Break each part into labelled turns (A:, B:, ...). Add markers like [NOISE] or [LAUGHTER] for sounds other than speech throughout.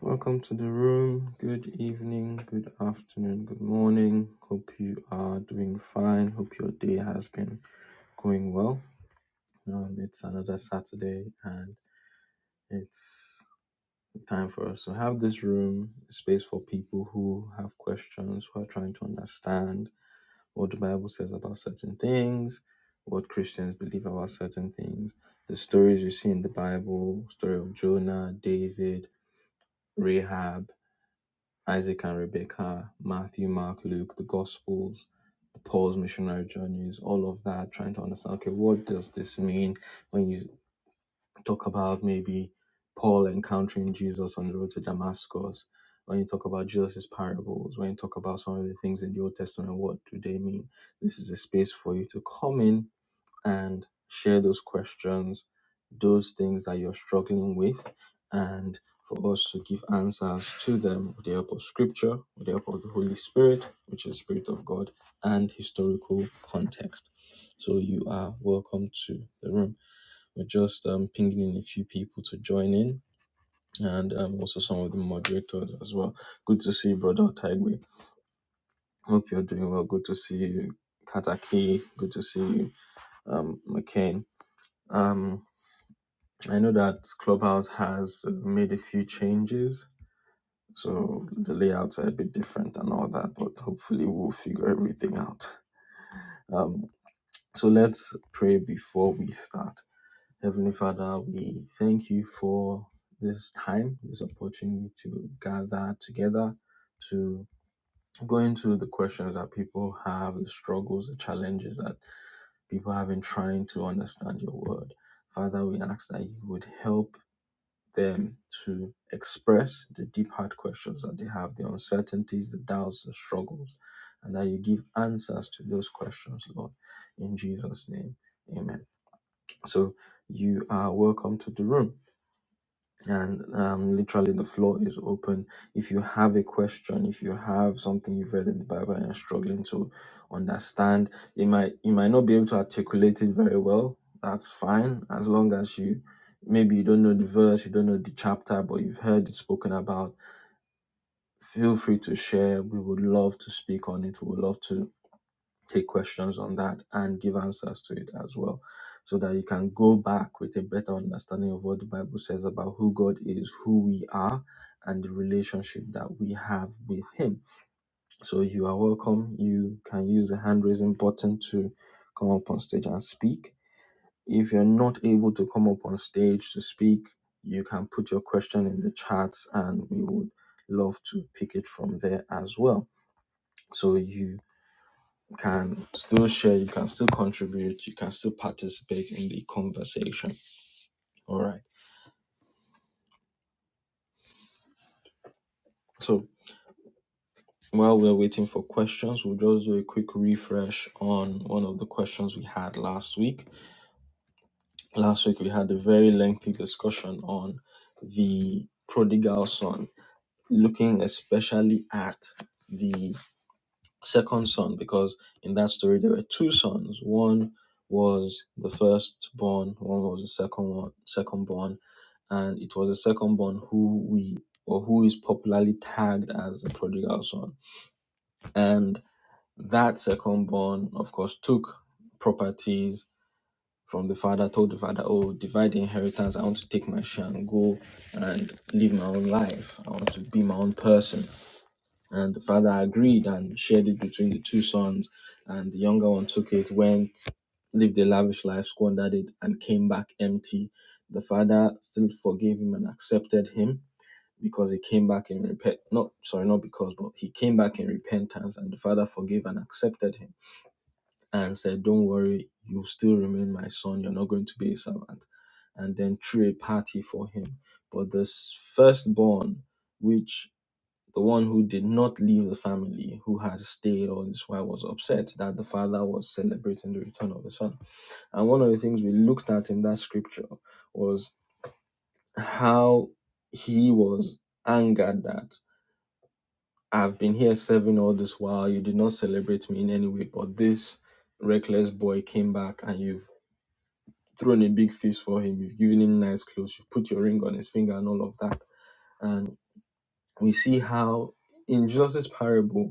A: Welcome to the room. Good evening, good afternoon, good morning. Hope you are doing fine. Hope your day has been going well. Um, it's another Saturday, and it's time for us to have this room space for people who have questions, who are trying to understand what the Bible says about certain things, what Christians believe about certain things, the stories you see in the Bible, story of Jonah, David, Rahab Isaac and Rebecca, Matthew, Mark, Luke, the Gospels, the Paul's missionary journeys, all of that, trying to understand, okay, what does this mean when you talk about maybe Paul encountering Jesus on the road to Damascus? When you talk about Jesus' parables, when you talk about some of the things in the Old Testament, what do they mean? This is a space for you to come in and share those questions, those things that you're struggling with, and for us to give answers to them with the help of scripture, with the help of the Holy Spirit, which is the Spirit of God, and historical context. So you are welcome to the room. We're just um, pinging in a few people to join in and um, also some of the moderators as well. Good to see you, Brother Taigwe. Hope you're doing well. Good to see you, Kataki. Good to see you, um, McCain. Um, I know that Clubhouse has uh, made a few changes, so the layouts are a bit different and all that, but hopefully we'll figure everything out. Um, so let's pray before we start. Heavenly Father, we thank you for this time, this opportunity to gather together, to go into the questions that people have, the struggles, the challenges that people have been trying to understand your word. Father, we ask that you would help them to express the deep hard questions that they have, the uncertainties, the doubts, the struggles, and that you give answers to those questions, Lord, in Jesus' name. Amen. So you are welcome to the room and um, literally the floor is open. If you have a question, if you have something you've read in the Bible and you're struggling to understand, you might you might not be able to articulate it very well. That's fine as long as you maybe you don't know the verse, you don't know the chapter, but you've heard it spoken about Feel free to share. We would love to speak on it. We would love to take questions on that and give answers to it as well so that you can go back with a better understanding of what the bible says about who god is who we are and the relationship that we have with him so you are welcome you can use the hand raising button to come up on stage and speak if you're not able to come up on stage to speak, you can put your question in the chat and we would love to pick it from there as well. So you can still share, you can still contribute, you can still participate in the conversation. All right. So while we're waiting for questions, we'll just do a quick refresh on one of the questions we had last week. Last week we had a very lengthy discussion on the prodigal son looking especially at the second son because in that story there were two sons one was the firstborn one was the second one second born and it was the second born who we or who is popularly tagged as the prodigal son and that second born of course took properties from the father told the father oh divide the inheritance i want to take my share and go and live my own life i want to be my own person and the father agreed and shared it between the two sons. And the younger one took it, went, lived a lavish life, squandered it, and came back empty. The father still forgave him and accepted him because he came back in repent. Not sorry, not because, but he came back in repentance, and the father forgave and accepted him and said, "Don't worry, you still remain my son. You're not going to be a servant." And then threw a party for him. But this firstborn, which the one who did not leave the family, who had stayed all this while, was upset that the father was celebrating the return of the son. And one of the things we looked at in that scripture was how he was angered that I've been here serving all this while, you did not celebrate me in any way, but this reckless boy came back and you've thrown a big feast for him, you've given him nice clothes, you've put your ring on his finger and all of that. And we see how in Jesus' parable,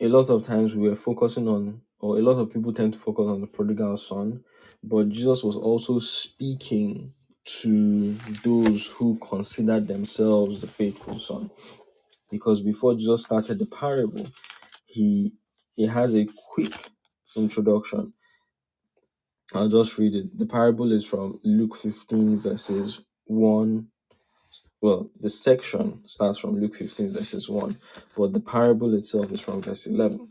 A: a lot of times we were focusing on, or a lot of people tend to focus on the prodigal son, but Jesus was also speaking to those who considered themselves the faithful son. Because before Jesus started the parable, he he has a quick introduction. I'll just read it. The parable is from Luke 15 verses 1. Well, the section starts from Luke 15 verses 1, but the parable itself is from verse 11.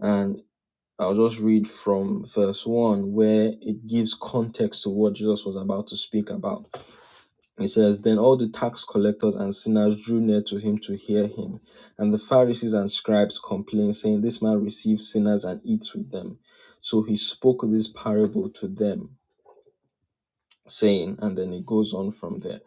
A: and. I'll just read from verse 1 where it gives context to what Jesus was about to speak about. It says, Then all the tax collectors and sinners drew near to him to hear him. And the Pharisees and scribes complained, saying, 'This man receives sinners and eats with them. So he spoke this parable to them, saying, and then it goes on from there.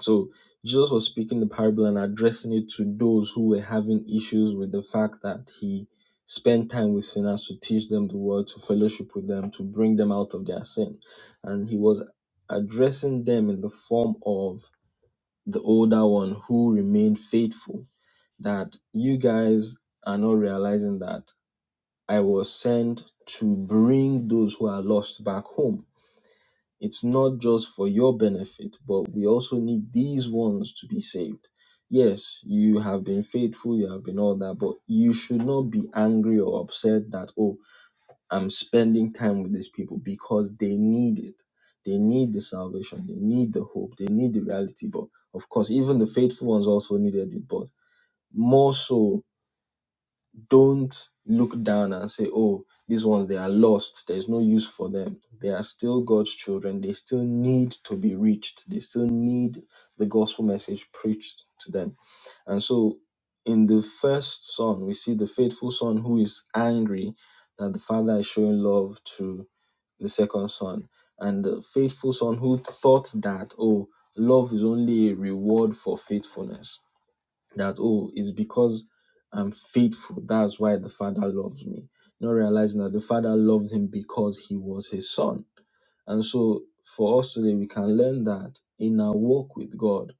A: So Jesus was speaking the parable and addressing it to those who were having issues with the fact that he spent time with sinners to teach them the word, to fellowship with them, to bring them out of their sin. And he was addressing them in the form of the older one who remained faithful. That you guys are not realizing that I was sent to bring those who are lost back home. It's not just for your benefit, but we also need these ones to be saved. Yes, you have been faithful, you have been all that, but you should not be angry or upset that, oh, I'm spending time with these people because they need it. They need the salvation, they need the hope, they need the reality. But of course, even the faithful ones also needed it, but more so don't look down and say, oh, these ones, they are lost. There's no use for them. They are still God's children. They still need to be reached. They still need the gospel message preached to them. And so in the first son, we see the faithful son who is angry that the father is showing love to the second son. And the faithful son who thought that, oh, love is only a reward for faithfulness that oh it's because i'm faithful that's why the father loves me not realizing that the father loved him because he was his son and so for us today we can learn that in our walk with god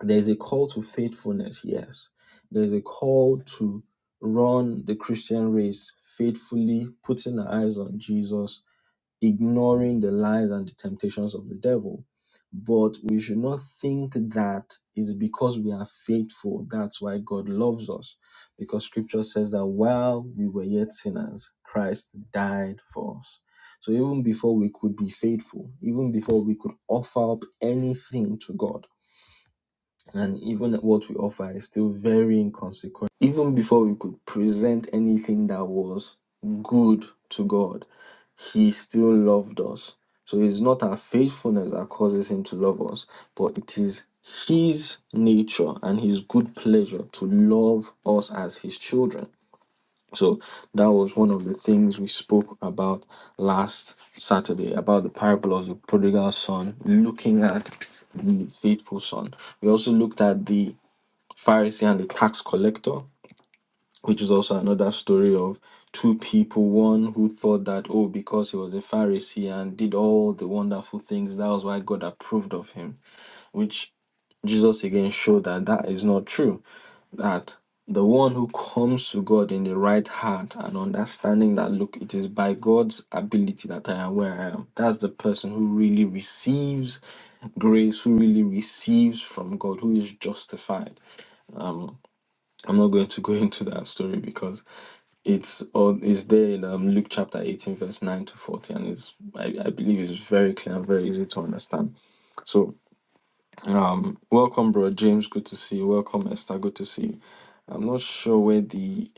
A: there's a call to faithfulness yes there's a call to run the christian race faithfully putting our eyes on jesus ignoring the lies and the temptations of the devil. But we should not think that it's because we are faithful, that's why God loves us. Because scripture says that while we were yet sinners, Christ died for us. So even before we could be faithful, even before we could offer up anything to God, and even what we offer is still very inconsequential. Even before we could present anything that was good to God, He still loved us. So it's not our faithfulness that causes Him to love us, but it is His nature and His good pleasure to love us as His children. So that was one of the things we spoke about last Saturday about the parable of the prodigal son, looking at the faithful son. We also looked at the Pharisee and the tax collector, which is also another story of two people one who thought that, oh, because he was a Pharisee and did all the wonderful things, that was why God approved of him, which Jesus again showed that that is not true. That the one who comes to God in the right heart and understanding that, look, it is by God's ability that I am where I am, that's the person who really receives grace, who really receives from God, who is justified. I'm not going to go [LAUGHS] into that story because it's all is there in um, Luke chapter 18, verse 9 to 40, and it's I, I believe it's very clear and very easy to understand. So um, welcome, bro James. Good to see you. Welcome, Esther. Good to see you. I'm not sure where the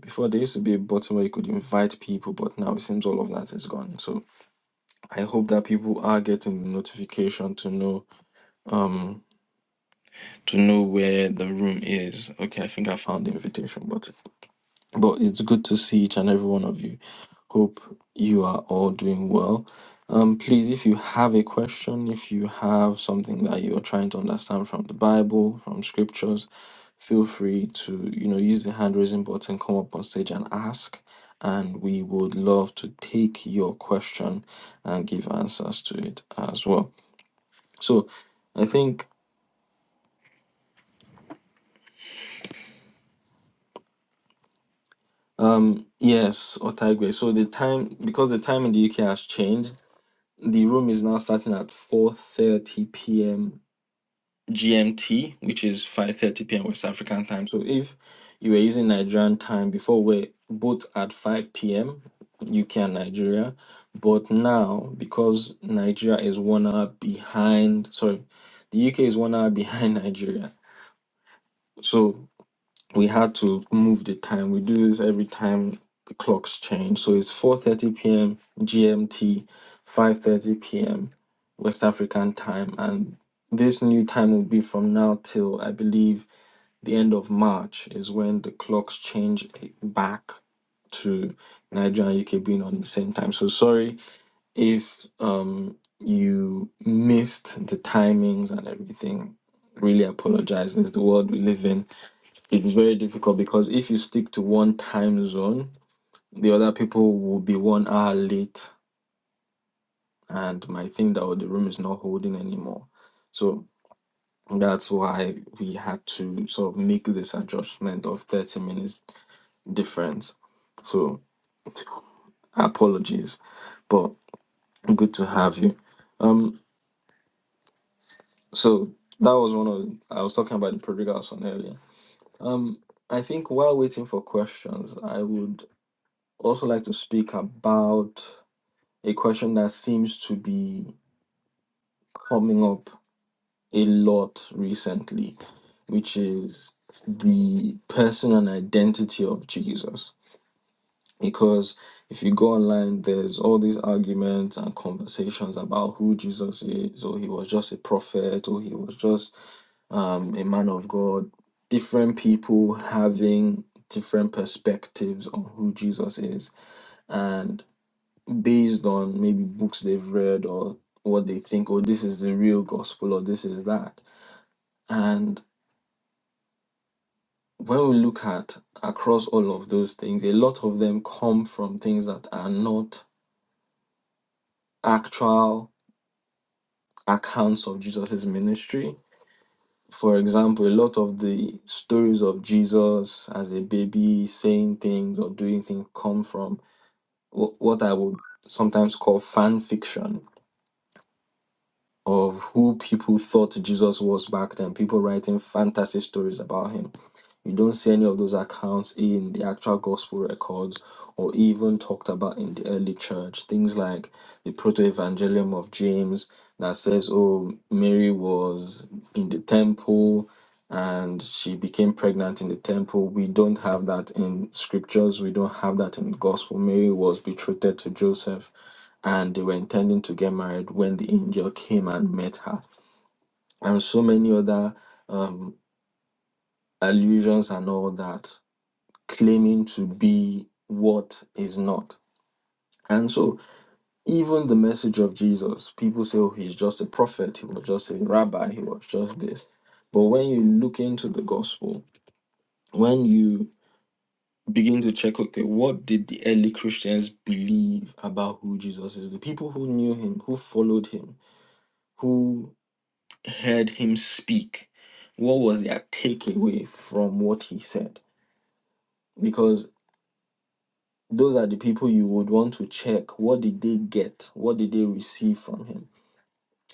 A: before there used to be a button where you could invite people, but now it seems all of that is gone. So I hope that people are getting the notification to know um to know where the room is. Okay, I think I found the invitation button. But it's good to see each and every one of you. Hope you are all doing well. Um, please, if you have a question, if you have something that you're trying to understand from the Bible, from scriptures, feel free to, you know, use the hand raising button, come up on stage and ask. And we would love to take your question and give answers to it as well. So I think, yes, Otaigwe. So the time, because the time in the UK has changed, The room is now starting at 4:30 p.m. GMT, which is 5:30 p.m. West African time. So if you were using Nigerian time before, we're both at 5 p.m. UK and Nigeria, but now because Nigeria is one hour behind, sorry, the UK is one hour behind [LAUGHS] Nigeria. So we had to move the time. We do this every time the clocks change. So it's 4:30 p.m. GMT, 5:30 p.m. West African time, and this new time will be from now till I believe the end of March is when the clocks change back to Nigeria and UK being on the same time. So sorry if um you missed the timings and everything. Really apologize. It's the world we live in it's very difficult because if you stick to one time zone, the other people will be one hour late and might think that oh, the room is not holding anymore. So that's why we had to sort of make this adjustment of 30 minutes difference. So apologies, but good to have you. Um, so that was one of I was talking about the prodigal son earlier. Um, I think while waiting for questions, I would also like to speak about. a question that seems to be coming up a lot recently, which is the person and identity of Jesus. Because if you go online, there's all these arguments and conversations about who Jesus is, or he was just a prophet, or he was just um, a man of God. Different people having different perspectives on who Jesus is. and. based on maybe books they've read or what they think, oh, this is the real gospel or this is that. And when we look at across all of those things, a lot of them come from things that are not actual accounts of Jesus's ministry. For example, a lot of the stories of Jesus as a baby saying things or doing things come from what I would sometimes call fan fiction of who people thought Jesus was back then, people writing fantasy stories about him. You don't see any of those accounts in the actual gospel records or even talked about in the early church. Things like the proto evangelium of James that says, oh, Mary was in the temple and she became pregnant in the temple. We don't have that in scriptures, we don't have that in the gospel. Mary was betrothed to Joseph and they were intending to get married when the angel came and met her, and so many other um, allusions and all that claiming to be what is not. And so, even the message of Jesus, people say, oh, he's just a prophet, he was just a rabbi, he was just this. But when you look into the gospel, when you begin to check, okay, what did the early Christians believe about who Jesus is? The people who knew him, who followed him, who heard him speak, what was their takeaway from what he said? Because those are the people you would want to check what did they get what did they receive from him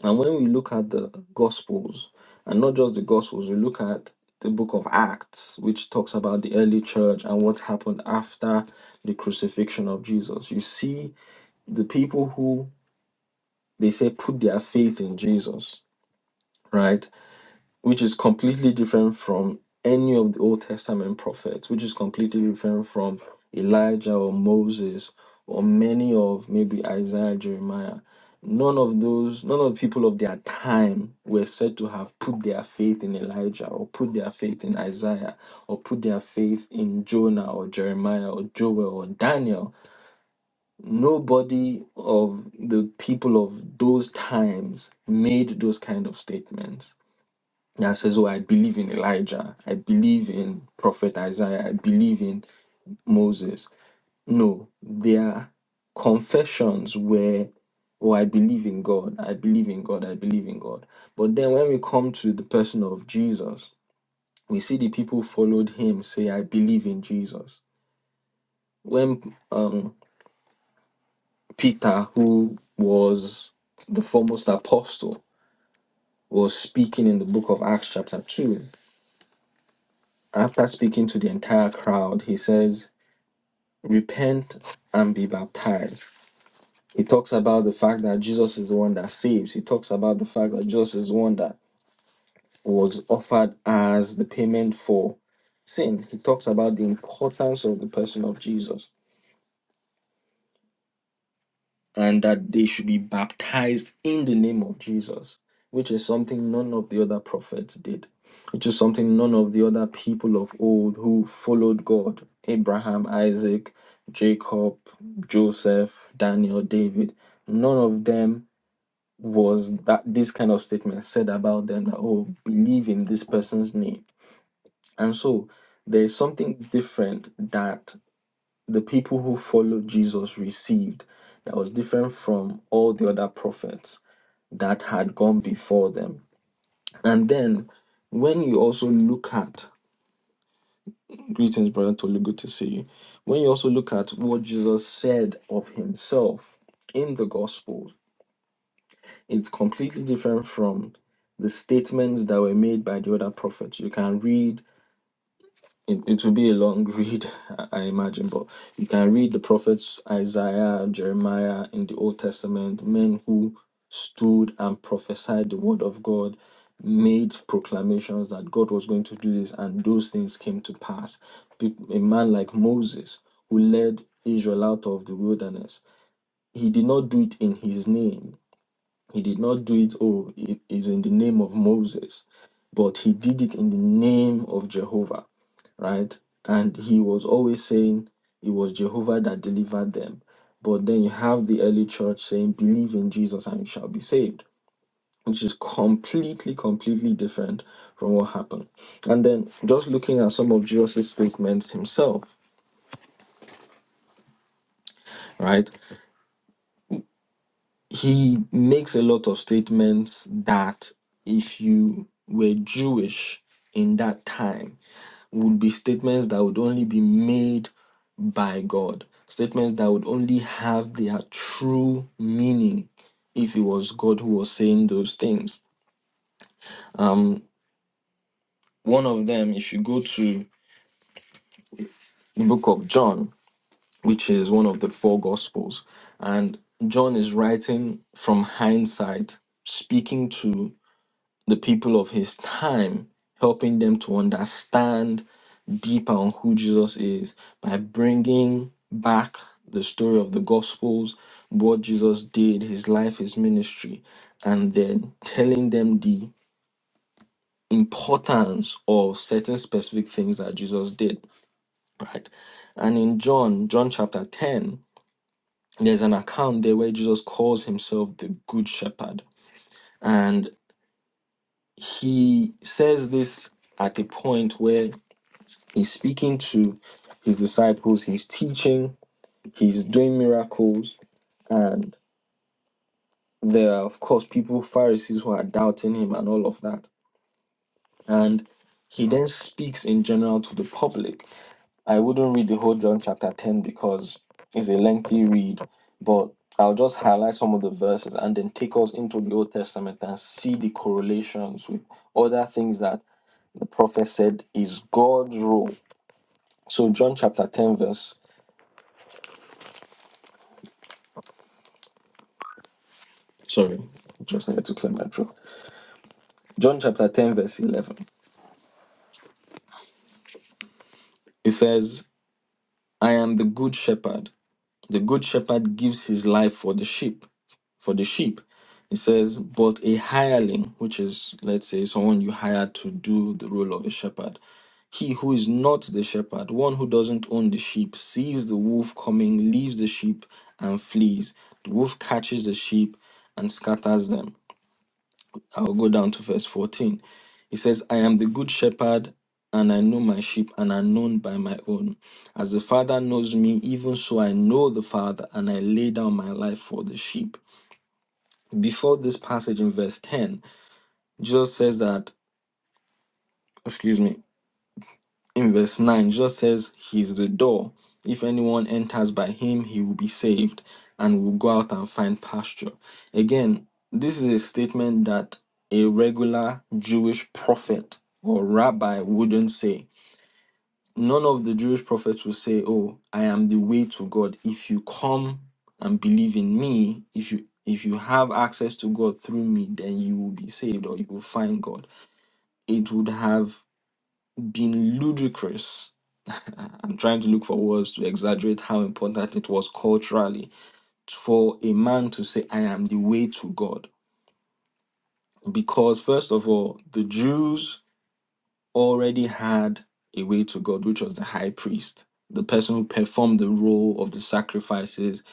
A: and when we look at the gospels and not just the gospels we look at the book of acts which talks about the early church and what happened after the crucifixion of jesus you see the people who they say put their faith in jesus right which is completely different from any of the Old Testament prophets, which is completely different from Elijah or Moses or many of maybe Isaiah, Jeremiah. None of those, none of the people of their time were said to have put their faith in Elijah or put their faith in Isaiah or put their faith in Jonah or Jeremiah or Joel or Daniel. Nobody of the people of those times made those kind of statements that says, Oh, I believe in Elijah, I believe in Prophet Isaiah, I believe in Moses. No, their confessions were, Oh, I believe in God, I believe in God, I believe in God. But then when we come to the person of Jesus, we see the people followed him say, I believe in Jesus. When um, Peter, who was the foremost apostle, was speaking in the book of Acts, chapter 2, after speaking to the entire crowd, he says, repent and be baptized. He talks about the fact that Jesus is the one that saves. He talks about the fact that Jesus is the one that was offered as the payment for sin. He talks about the importance of the person of Jesus. and that they should be baptized in the name of Jesus, which is something none of the other prophets did, which is something none of the other people of old who followed God Abraham, Isaac, Jacob, Joseph, Daniel, David none of them was that this kind of statement said about them that oh believe in this person's name and so there's something different that the people who followed Jesus received that was different from all the other prophets that had gone before them. And then when you also look at greetings, brother Tolu, good to see you. When you also look at what Jesus said of himself in the gospel, it's completely different from the statements that were made by the other prophets. You can read it, it would be a long [LAUGHS] read, I I imagine, but you can read the prophets Isaiah, Jeremiah in the Old Testament, men who stood and prophesied the word of God, made proclamations that God was going to do this, and those things came to pass. Pe- A man like Moses, who led Israel out of the wilderness, he did not do it in his name. He did not do it, oh, it is in the name of Moses, but he did it in the name of Jehovah right? And he was always saying it was Jehovah that delivered them. But then you have the early church saying, believe in Jesus and you shall be saved, which is completely, completely different from what happened. And then just looking at some of Jesus' statements himself, right? he makes a lot of statements that if you were Jewish in that time would be statements that would only be made by God, statements that would only have their true meaning if it was God who was saying those things. Um, one of them, if you go to the book of John, which is one of the four gospels, and John is writing from hindsight, speaking to the people of his time, helping them to understand deeper on who Jesus is by bringing back the story of the Gospels, what Jesus did, his life, his ministry, and then telling them the importance of certain specific things that Jesus did, right? And in John, John chapter 10, there's an account there where Jesus calls himself the Good Shepherd. And he says this at a point where He's speaking to his disciples, he's teaching, he's doing miracles, and there are, of course, people, Pharisees, who are doubting him and all of that. And he then speaks in general to the public. I wouldn't read the whole John chapter 10 because it's a lengthy read, but I'll just highlight some of the verses and then take us into the Old Testament and see the correlations with other things that the prophet said is God's role. So, John chapter 10, verse Sorry, just needed to clear my throat. John chapter 10, verse 11. It says, I am the good shepherd. The good shepherd gives his life for the sheep, for the sheep. It says, but a hireling, which is, let's say, someone you hire to do the role of a shepherd, he who is not the shepherd, one who doesn't own the sheep, sees the wolf coming, leaves the sheep, and flees. The wolf catches the sheep and scatters them. I'll go down to verse 14. He says, I am the good shepherd, and I know my sheep, and are known by my own. As the Father knows me, even so I know the Father, and I lay down my life for the sheep. Before this passage in verse 10, Jesus says that, excuse me, in verse 9, Jesus says, He is the door. If anyone enters by him, he will be saved and will go out and find pasture. Again, this is a statement that a regular Jewish prophet or rabbi wouldn't say. None of the Jewish prophets will say, Oh, I am the way to God. If you come and believe in me, if you if you have access to God through me, then you will be saved or you will find God. It would have been ludicrous. [LAUGHS] I'm trying to look for words to exaggerate how important it was culturally for a man to say, I am the way to God. Because, first of all, the Jews already had a way to God, which was the high priest, the person who performed the role of the sacrifices,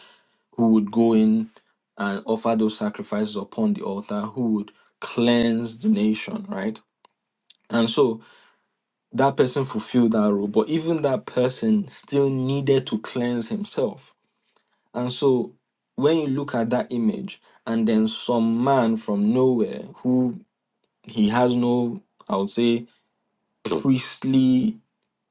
A: who would go in and offer those sacrifices upon the altar, who would cleanse the nation, right? And so that person fulfilled that role, but even that person still needed to cleanse himself. And so when you look at that image, and then some man from nowhere who he has no, I would say, priestly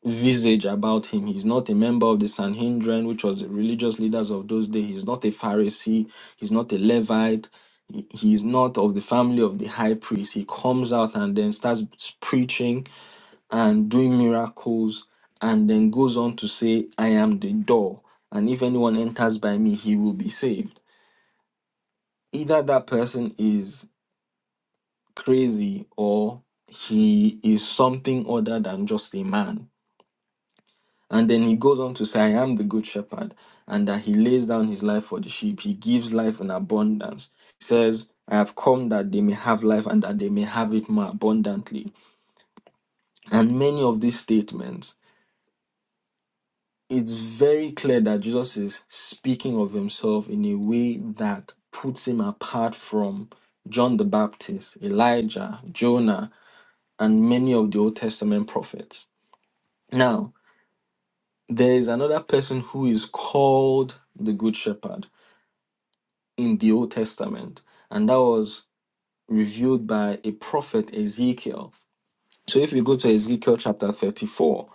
A: visage about him. He's not a member of the Sanhedrin, which was the religious leaders of those days. He's not a Pharisee. He's not a Levite. He, he's not of the family of the high priest. He comes out and then starts preaching and doing miracles and then goes on to say i am the door and if anyone enters by me he will be saved either that person is crazy or he is something other than just a man and then he goes on to say i am the good shepherd and that he lays down his life for the sheep he gives life in abundance he says i have come that they may have life and that they may have it more abundantly and many of these statements it's very clear that Jesus is speaking of himself in a way that puts him apart from John the Baptist, Elijah, Jonah, and many of the Old Testament prophets. Now, there is another person who is called the Good Shepherd in the Old Testament, and that was revealed by a prophet, Ezekiel. So if you go to Ezekiel chapter 34,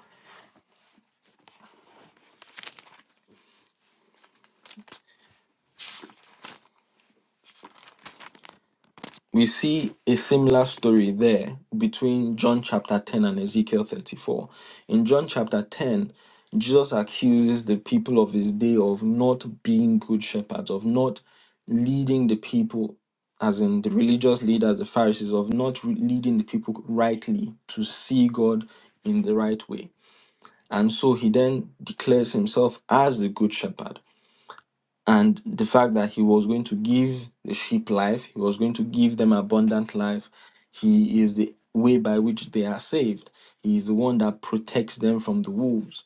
A: we see a similar story there between John chapter 10 and Ezekiel 34. In John chapter 10, Jesus accuses the people of his day of not being good shepherds, of not leading the people, as in the religious leaders, the Pharisees, of not re- leading the people rightly to see God in the right way. And so he then declares himself as the good shepherd and the fact that he was going to give the sheep life, he was going to give them abundant life. He is the way by which they are saved. He is the one that protects them from the wolves.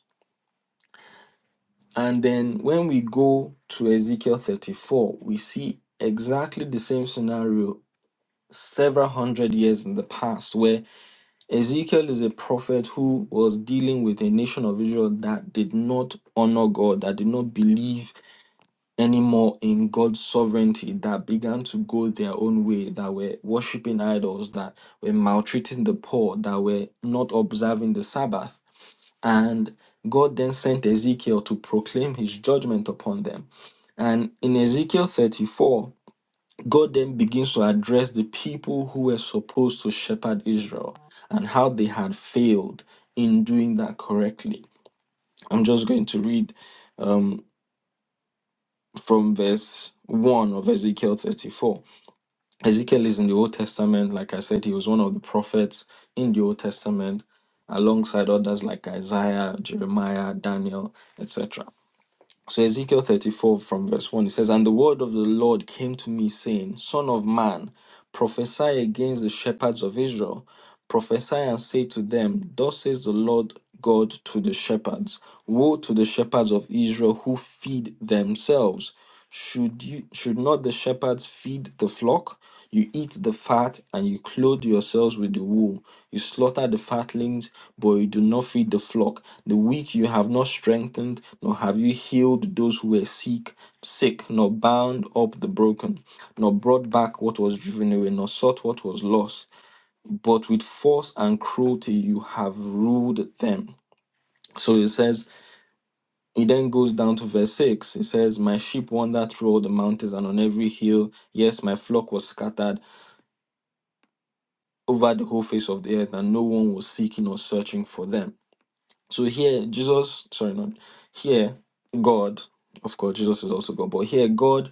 A: And then when we go to Ezekiel 34, we see exactly the same scenario several hundred years in the past, where Ezekiel is a prophet who was dealing with a nation of Israel that did not honor God, that did not believe anymore in God's sovereignty that began to go their own way, that were worshipping idols, that were maltreating the poor, that were not observing the Sabbath. And God then sent Ezekiel to proclaim his judgment upon them. And in Ezekiel 34, God then begins to address the people who were supposed to shepherd Israel and how they had failed in doing that correctly. I'm just going to read. um, from verse 1 of Ezekiel 34. Ezekiel is in the Old Testament. Like I said, he was one of the prophets in the Old Testament alongside others like Isaiah, Jeremiah, Daniel, etc. So, Ezekiel 34 from verse 1, it says, And the word of the Lord came to me, saying, Son of man, prophesy against the shepherds of Israel. Prophesy and say to them, Thus says the Lord God to the shepherds Woe to the shepherds of Israel who feed themselves should you should not the shepherds feed the flock? You eat the fat and you clothe yourselves with the wool. You slaughter the fatlings, but you do not feed the flock. The weak you have not strengthened, nor have you healed those who were sick, sick, nor bound up the broken, nor brought back what was driven away, nor sought what was lost. But with force and cruelty you have ruled them. So it says he then goes down to verse 6. It says, My sheep wandered through all the mountains and on every hill. Yes, my flock was scattered over the whole face of the earth, and no one was seeking or searching for them. So here, Jesus, sorry, not here, God, of course, Jesus is also God, but here, God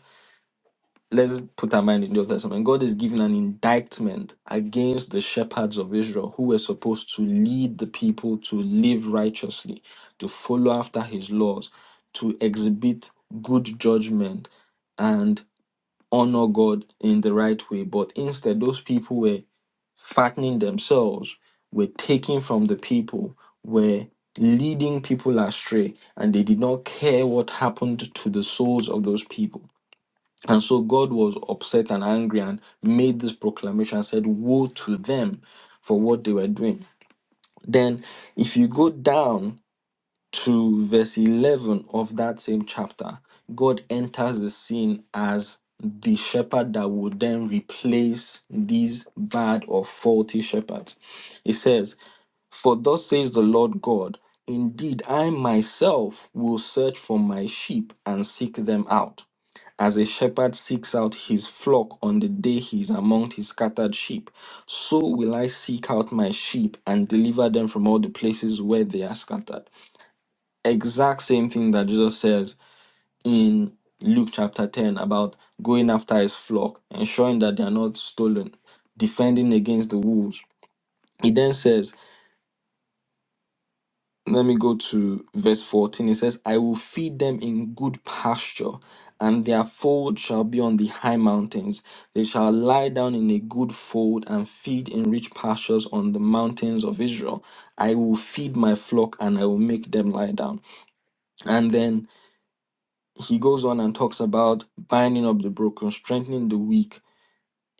A: Let's put our mind in the Old Testament. God is giving an indictment against the shepherds of Israel who were supposed to lead the people to live righteously, to follow after his laws, to exhibit good judgment and honor God in the right way. But instead, those people were fattening themselves, were taking from the people, were leading people astray, and they did not care what happened to the souls of those people. And so God was upset and angry and made this proclamation and said, Woe to them for what they were doing. Then, if you go down to verse 11 of that same chapter, God enters the scene as the shepherd that would then replace these bad or faulty shepherds. He says, For thus says the Lord God, indeed I myself will search for my sheep and seek them out, as a shepherd seeks out his flock on the day he is among his scattered sheep. So will I seek out my sheep and deliver them from all the places where they are scattered exact same thing that Jesus says in Luke chapter 10 about going after his flock, ensuring that they are not stolen, defending against the wolves. He then says, let me go to verse 14. He says, I will feed them in good pasture, and their fold shall be on the high mountains. They shall lie down in a good fold and feed in rich pastures on the mountains of Israel. I will feed my flock and I will make them lie down. And then he goes on and talks about binding up the broken, strengthening the weak,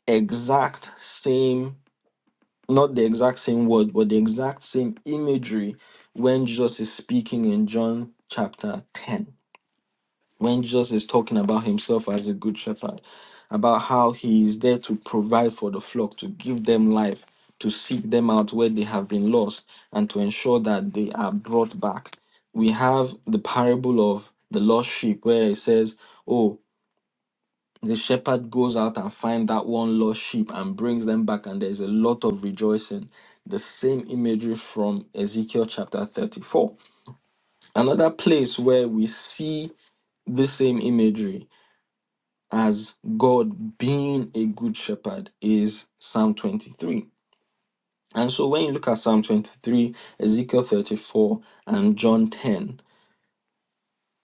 A: exact same, not the exact same word, but the exact same imagery when Jesus is speaking in John chapter 10, when Jesus is talking about himself as a good shepherd, about how he is there to provide for the flock, to give them life, to seek them out where they have been lost, and to ensure that they are brought back we have the parable of the lost sheep where it says, Oh, the shepherd goes out and finds that one lost sheep and brings them back, and there's a lot of rejoicing. The same imagery from Ezekiel chapter 34. Another place where we see the same imagery as God being a good shepherd is Psalm 23. And so when you look at Psalm 23, Ezekiel 34, and John 10,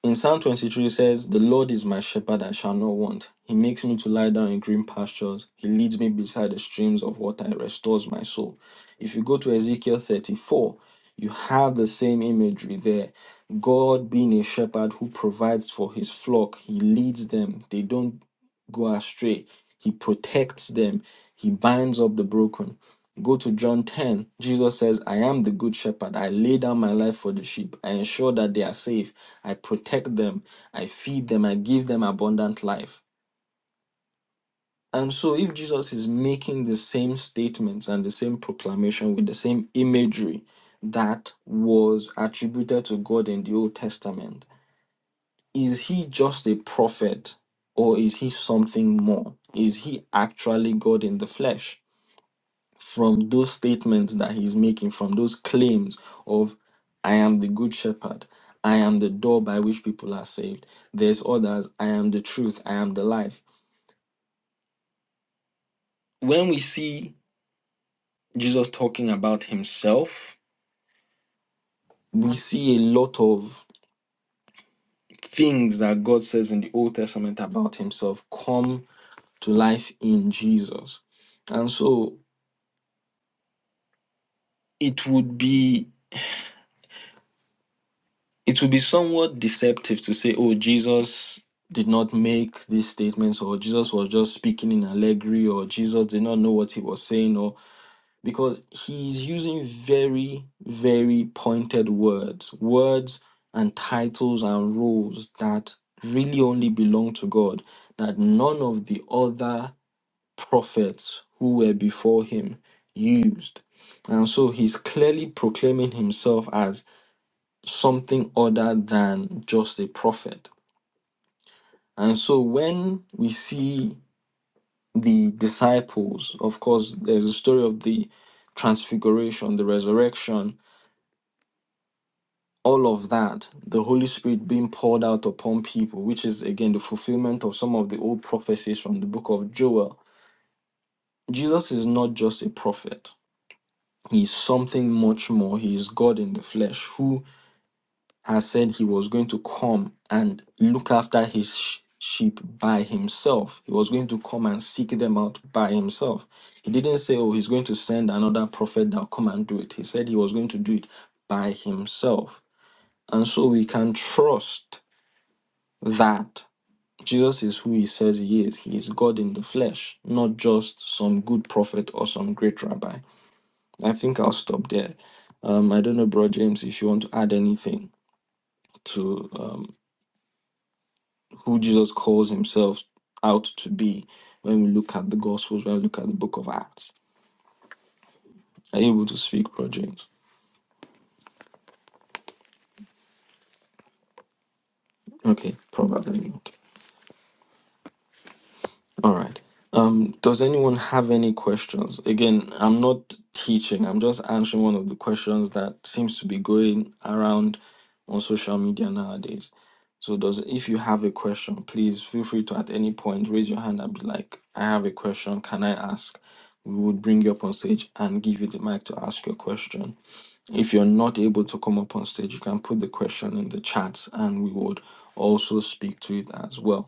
A: In Psalm 23, it says, The Lord is my shepherd, I shall not want. He makes me to lie down in green pastures. He leads me beside the streams of water. He restores my soul. If you go to Ezekiel 34, you have the same imagery there. God being a shepherd who provides for his flock, he leads them. They don't go astray. He protects them. He binds up the broken. Go to John 10. Jesus says, I am the good shepherd. I lay down my life for the sheep. I ensure that they are safe. I protect them. I feed them. I give them abundant life. And so, if Jesus is making the same statements and the same proclamation with the same imagery that was attributed to God in the Old Testament, is he just a prophet or is he something more? Is he actually God in the flesh? From those statements that he's making, from those claims of, I am the good shepherd, I am the door by which people are saved, there's others, I am the truth, I am the life. When we see Jesus talking about himself, we see a lot of things that God says in the Old Testament about himself come to life in Jesus. And so it would be it would be somewhat deceptive to say oh jesus did not make these statements or jesus was just speaking in allegory or jesus did not know what he was saying or because he's using very very pointed words words and titles and roles that really only belong to god that none of the other prophets who were before him used and so he's clearly proclaiming himself as. something other than just a prophet. And so when we see the disciples, of course, there's a story of the transfiguration, the resurrection, all of that, the Holy Spirit being poured out upon people, which is again the fulfillment of some of the old prophecies from the book of Joel. Jesus is not just a prophet. He is something much more. He is God in the flesh who has said he was going to come and look after his sh- sheep by himself. He was going to come and seek them out by himself. He didn't say, Oh, he's going to send another prophet that'll come and do it. He said he was going to do it by himself. And so we can trust that Jesus is who he says he is. He is God in the flesh, not just some good prophet or some great rabbi. I think I'll stop there. Um, I don't know, Bro James, if you want to add anything to. um, who Jesus calls himself out to be when we look at the Gospels, when we look at the book of Acts. Are you able to speak, Bro James? Okay, probably. Okay. All right. Um, does anyone have any questions? Again, I'm not teaching. I'm just answering one of the questions that seems to be going around on social media nowadays. So, does if you have a question, please feel free to at any point raise your hand and be like, "I have a question. Can I ask?" We would bring you up on stage and give you the mic to ask your question. If you're not able to come up on stage, you can put the question in the chat, and we would also speak to it as well.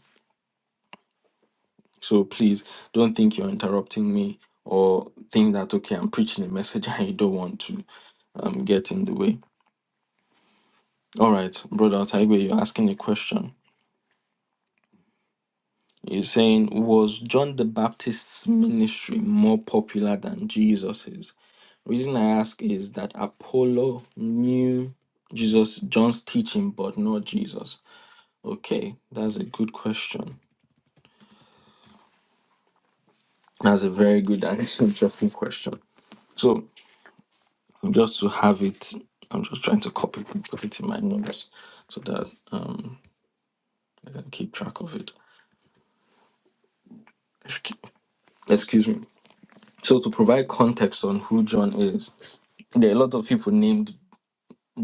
A: So please don't think you're interrupting me or think that, okay, I'm preaching a message [LAUGHS] and you don't want to um, get in the way. All right, Brother Taigwe, you're asking a question. You're saying, was John the Baptist's ministry more popular than Jesus's? Reason I ask is that Apollo knew Jesus, John's teaching, but not Jesus. Okay, that's a good question. That's a very good and [LAUGHS] interesting question. So. just to have it. I'm just trying to copy put it in my notes so that um, I can keep track of it. Excu- Excuse me. So to provide context on who John is, there are a lot of people named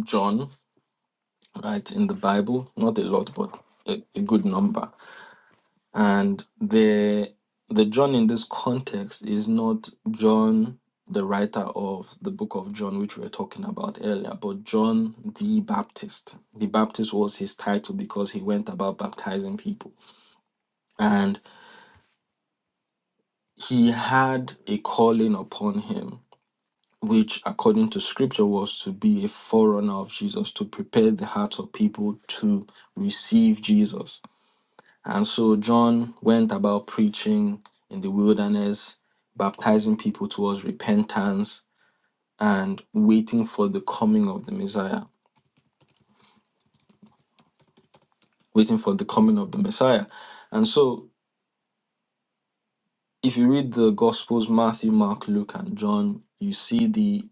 A: John, right, in the Bible. Not a lot, but a, a good number. And the the John in this context is not John, the writer of the book of John, which we were talking about earlier, but John the Baptist. The Baptist was his title because he went about baptizing people. And he had a calling upon him, which according to scripture was to be a forerunner of Jesus, to prepare the hearts of people to receive Jesus. And so John went about preaching in the wilderness, baptizing people towards repentance and waiting for the coming of the Messiah, waiting for the coming of the Messiah. And so if you read the Gospels, Matthew, Mark, Luke, and John, you see the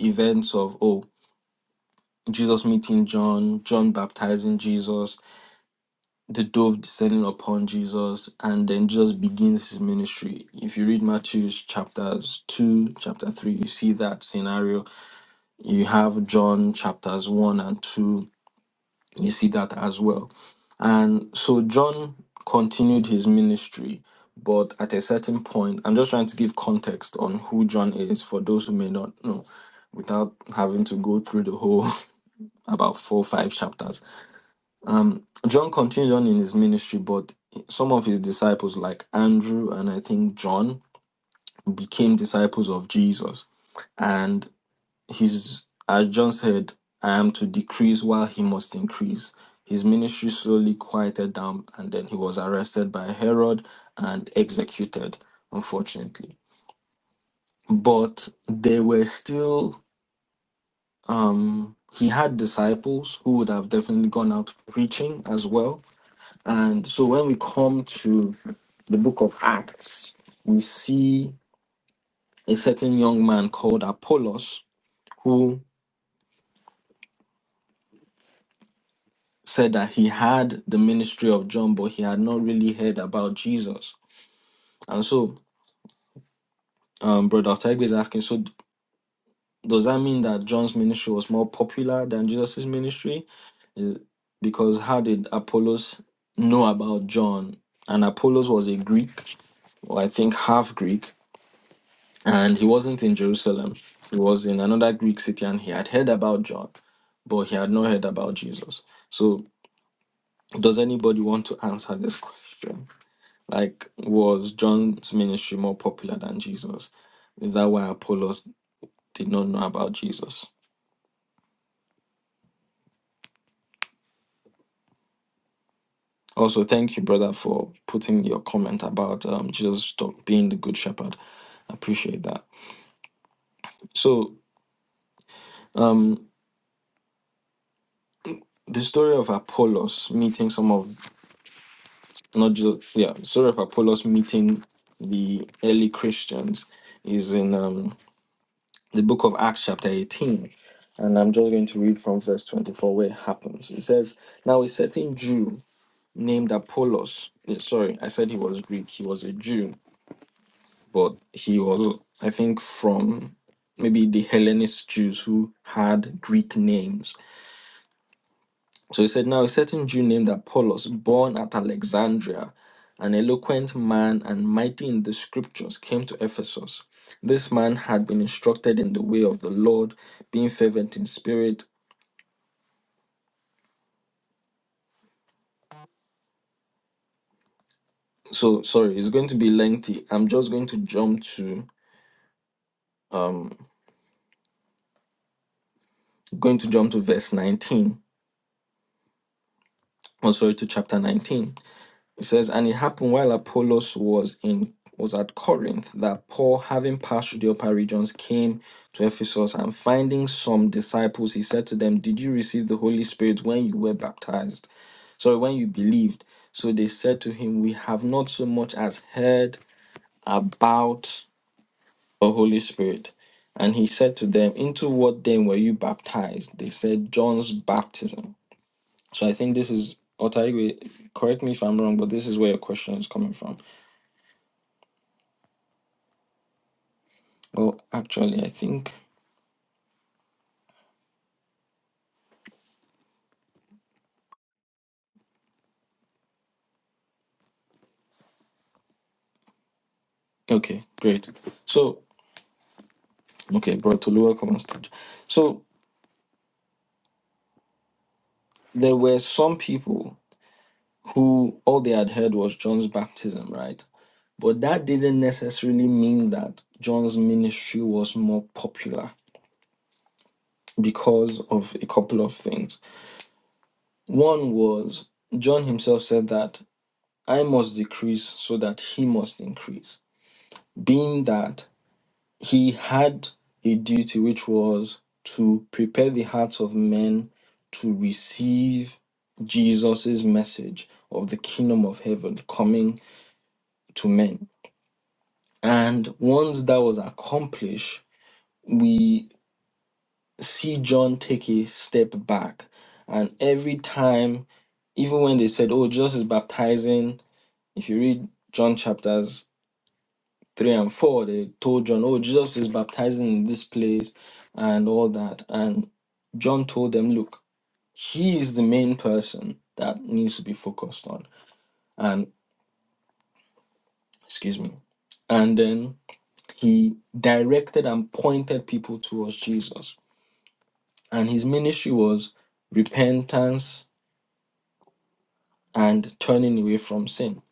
A: events of, oh, Jesus meeting John, John baptizing Jesus, the dove descending upon Jesus and then just begins his ministry. If you read Matthew's chapters 2, chapter 3, you see that scenario. You have John chapters 1 and 2, you see that as well. And so John continued his ministry, but at a certain point, I'm just trying to give context on who John is for those who may not know without having to go through the whole [LAUGHS] about four or five chapters um, John continued on in his ministry, but some of his disciples, like Andrew and I think John, became disciples of Jesus. And his, as John said, I am to decrease while he must increase. His ministry slowly quieted down, and then he was arrested by Herod and executed, unfortunately. But they were still, um, he had disciples who would have definitely gone out preaching as well And so when we come to the book of Acts, we see a certain young man called Apollos who said that he had the ministry of John, but he had not really heard about Jesus. And so, um, Brother Otaigwe is asking, so does that mean that John's ministry was more popular than Jesus' ministry? Uh, Because how did Apollos know about John? And Apollos was a Greek, or I think half Greek, and he wasn't in Jerusalem. He was in another Greek city, and he had heard about John, but he had not heard about Jesus. So, does anybody want to answer this question? Like, was John's ministry more popular than Jesus? Is that why Apollos did not know about Jesus? Also, thank you, brother, for putting your comment about um, Jesus talk- being the good shepherd. I appreciate that. So, um, the story of Apollos meeting some of not just yeah sorry of apollos meeting the early christians is in um, the book of acts chapter 18 and i'm just going to read from verse 24 where it happens it says now a certain jew named apollos eh, sorry i said he was greek he was a jew but he was i think from maybe the hellenist jews who had greek names So he said, Now a certain Jew named Apollos, born at Alexandria, an eloquent man and mighty in the scriptures, came to Ephesus. This man had been instructed in the way of the Lord, being fervent in spirit. So sorry, it's going to be lengthy. I'm just going to jump to um going to jump to verse 19. Oh, sorry, to chapter 19. It says, and it happened while Apollos was in was at Corinth that Paul, having passed through the upper regions, came to Ephesus and finding some disciples, he said to them, Did you receive the Holy Spirit when you were baptized? Sorry, when you believed. So they said to him, We have not so much as heard about a Holy Spirit. And he said to them, Into what then were you baptized? They said, John's baptism. So I think this is Otaigwe, correct me if I'm wrong, but this is where your question is coming from. Oh, actually, I think. Okay, great. So, okay, brought to lower common stage. So, there were some people who all they had heard was John's baptism, right? But that didn't necessarily mean that John's ministry was more popular because of a couple of things. One was John himself said that I must decrease so that he must increase, being that he had a duty which was to prepare the hearts of men to receive Jesus' message of the kingdom of heaven coming to men. And once that was accomplished, we see John take a step back. And every time, even when they said, Oh, Jesus is baptizing, if you read John chapters 3 and 4, they told John, Oh, Jesus is baptizing in this place and all that. And John told them, Look, he is the main person that needs to be focused on. And, excuse me. And then he directed and pointed people towards Jesus. And his ministry was repentance and turning away from sin.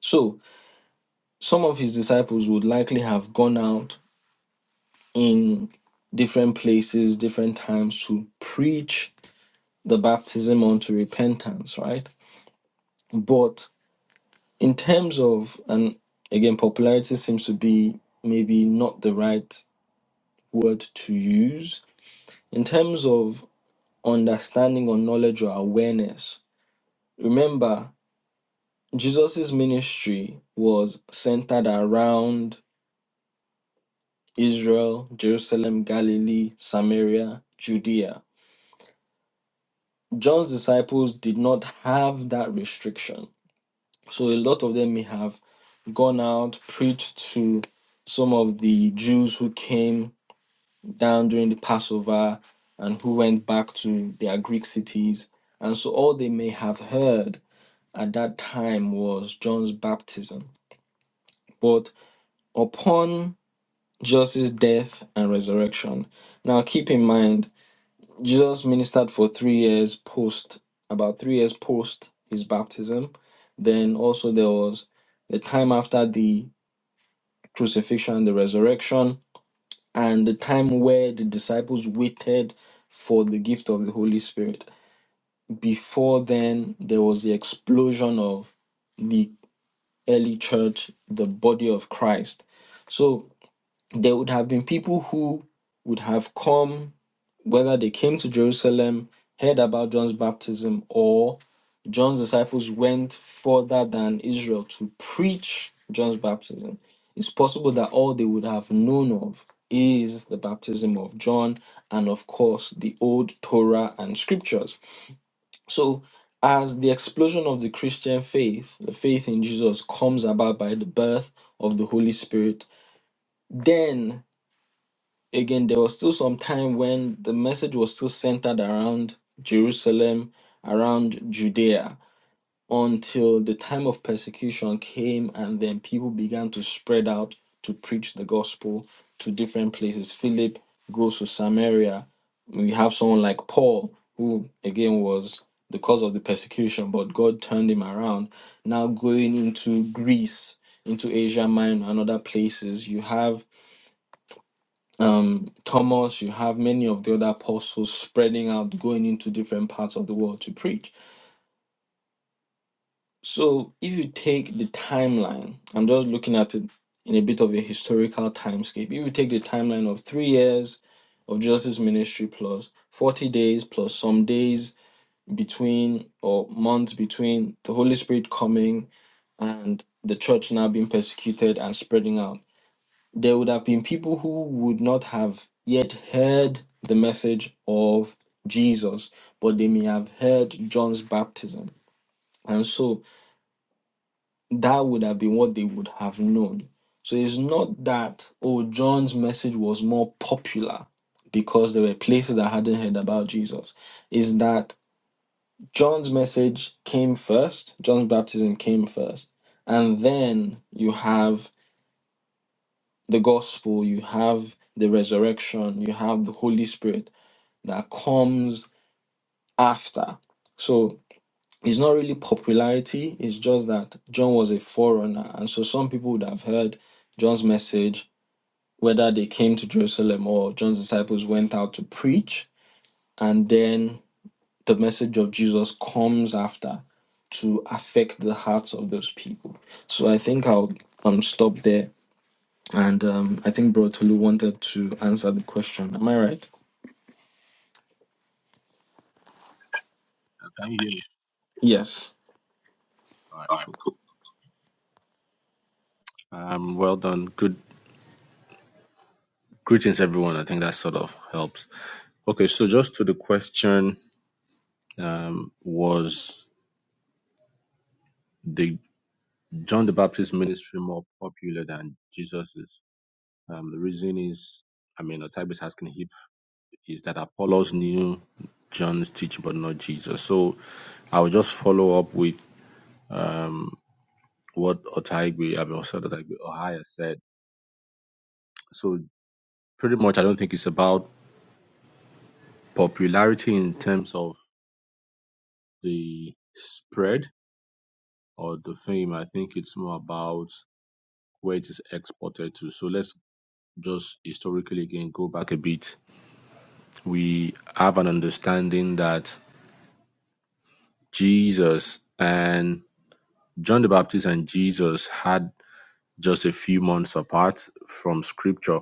A: So some of his disciples would likely have gone out in different places, different times to preach the baptism unto repentance, right? But in terms of, and again, popularity seems to be maybe not the right word to use. In terms of understanding or knowledge or awareness, remember, Jesus' ministry was centered around Israel, Jerusalem, Galilee, Samaria, Judea. John's disciples did not have that restriction. So a lot of them may have gone out, preached to some of the Jews who came down during the Passover and who went back to their Greek cities. And so all they may have heard at that time was John's baptism. But upon Jesus' death and resurrection, now keep in mind, Jesus ministered for three years post, about three years post his baptism. Then also there was the time after the crucifixion, and the resurrection, and the time where the disciples waited for the gift of the Holy Spirit. Before then, there was the explosion of the early church, the body of Christ. So there would have been people who would have come whether they came to Jerusalem, heard about John's baptism, or John's disciples went further than Israel to preach John's baptism, it's possible that all they would have known of is the baptism of John and, of course, the old Torah and scriptures. So, as the explosion of the Christian faith, the faith in Jesus, comes about by the birth of the Holy Spirit, then again, there was still some time when the message was still centered around Jerusalem, around Judea, until the time of persecution came, and then people began to spread out to preach the gospel to different places. Philip goes to Samaria. We have someone like Paul, who again was the cause of the persecution, but God turned him around. Now going into Greece, into Asia Minor, and other places, you have um, Thomas, you have many of the other apostles spreading out, going into different parts of the world to preach. So, if you take the timeline, I'm just looking at it in a bit of a historical timescape. If you take the timeline of three years of Jesus' Ministry plus 40 days plus some days between or months between the Holy Spirit coming and the church now being persecuted and spreading out there would have been people who would not have yet heard the message of Jesus, but they may have heard John's baptism. And so that would have been what they would have known. So it's not that, oh, John's message was more popular because there were places that hadn't heard about Jesus. Is that John's message came first, John's baptism came first. And then you have the gospel, you have the resurrection, you have the Holy Spirit that comes after. So it's not really popularity, it's just that John was a forerunner. And so some people would have heard John's message, whether they came to Jerusalem or John's disciples went out to preach, and then the message of Jesus comes after to affect the hearts of those people. So I think I'll um stop there And um, I think Bro Tolu wanted to answer the question. Am I right?
B: Uh, Can you hear me?
A: Yes.
B: All right, cool. Um, well done. Good greetings, everyone. I think that sort of helps. Okay, so just to the question, um, was the John the Baptist ministry more popular than Jesus's? Um, the reason is, I mean, Otabe is asking if is that Apollos knew John's teaching but not Jesus. So I will just follow up with um what Otaigwe, I mean, also Otaigwe Ohaya said. So pretty much, I don't think it's about popularity in terms of the spread or the fame. I think it's more about where it is exported to. So let's just historically again go back a bit. We have an understanding that Jesus and John the Baptist and Jesus had just a few months apart from scripture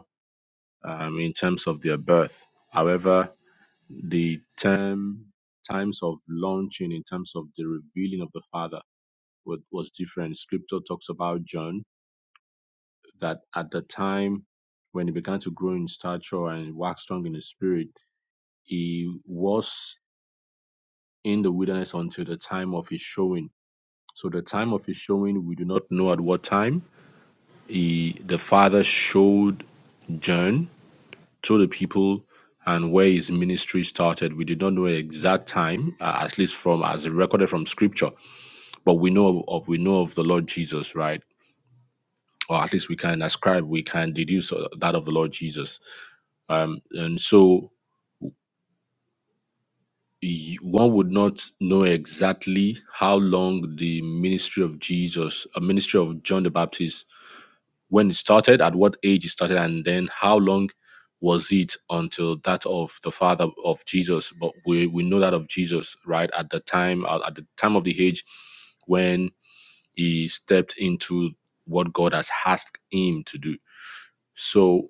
B: um, in terms of their birth. However, the term times of launching in terms of the revealing of the Father was, was different. Scripture talks about John that at the time when he began to grow in stature and wax strong in his spirit, he was in the wilderness until the time of his showing. So the time of his showing, we do not know at what time he, the Father showed John to the people and where his ministry started. We do not know the exact time, uh, at least from as recorded from Scripture, but we know of we know of the Lord Jesus, right? Or at least we can ascribe, we can deduce uh, that of the Lord Jesus. Um, and so y- one would not know exactly how long the ministry of Jesus, a ministry of John the Baptist, when it started, at what age it started, and then how long was it until that of the father of Jesus. But we, we know that of Jesus, right? At the time, at at the time of the age when he stepped into what God has asked him to do. So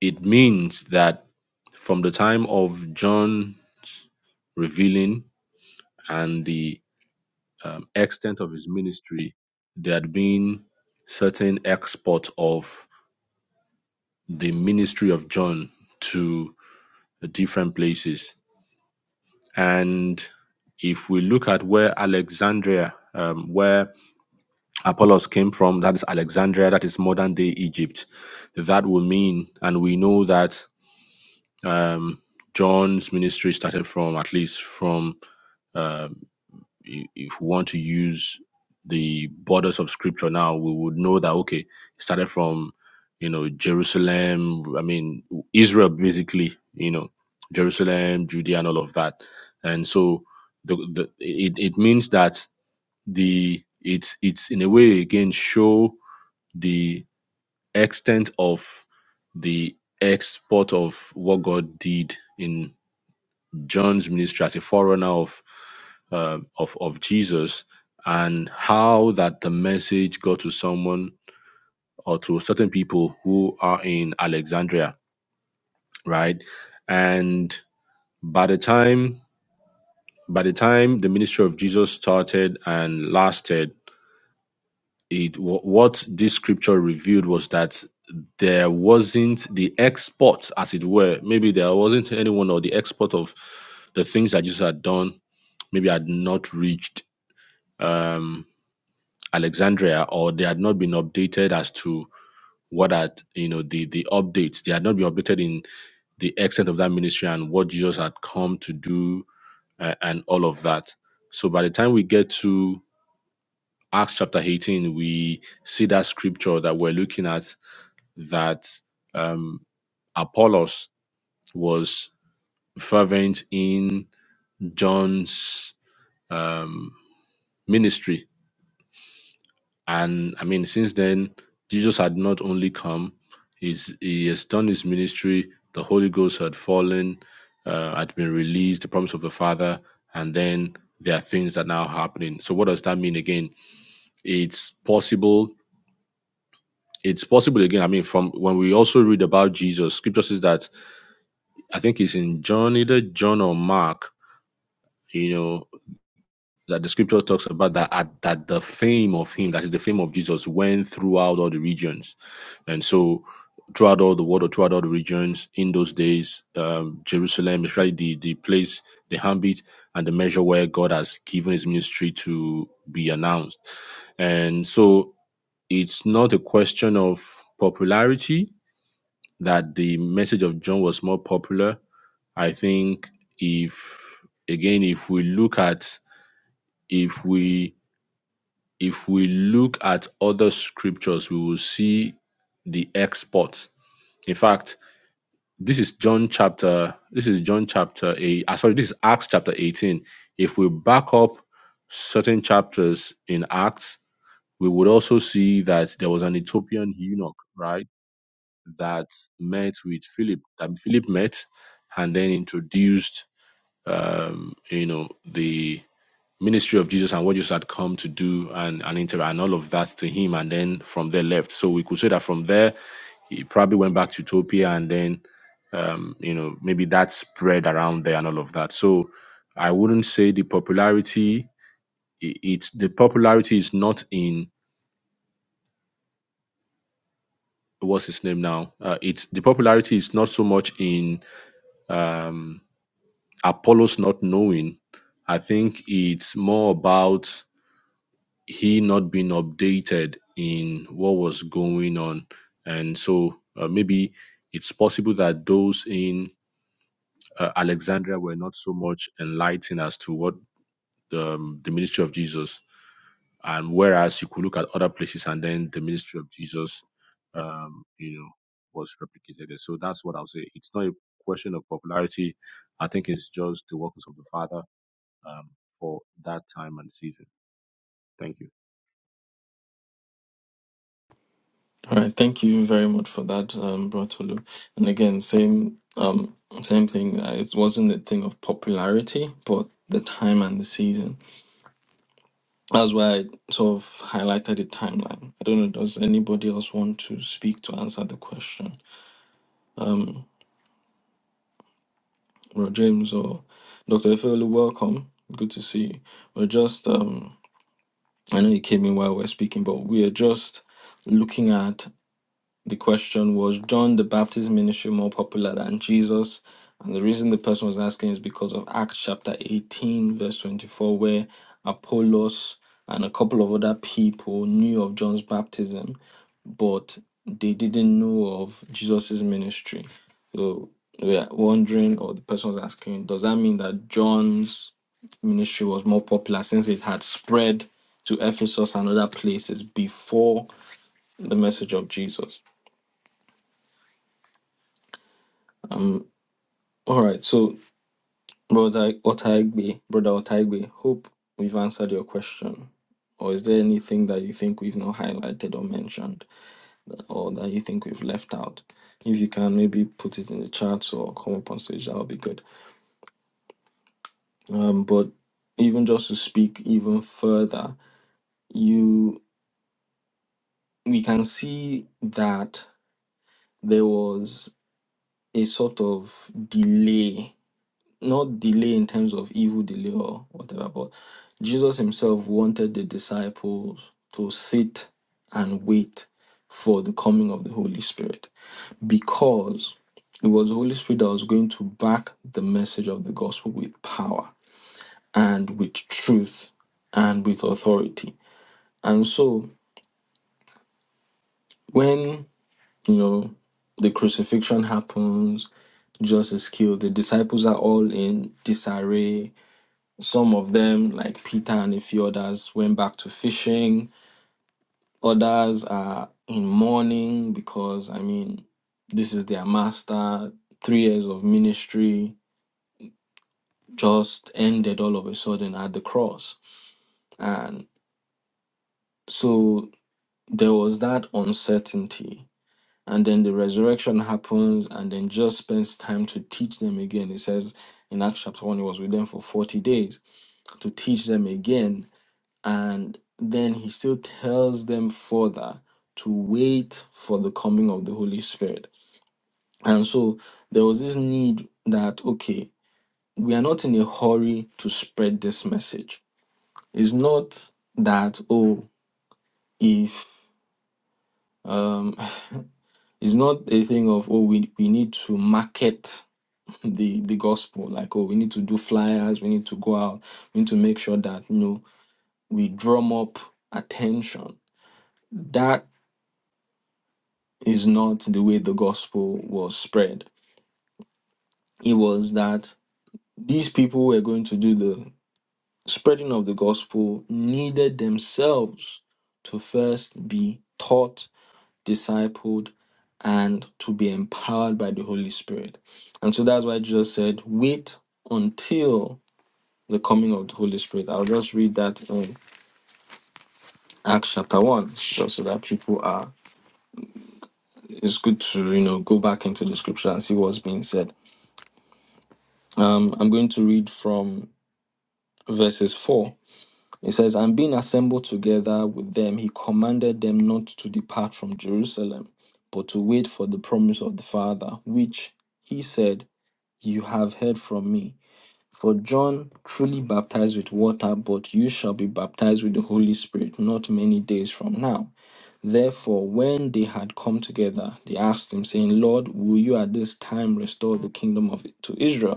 B: it means that from the time of John revealing and the um, extent of his ministry, there had been certain exports of the ministry of John to different places. And if we look at where Alexandria, um, where Apollos came from, that is Alexandria, that is modern day Egypt, that will mean, and we know that um, John's ministry started from at least from uh, if we want to use the borders of scripture now, we would know that okay, it started from you know Jerusalem. I mean Israel, basically. You know Jerusalem, Judea, and all of that. And so the, the it it means that the it's it's in a way again show the extent of the export of what God did in. John's ministry as a forerunner of uh, of of Jesus and how that the message got to someone or to certain people who are in Alexandria, right? And by the time by the time the ministry of Jesus started and lasted, it wh- what this scripture revealed was that there wasn't the export, as it were. Maybe there wasn't anyone or the export of the things that Jesus had done. Maybe had not reached um, Alexandria, or they had not been updated as to what had you know the the updates. They had not been updated in the extent of that ministry and what Jesus had come to do uh, and all of that. So by the time we get to Acts chapter 18, we see that scripture that we're looking at that um, Apollos was fervent in John's um, ministry And I mean, since then, Jesus had not only come, he's, he has done his ministry, the Holy Ghost had fallen, uh, had been released, the promise of the Father, and then there are things that now happening. So what does that mean again? It's possible. It's possible again. I mean, from when we also read about Jesus, scripture says that I think it's in John, either John or Mark, you know that the scripture talks about that at- that the fame of him, that is the fame of Jesus, went throughout all the regions, and so throughout all the world or throughout all the regions in those days, um, Jerusalem, especially the the place, the ambit and the measure where God has given His ministry to be announced, and so it's not a question of popularity that the message of John was more popular. I think if again if we look at if we if we look at other scriptures we will see the export in fact this is john chapter this is john chapter 8 ah, sorry this is acts chapter 18 if we back up certain chapters in acts we would also see that there was an ethiopian eunuch right that met with philip that philip met and then introduced um you know the ministry of Jesus and what Jesus had come to do and, and interact and all of that to him and then from there left. So we could say that from there he probably went back to Utopia and then um, you know, maybe that spread around there and all of that. So I wouldn't say the popularity i- it's the popularity is not in what's his name now? Uh, it's the popularity is not so much in um Apollos not knowing. I think it's more about he not being updated in what was going on. And so uh, maybe it's possible that those in uh, Alexandria were not so much enlightened as to what um, the ministry of Jesus, and whereas you could look at other places and then the ministry of Jesus, um, you know, was replicated. there. So that's what I'll say. It's not a question of popularity. I think it's just the workings of the Father um, for that time and season. Thank you.
A: All right. Thank you very much for that, um, Bro Tolu. And again, same um, same thing. Uh, It wasn't a thing of popularity, but the time and the season. That's why I sort of highlighted the timeline. I don't know. Does anybody else want to speak to answer the question? Um, Bro James or Dr. Efeolu, welcome. Good to see you. We're just, um, I know you came in while we we're speaking, but we are just looking at The question was John the Baptist ministry more popular than Jesus? And the reason the person was asking is because of Acts chapter 18, verse 24, where Apollos and a couple of other people knew of John's baptism, but they didn't know of Jesus's ministry. So we are wondering, or the person was asking, does that mean that John's ministry was more popular since it had spread to Ephesus and other places before the message of Jesus? Um. All right, so brother Otaigbe, brother Otaigbe, hope we've answered your question. Or is there anything that you think we've not highlighted or mentioned, or that you think we've left out? If you can, maybe put it in the chat or come up on stage, that would be good. Um, but even just to speak even further, you we can see that there was a sort of delay not delay in terms of evil delay or whatever, but Jesus himself wanted the disciples to sit and wait for the coming of the Holy Spirit because it was the Holy Spirit that was going to back the message of the gospel with power and with truth and with authority. And so when, you know, the crucifixion happens, Jesus is killed, the disciples are all in disarray, Some of them, like Peter and a few others, went back to fishing. Others are in mourning because, I mean, this is their master. Three years of ministry just ended all of a sudden at the cross. And so there was that uncertainty. And then the resurrection happens, and then just spends time to teach them again. It says in Acts chapter 1, he was with them for 40 days to teach them again And then he still tells them further to wait for the coming of the Holy Spirit. And so there was this need that, okay, we are not in a hurry to spread this message. It's not that, oh, if, um, [LAUGHS] it's not a thing of, oh, we, we need to market the, the gospel, like, oh, we need to do flyers, we need to go out, we need to make sure that, you know, we drum up attention. That is not the way the gospel was spread. It was that these people who were going to do the spreading of the gospel needed themselves to first be taught, discipled, and to be empowered by the Holy Spirit. And so that's why Jesus said, Wait until the coming of the Holy Spirit. I'll just read that in Acts chapter 1, just so that people are. It's good to, you know, go back into the scripture and see what's being said. Um, I'm going to read from verses 4 it says and being assembled together with them he commanded them not to depart from jerusalem but to wait for the promise of the father which he said you have heard from me for john truly baptized with water but you shall be baptized with the holy spirit not many days from now therefore when they had come together they asked him saying lord will you at this time restore the kingdom of to israel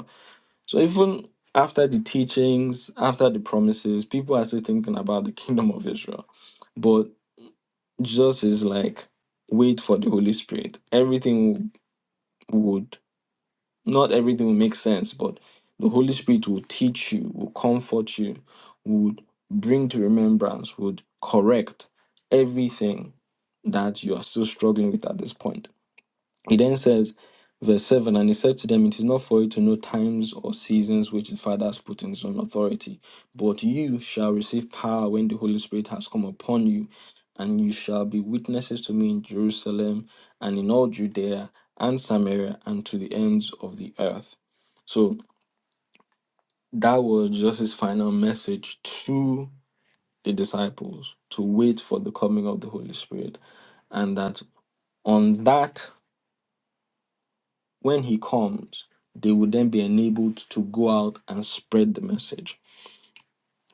A: so even after the teachings, after the promises, people are still thinking about the kingdom of Israel. But Jesus is like, wait for the Holy Spirit. Everything would not everything will make sense, but the Holy Spirit will teach you, will comfort you, would bring to remembrance, would correct everything that you are still struggling with at this point. He then says, verse 7 And he said to them, It is not for you to know times or seasons which the Father has put in his own authority, but you shall receive power when the Holy Spirit has come upon you, and you shall be witnesses to me in Jerusalem and in all Judea and Samaria and to the ends of the earth. So that was just his final message to the disciples to wait for the coming of the Holy Spirit, and that on that When he comes, they will then be enabled to go out and spread the message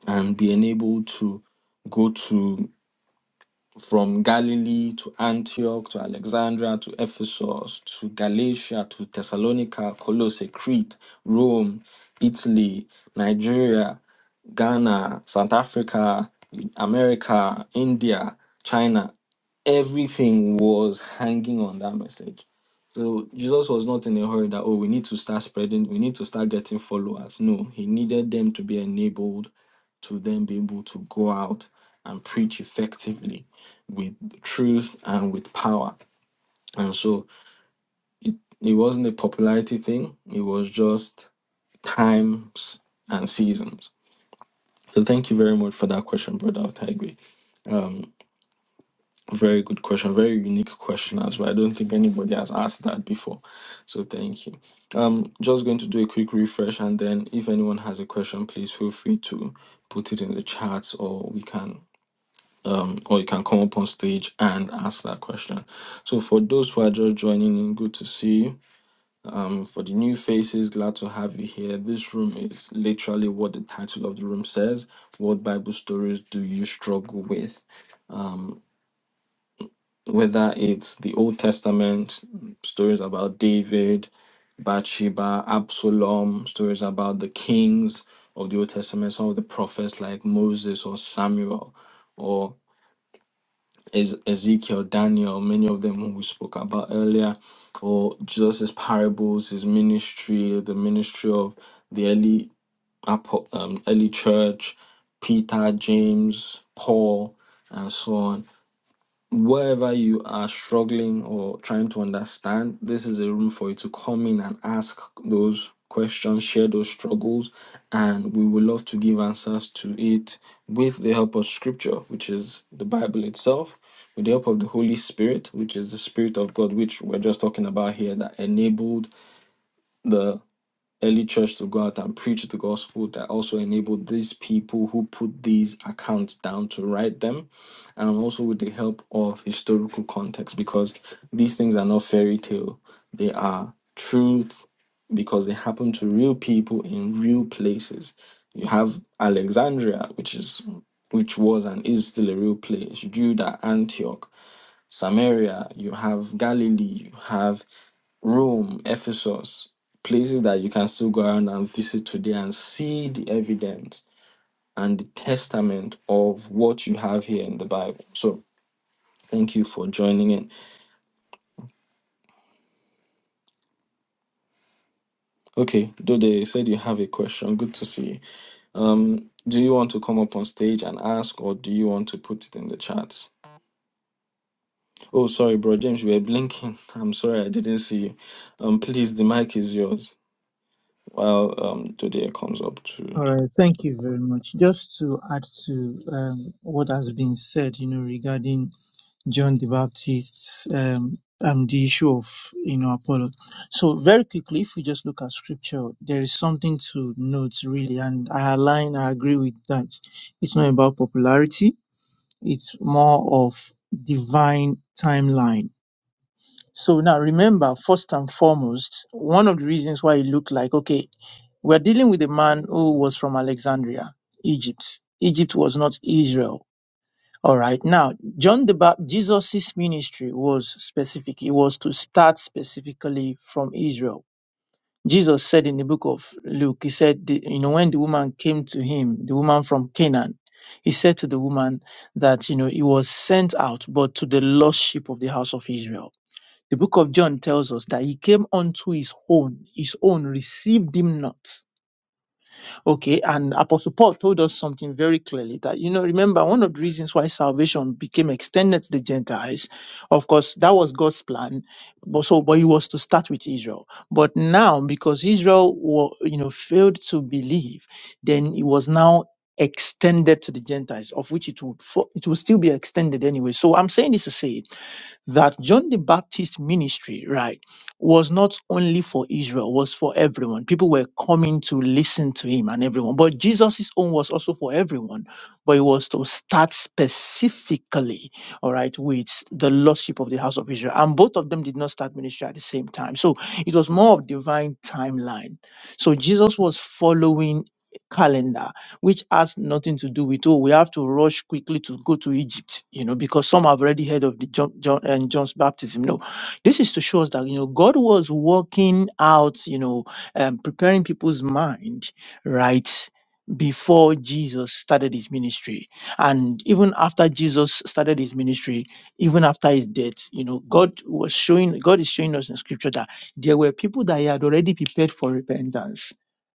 A: and be enabled to go to from Galilee to Antioch to Alexandria to Ephesus to Galatia to Thessalonica, Colossae, Crete, Rome, Italy, Nigeria, Ghana, South Africa, America, India, China, everything was hanging on that message. So Jesus was not in a hurry that, oh, we need to start spreading, we need to start getting followers. No, he needed them to be enabled to then be able to go out and preach effectively with truth and with power. And so it wasn't a popularity thing, it was just times and seasons. So thank you very much for that question, Brother Otaigwe. Very good question. Very unique question as well. I don't think anybody has asked that before. So thank you. Um, just going to do a quick refresh, and then if anyone has a question, please feel free to put it in the chat, or we can, um, or you can come up on stage and ask that question. So for those who are just joining in, good to see you. Um, for the new faces, glad to have you here. This room is literally what the title of the room says. What Bible stories do you struggle with? whether it's the Old Testament stories about David, Bathsheba, Absalom, stories about the kings of the Old Testament, some of the prophets like Moses or Samuel or Ez- Ezekiel, Daniel, many of them who we spoke about earlier, or Jesus' parables, his ministry, the ministry of the early, apo- um, early church, Peter, James, Paul, and so on wherever you are struggling or trying to understand, this is a room for you to come in and ask those questions, share those struggles, and we would love to give answers to it with the help of scripture, which is the Bible itself, with the help of the Holy Spirit, which is the Spirit of God, which we're just talking about here, that enabled the early church to go out and preach the gospel that also enabled these people who put these accounts down to write them and also with the help of historical context because these things are not fairy tale they are truth because they happen to real people in real places you have alexandria which is which was and is still a real place judah antioch Samaria, you have Galilee, you have Rome, Ephesus, places that you can still go around and visit today and see the evidence and the testament of what you have here in the Bible. So thank you for joining in. Okay, Dode you said you have a question. Good to see you. Um, do you want to come up on stage and ask, or do you want to put it in the chat? Oh, sorry, bro, James, you were blinking. [LAUGHS] I'm sorry, I didn't see you. Um, please, the mic is yours while um Dode comes up to.
C: All right, thank you very much. Just to add to um, what has been said, you know, regarding John the Baptist's um, um, the issue of you know Apollo. So very quickly, if we just look at scripture, there is something to note really, and I align, I agree with that. It's not about popularity; it's more of divine timeline so now remember, first and foremost, one of the reasons why it looked like, okay, we're dealing with a man who was from Alexandria, Egypt. Egypt was not Israel. All right. Now, John the Baptist, Jesus' ministry was specific. It was to start specifically from Israel. Jesus said in the book of Luke, he said, the, you know, when the woman came to him, the woman from Canaan, he said to the woman that, you know, he was sent out, but to the lost sheep of the house of Israel. The book of John tells us that he came unto his own, his own received him not. Okay, and Apostle Paul told us something very clearly that, you know, remember one of the reasons why salvation became extended to the Gentiles, of course, that was God's plan, but so, but he was to start with Israel. But now, because Israel, were, you know, failed to believe, then it was now extended to the Gentiles, of which it would, fo- it will still be extended anyway. So I'm saying this to say that John the Baptist ministry, right, was not only for Israel, was for everyone. People were coming to listen to him and everyone. But Jesus' own was also for everyone, but it was to start specifically, all right, with the lordship of the house of Israel. And both of them did not start ministry at the same time. So it was more of divine timeline. So Jesus was following calendar which has nothing to do with, oh, we have to rush quickly to go to Egypt, you know, because some have already heard of the John, John and John's baptism. No, this is to show us that, you know, God was working out, you know, um, preparing people's mind, right? Before Jesus started his ministry, and even after Jesus started his ministry, even after his death, you know, God was showing, God is showing us in scripture that there were people that he had already prepared for repentance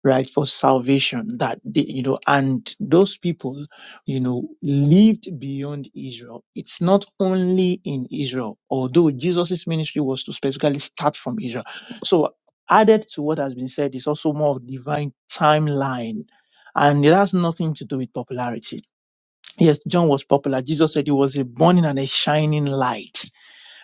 C: right for salvation that they, you know and those people you know lived beyond israel it's not only in israel although jesus' ministry was to specifically start from israel so added to what has been said is also more of divine timeline and it has nothing to do with popularity yes john was popular jesus said he was a burning and a shining light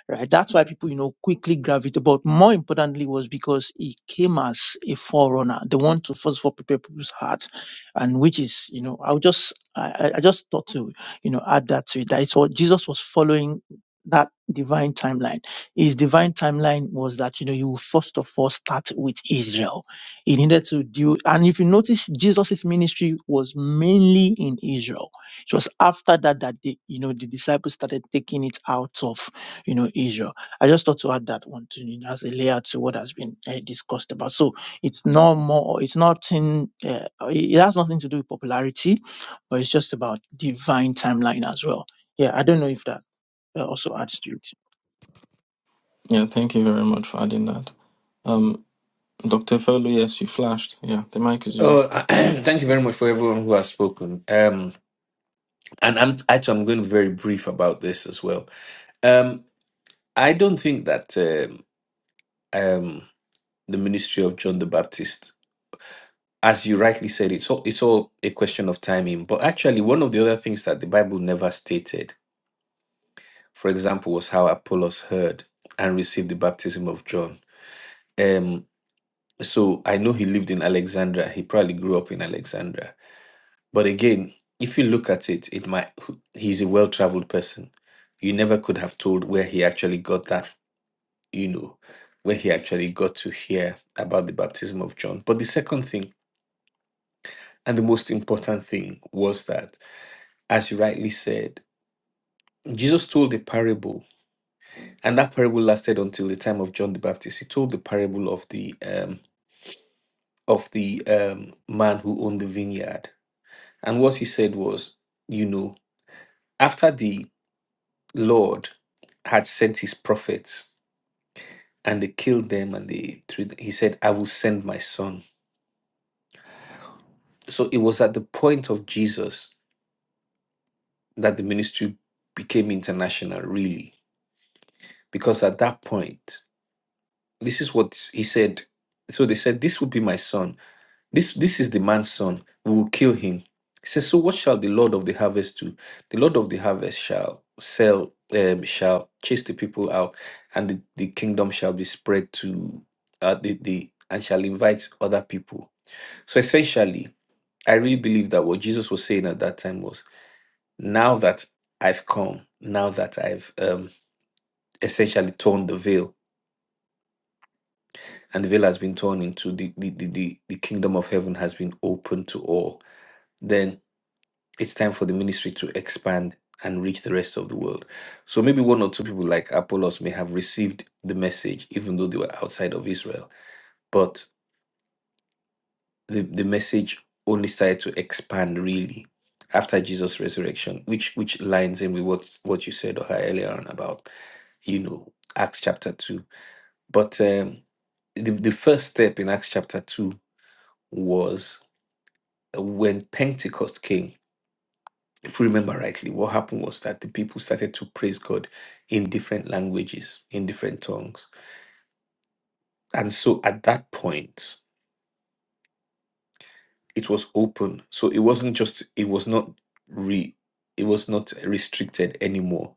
C: right? That's why people, you know, quickly gravitate. But more importantly, was because he came as a forerunner, the one to first of all prepare people's hearts, and which is, you know, I will just, I, I I just thought to, you know, add that to it. That is what Jesus was following that divine timeline. His divine timeline was that, you know, you first of all start with Israel. He needed to do, and if you notice, Jesus's ministry was mainly in Israel. It was after that that the, you know, the disciples started taking it out of you know, Israel. I just thought to add that one to you know, as a layer to what has been uh, discussed about. So it's not more, it's nothing, uh, it has nothing to do with popularity, but it's just about divine timeline as well. Yeah, I don't know if that uh, also adds to it.
A: Yeah, thank you very much for adding that. Um, Dr. Efeolu, yes, you flashed. Yeah, the mic is yours.
D: Oh, [CLEARS THROAT] thank you very much for everyone who has spoken. Um, and I'm actually I'm going to be very brief about this as well. Um, I don't think that um, um, the ministry of John the Baptist, as you rightly said, it's all it's all a question of timing. But actually, one of the other things that the Bible never stated, for example, was how Apollos heard and received the baptism of John. Um, so I know he lived in Alexandria. He probably grew up in Alexandria But again, if you look at it, it might he's a well-traveled person. You never could have told where he actually got that, you know, where he actually got to hear about the baptism of John. But the second thing and the most important thing was that, as you rightly said, Jesus told a parable, and that parable lasted until the time of John the Baptist. He told the parable of the um, of the um, man who owned the vineyard, and what he said was, you know, after the Lord had sent his prophets and they killed them and they threw th- he said, I will send my son. So it was at the point of Jesus that the ministry became international, really. Because at that point, this is what he said. So they said, This will be my son This this is the man's son. We will kill him. He says, So what shall the Lord of the harvest do? The Lord of the harvest shall sell, um, shall chase the people out, and the, the kingdom shall be spread to uh, the, the and shall invite other people. So essentially, I really believe that what Jesus was saying at that time was, now that I've come, now that I've um, essentially torn the veil, and the veil has been torn into the the, the, the the kingdom of heaven has been open to all, then it's time for the ministry to expand and reach the rest of the world. So maybe one or two people like Apollos may have received the message, even though they were outside of Israel. But the, the message only started to expand really after Jesus' resurrection, which which lines in with what, what you said or earlier on about, you know, Acts chapter two. But um, the, the first step in Acts chapter two was when Pentecost came if we remember rightly, what happened was that the people started to praise God in different languages, in different tongues. And so at that point, it was open. So it wasn't just, it was not re, it was not restricted anymore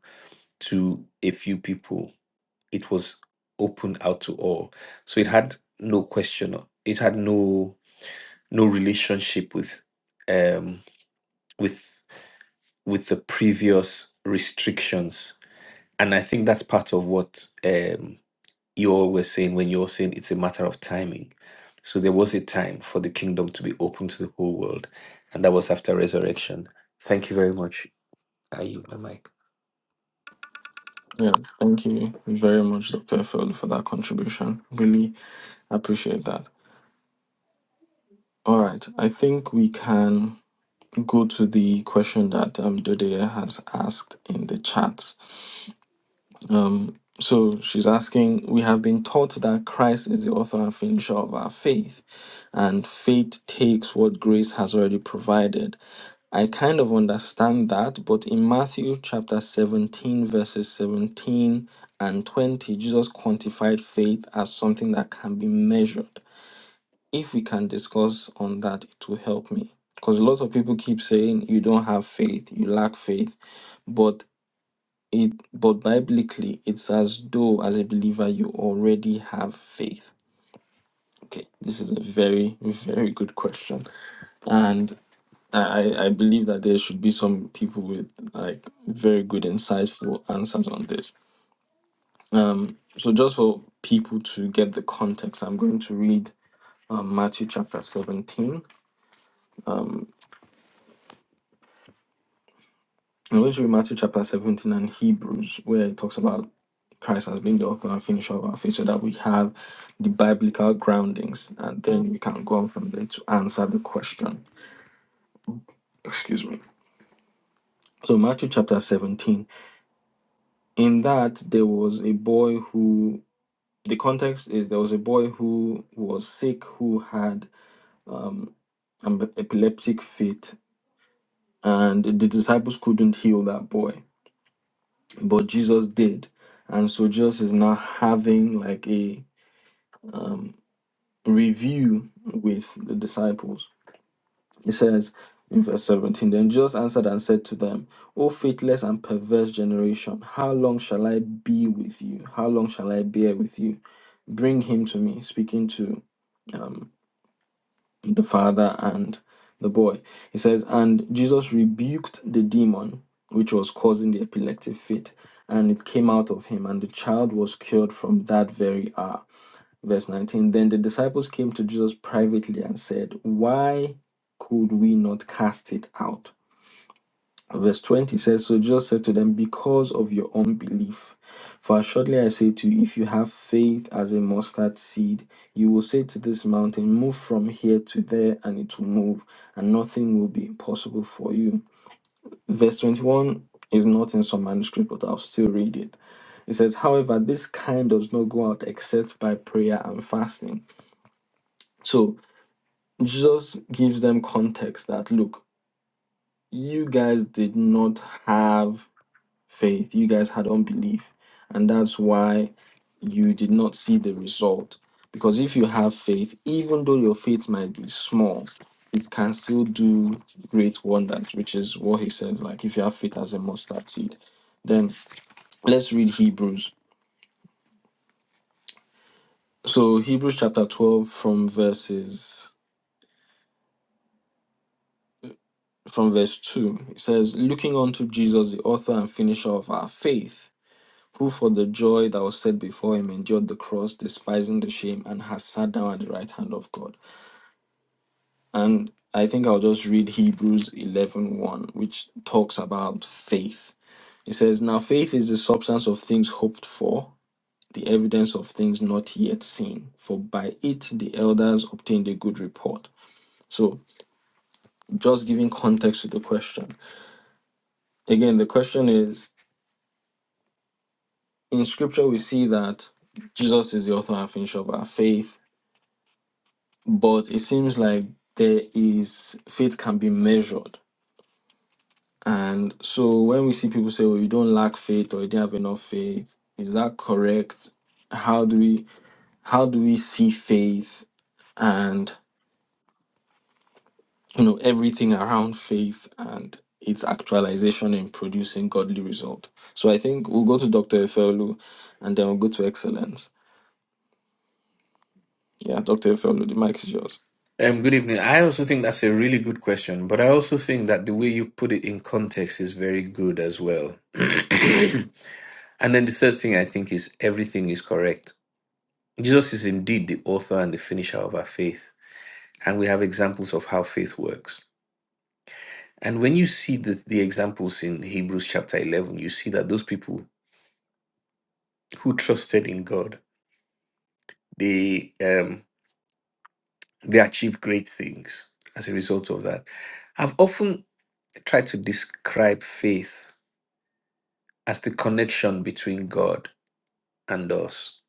D: to a few people. It was open out to all. So it had no question. It had no, no relationship with, um, with, with the previous restrictions. And I think that's part of what, um, you always saying when you're saying it's a matter of timing. So there was a time for the kingdom to be open to the whole world, and that was after resurrection. Thank you very much. I yield my mic.
A: Yeah, thank you very much, Dr. Efeolu, for that contribution. Really appreciate that. All right, I think we can go to the question that um, Dodea has asked in the chat. Um, So she's asking, we have been taught that Christ is the author and finisher of our faith, and faith takes what grace has already provided. I kind of understand that, but in Matthew chapter 17, verses 17 and 20, Jesus quantified faith as something that can be measured. If we can discuss on that, it will help me. Because a lot of people keep saying, you don't have faith, you lack faith. But it, but biblically, it's as though as a believer you already have faith. Okay, this is a very, very good question, and I, I believe that there should be some people with like very good, insightful answers on this. So, just for people to get the context, I'm going to read um, Matthew chapter 17 I'm going to read Matthew chapter 17 and Hebrews, where it talks about Christ as being the author and finisher of our faith, so that we have the biblical groundings, and then we can go on from there to answer the question. Excuse me. So, Matthew chapter 17, in that there was a boy who, the context is there was a boy who was sick, who had um, an epileptic fit, and the disciples couldn't heal that boy, but Jesus did. And so, Jesus is now having like a review with the disciples. It says in verse 17 Then Jesus answered and said to them, O faithless and perverse generation, how long shall I be with you? How long shall I bear with you? Bring him to me, speaking to um, the father and the boy. He says, And Jesus rebuked the demon which was causing the epileptic fit, and it came out of him, and the child was cured from that very hour. Verse 19 Then the disciples came to Jesus privately and said, Why could we not cast it out? Verse 20 says, So Jesus said to them, Because of your unbelief. For assuredly I say to you, if you have faith as a mustard seed, you will say to this mountain, Move from here to there, and it will move, and nothing will be impossible for you. Verse 21 is not in some manuscript, but I'll still read it. It says, However, this kind does not go out except by prayer and fasting. So. Jesus gives them context that look, you guys did not have faith, you guys had unbelief, and that's why you did not see the result. Because if you have faith, even though your faith might be small, it can still do great wonders, which is what he says. Like, if you have faith as a mustard seed, then let's read Hebrews. So, Hebrews chapter 12, from verses from verse 2. It says, Looking unto Jesus, the author and finisher of our faith, who for the joy that was set before him endured the cross, despising the shame, and has sat down at the right hand of God. And I think I'll just read Hebrews eleven one, which talks about faith. It says, Now faith is the substance of things hoped for, the evidence of things not yet seen, for by it the elders obtained a good report. So, just giving context to the question. Again, the question is in scripture we see that Jesus is the author and finisher of our faith, but it seems like there is faith can be measured. And so when we see people say, Oh, you don't lack faith or you didn't have enough faith, is that correct? How do we how do we see faith and you know everything around faith and its actualization in producing godly result? So I think we'll go to Dr. Efeolu and then we'll go to excellence. Yeah, Dr. Efeolu, the mic is yours.
D: Um, good evening. I also think that's a really good question, but I also think that the way you put it in context is very good as well. [CLEARS THROAT] and then the third thing I think is everything is correct. Jesus is indeed the author and the finisher of our faith, and we have examples of how faith works. And when you see the, the examples in Hebrews chapter 11, you see that those people who trusted in God, they, um, they achieved great things as a result of that. I've often tried to describe faith as the connection between God and us,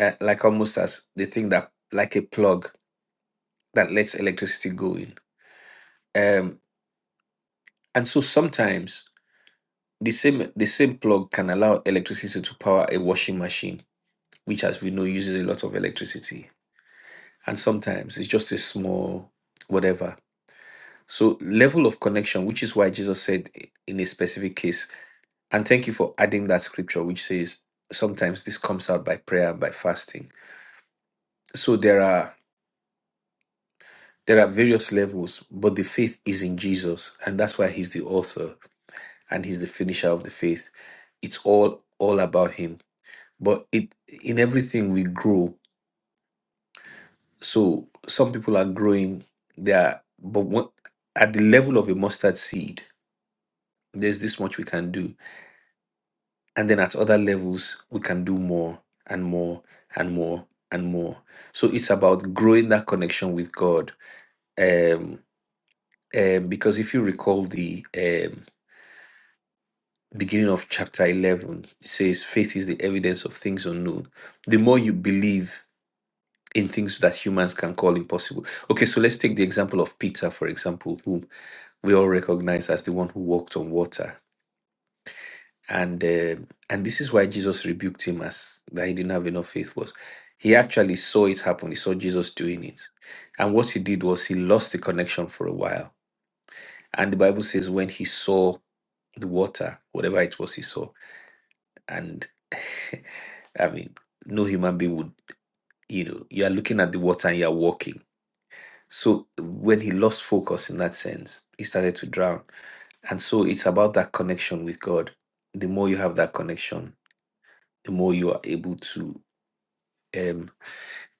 D: uh, like almost as the thing that, like a plug that lets electricity go in. Um, and so sometimes the same, the same plug can allow electricity to power a washing machine, which, as we know, uses a lot of electricity and sometimes it's just a small whatever. So, level of connection, which is why Jesus said in a specific case, and thank you for adding that scripture, which says sometimes this comes out by prayer and by fasting. So, there are there are various levels, but the faith is in Jesus, and that's why He's the author and He's the finisher of the faith. It's all all about Him. But it in everything we grow. So some people are growing there, but what, at the level of a mustard seed, there's this much we can do. And then at other levels, we can do more and more and more and more. So it's about growing that connection with God. Um, um, because if you recall the um, beginning of chapter 11, it says, faith is the evidence of things unknown. The more you believe in things that humans can call impossible. Okay, so let's take the example of Peter, for example, whom we all recognize as the one who walked on water and uh, and this is why Jesus rebuked him as that he didn't have enough faith was he actually saw it happen he saw Jesus doing it and what he did was he lost the connection for a while and the bible says when he saw the water whatever it was he saw and [LAUGHS] i mean no human being would you know you are looking at the water and you are walking so when he lost focus in that sense he started to drown and so it's about that connection with god the more you have that connection the more you are able to um,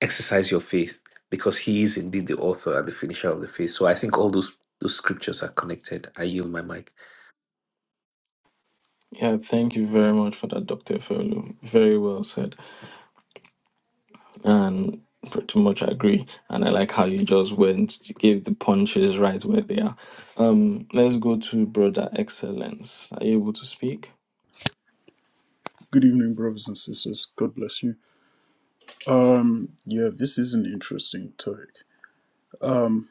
D: exercise your faith because he is indeed the author and the finisher of the faith. So I think all those those scriptures are connected. I yield my mic.
A: Yeah, thank you very much for that, Dr. Ferlu. Very well said. And pretty much I agree. And I like how you just went, you gave the punches right where they are. Um, let's go to Brother Excellence. Are you able to speak?
E: Good evening, brothers and sisters. God bless you. Um, yeah, this is an interesting topic. Um,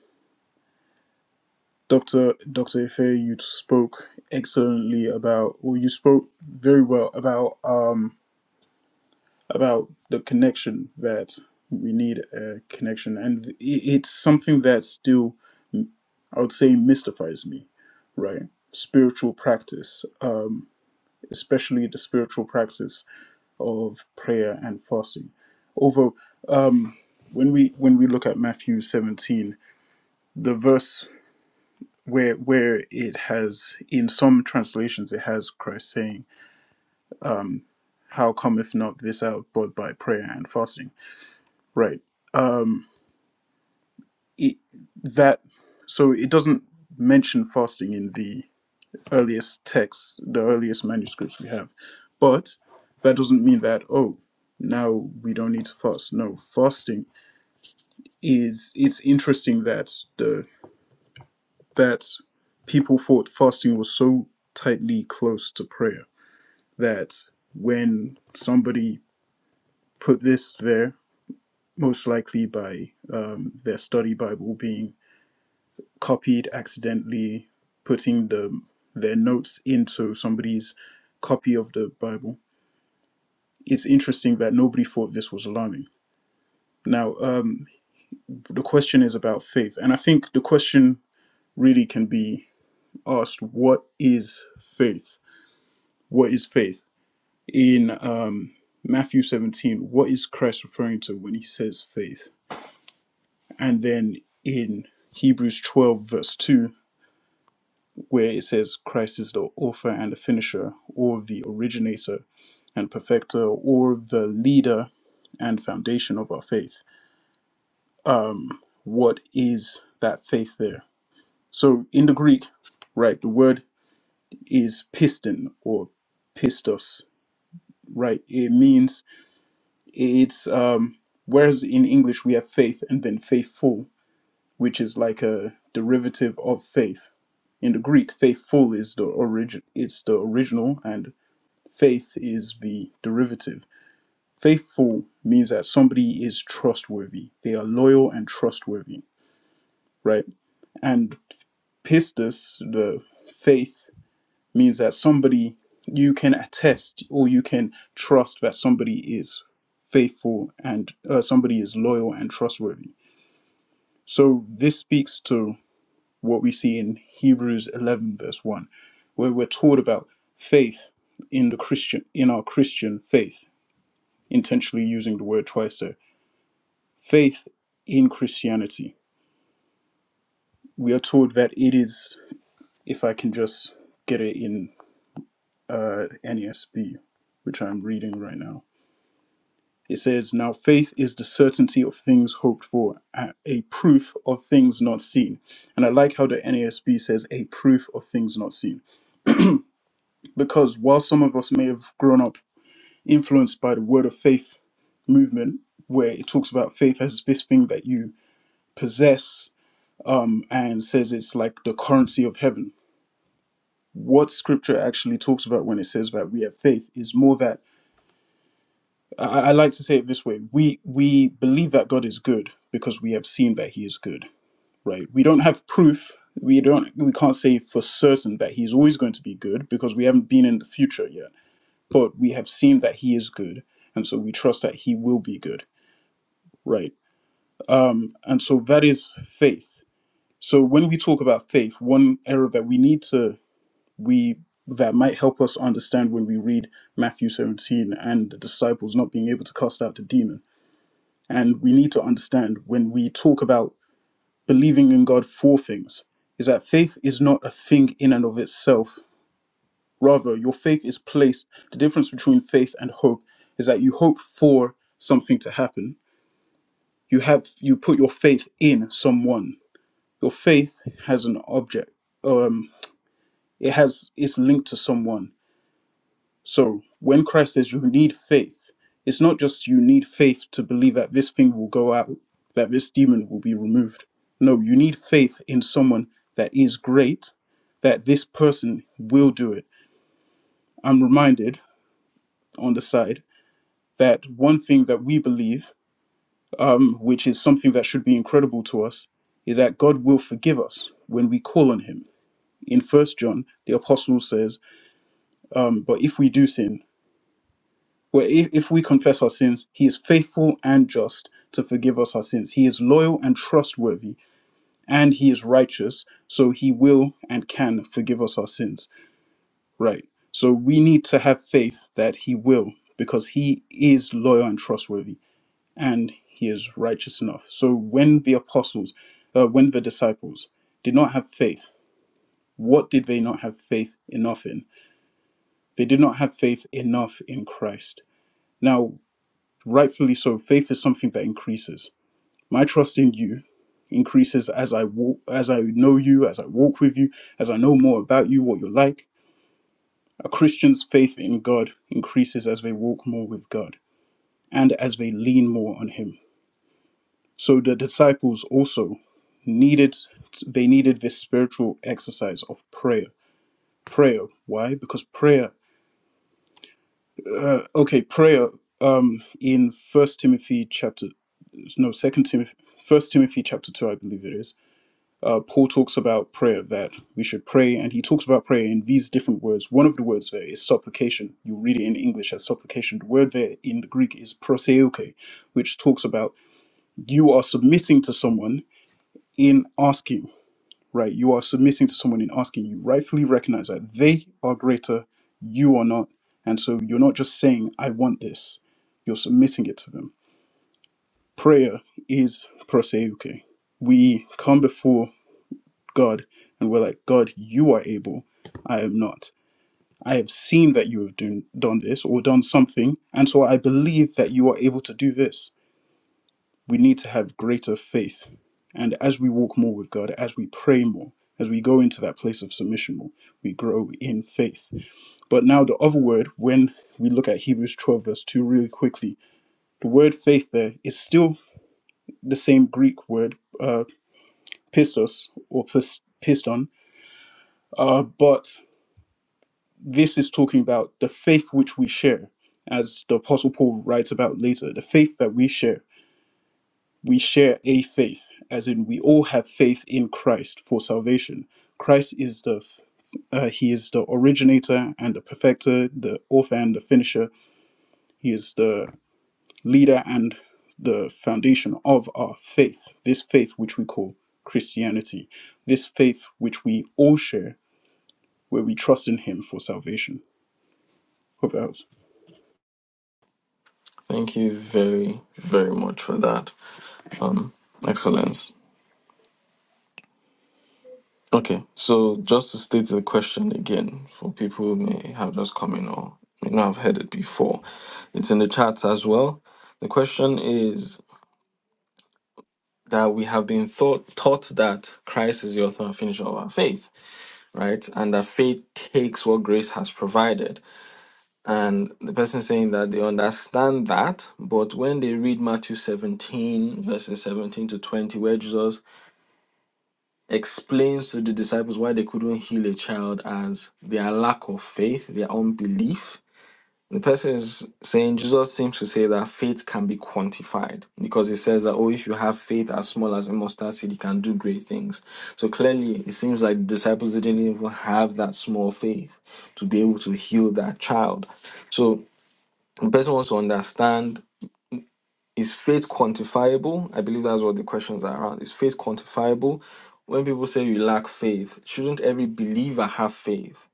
E: Doctor Doctor Ife, you spoke excellently about, or you spoke very well about, um, about the connection that we need a connection, and i it's something that still, mm, I would say, mystifies me, right? Spiritual practice, um, especially the spiritual practice. of prayer and fasting. Over um, when we when we look at Matthew 17, the verse where where it has in some translations it has Christ saying, "How cometh not this out but by prayer and fasting?" Right. Um, it, that so it doesn't mention fasting in the earliest texts, the earliest manuscripts we have, but that doesn't mean that oh now we don't need to fast. No, fasting. is it's interesting that the that people thought fasting was so tightly close to prayer that when somebody put this there, most likely by um, their study Bible being copied accidentally, putting the their notes into somebody's copy of the Bible, it's interesting that nobody thought this was alarming. Now, um, the question is about faith, and I think the question really can be asked, What is faith? What is faith? In um, Matthew 17, what is Christ referring to when he says faith? And then in Hebrews 12, verse 2, where it says, Christ is the author and the finisher, or the originator and perfecter, or the leader and foundation of our faith. Um, what is that faith there? So in the Greek, right, the word is piston or pistos right? It means it's um whereas in English we have faith and then faithful, which is like a derivative of faith. In the Greek, faithful is the origin it's the original and faith is the derivative. Faithful means that somebody is trustworthy. They are loyal and trustworthy, right? And pistis, the faith means that somebody you can attest or you can trust that somebody is faithful and uh, somebody is loyal and trustworthy. So this speaks to what we see in Hebrews 11 verse 1 where we're taught about faith in the Christian in our Christian faith intentionally using the word twice there. Faith in Christianity. We are told that it is if I can just get it in uh, NESB which I'm reading right now It says, Now faith is the certainty of things hoped for, a proof of things not seen. And I like how the NASB says, a proof of things not seen. Because while some of us may have grown up influenced by the word of faith movement, where it talks about faith as this thing that you possess um, and says it's like the currency of heaven, what scripture actually talks about when it says that we have faith is more that I, I like to say it this way we we believe that God is good because we have seen that he is good right? We don't have proof. We don't. We can't say for certain that he's always going to be good because we haven't been in the future yet. But we have seen that he is good, and so we trust that he will be good, right? Um, and so that is faith. So when we talk about faith, one error that we need to we that might help us understand when we read Matthew 17 and the disciples not being able to cast out the demon. And we need to understand when we talk about believing in God for things is that faith is not a thing in and of itself. Rather, your faith is placed. The difference between faith and hope is that you hope for something to happen. You have you put your faith in someone. Your faith has an object. Um, it has it's linked to someone. So when Christ says you need faith, it's not just you need faith to believe that this thing will go out, that this demon will be removed. No, you need faith in someone that is great, that this person will do it. I'm reminded on the side that one thing that we believe, um, which is something that should be incredible to us, is that God will forgive us when we call on Him. In First John, the apostle says, um, "But if we do sin, For if, if we confess our sins, he is faithful and just to forgive us our sins. He is loyal and trustworthy, and he is righteous, so he will and can forgive us our sins. Right. So we need to have faith that he will, because he is loyal and trustworthy, and he is righteous enough. So when the apostles, uh, when the disciples did not have faith, what did they not have faith enough in? They did not have faith enough in Christ. Now, rightfully so faith is something that increases my trust in you increases as i walk as i know you as i walk with you as i know more about you what you're like a christian's faith in god increases as they walk more with god and as they lean more on him so the disciples also needed they needed this spiritual exercise of prayer prayer why because prayer uh, okay prayer um in first timothy chapter no second timothy first timothy chapter 2 i believe it is uh, paul talks about prayer that we should pray and he talks about prayer in these different words one of the words there is supplication you read it in english as supplication the word there in the greek is proseoke which talks about you are submitting to someone in asking right you are submitting to someone in asking you rightfully recognize that they are greater you are not and so you're not just saying i want this you're submitting it to them prayer is proseuche. We come before God and we're like, God, you are able. I am not. I have seen that you have done, done this or done something, and so I believe that you are able to do this. We need to have greater faith. And as we walk more with God, as we pray more, as we go into that place of submission more, we grow in faith. But now, the other word, when we look at Hebrews 12, verse 2, really quickly, the word faith there is still the same Greek word uh, pistos or pis- piston, uh, but this is talking about the faith which we share, as the Apostle Paul writes about later. The faith that we share, we share a faith, as in we all have faith in Christ for salvation. Christ is the uh, he is the originator and the perfecter, the author and the finisher. He is the leader and the foundation of our faith. This faith which we call Christianity, this faith which we all share where we trust in Him for salvation. Hope that helps.
A: Thank you very, very much for that. Um, Excellence. Okay, so just to state the question again for people who may have just come in or may not have heard it before, it's in the chat as well. The question is that we have been thought, taught that Christ is the author and finisher of our faith, right? And that faith takes what grace has provided. And the person saying that they understand that, but when they read Matthew 17, verses 17 to 20, where Jesus explains to the disciples why they couldn't heal a child as their lack of faith, their unbelief, the person is saying Jesus seems to say that faith can be quantified because he says that, oh, if you have faith as small as a mustard seed, you can do great things. So clearly, it seems like the disciples didn't even have that small faith to be able to heal that child. So the person wants to understand is faith quantifiable? I believe that's what the questions are around. Is faith quantifiable? When people say you lack faith, shouldn't every believer have faith?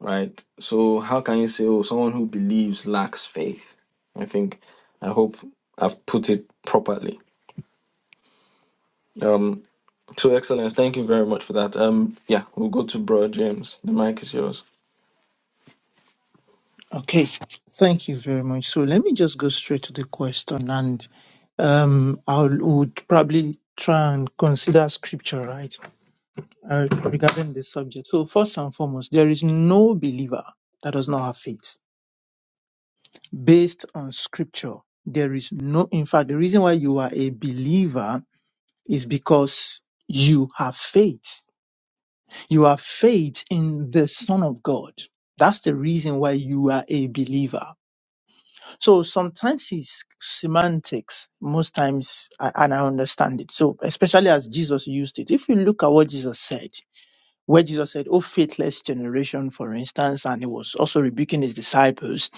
A: right? So how can you say, oh, someone who believes lacks faith? I think, I hope I've put it properly. Um, so excellence, thank you very much for that. Um, yeah, we'll go to Bro James. The mic is yours.
C: Okay, thank you very much. So let me just go straight to the question, and um, I would probably try and consider scripture right uh, regarding this subject. So first and foremost, there is no believer that does not have faith based on scripture. There is no, in fact, the reason why you are a believer is because you have faith. You have faith in the Son of God. That's the reason why you are a believer. So sometimes it's semantics. Most times, I, and I understand it. So especially as Jesus used it, if you look at what Jesus said, where Jesus said, "Oh faithless generation," for instance, and he was also rebuking his disciples,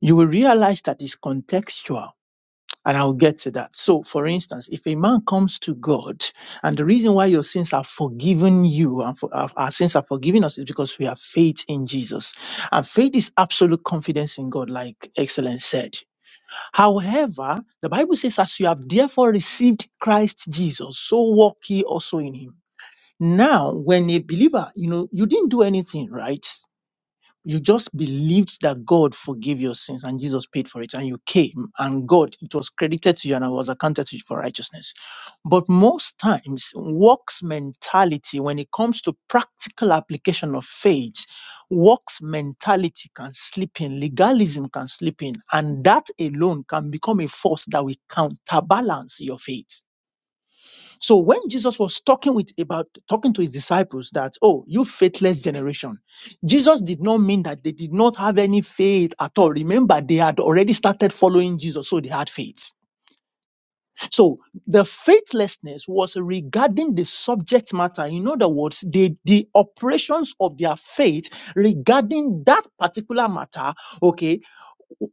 C: you will realize that it's contextual And I'll get to that. So, for instance, if a man comes to God, and the reason why your sins are forgiven you and for, our, our sins are forgiven us is because we have faith in Jesus. And faith is absolute confidence in God, like Excellence said. However, the Bible says, As you have therefore received Christ Jesus, so walk ye also in him. Now, when a believer, you know, you didn't do anything, right? you just believed that God forgave your sins and Jesus paid for it, and you came, and God, it was credited to you and it was accounted to you for righteousness. But most times, works mentality, when it comes to practical application of faith, works mentality can slip in, legalism can slip in, and that alone can become a force that will counterbalance your faith. So when Jesus was talking with about talking to his disciples that, oh, you faithless generation, Jesus did not mean that they did not have any faith at all. Remember, they had already started following Jesus, so they had faith. So the faithlessness was regarding the subject matter. In other words, the, the operations of their faith regarding that particular matter, okay,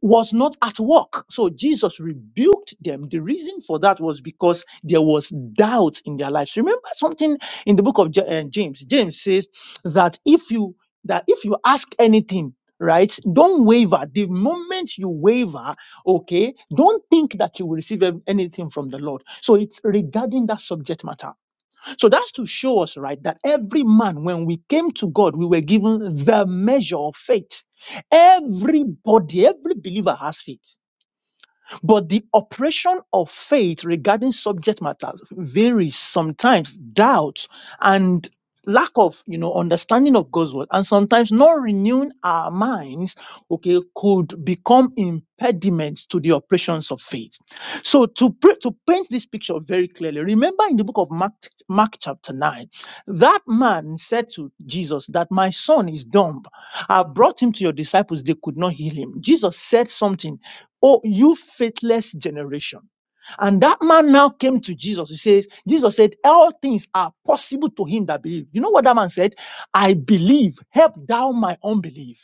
C: was not at work. So Jesus rebuked them. The reason for that was because there was doubt in their lives. Remember something in the book of Ja- uh, James. James says that if you that if you ask anything, right, don't waver. The moment you waver, okay, don't think that you will receive em- anything from the Lord. So it's regarding that subject matter. So that's to show us, right, that every man, when we came to God, we were given the measure of faith. Everybody, every believer has faith. But the operation of faith regarding subject matters varies sometimes doubt and lack of you know understanding of God's word and sometimes not renewing our minds okay could become impediments to the operations of faith so to pr- to paint this picture very clearly remember in the book of mark mark chapter 9 that man said to jesus that my son is dumb i brought him to your disciples they could not heal him jesus said something Oh, you faithless generation. And that man now came to Jesus. He says, Jesus said, All things are possible to him that believe. You know what that man said? I believe. Help thou my unbelief.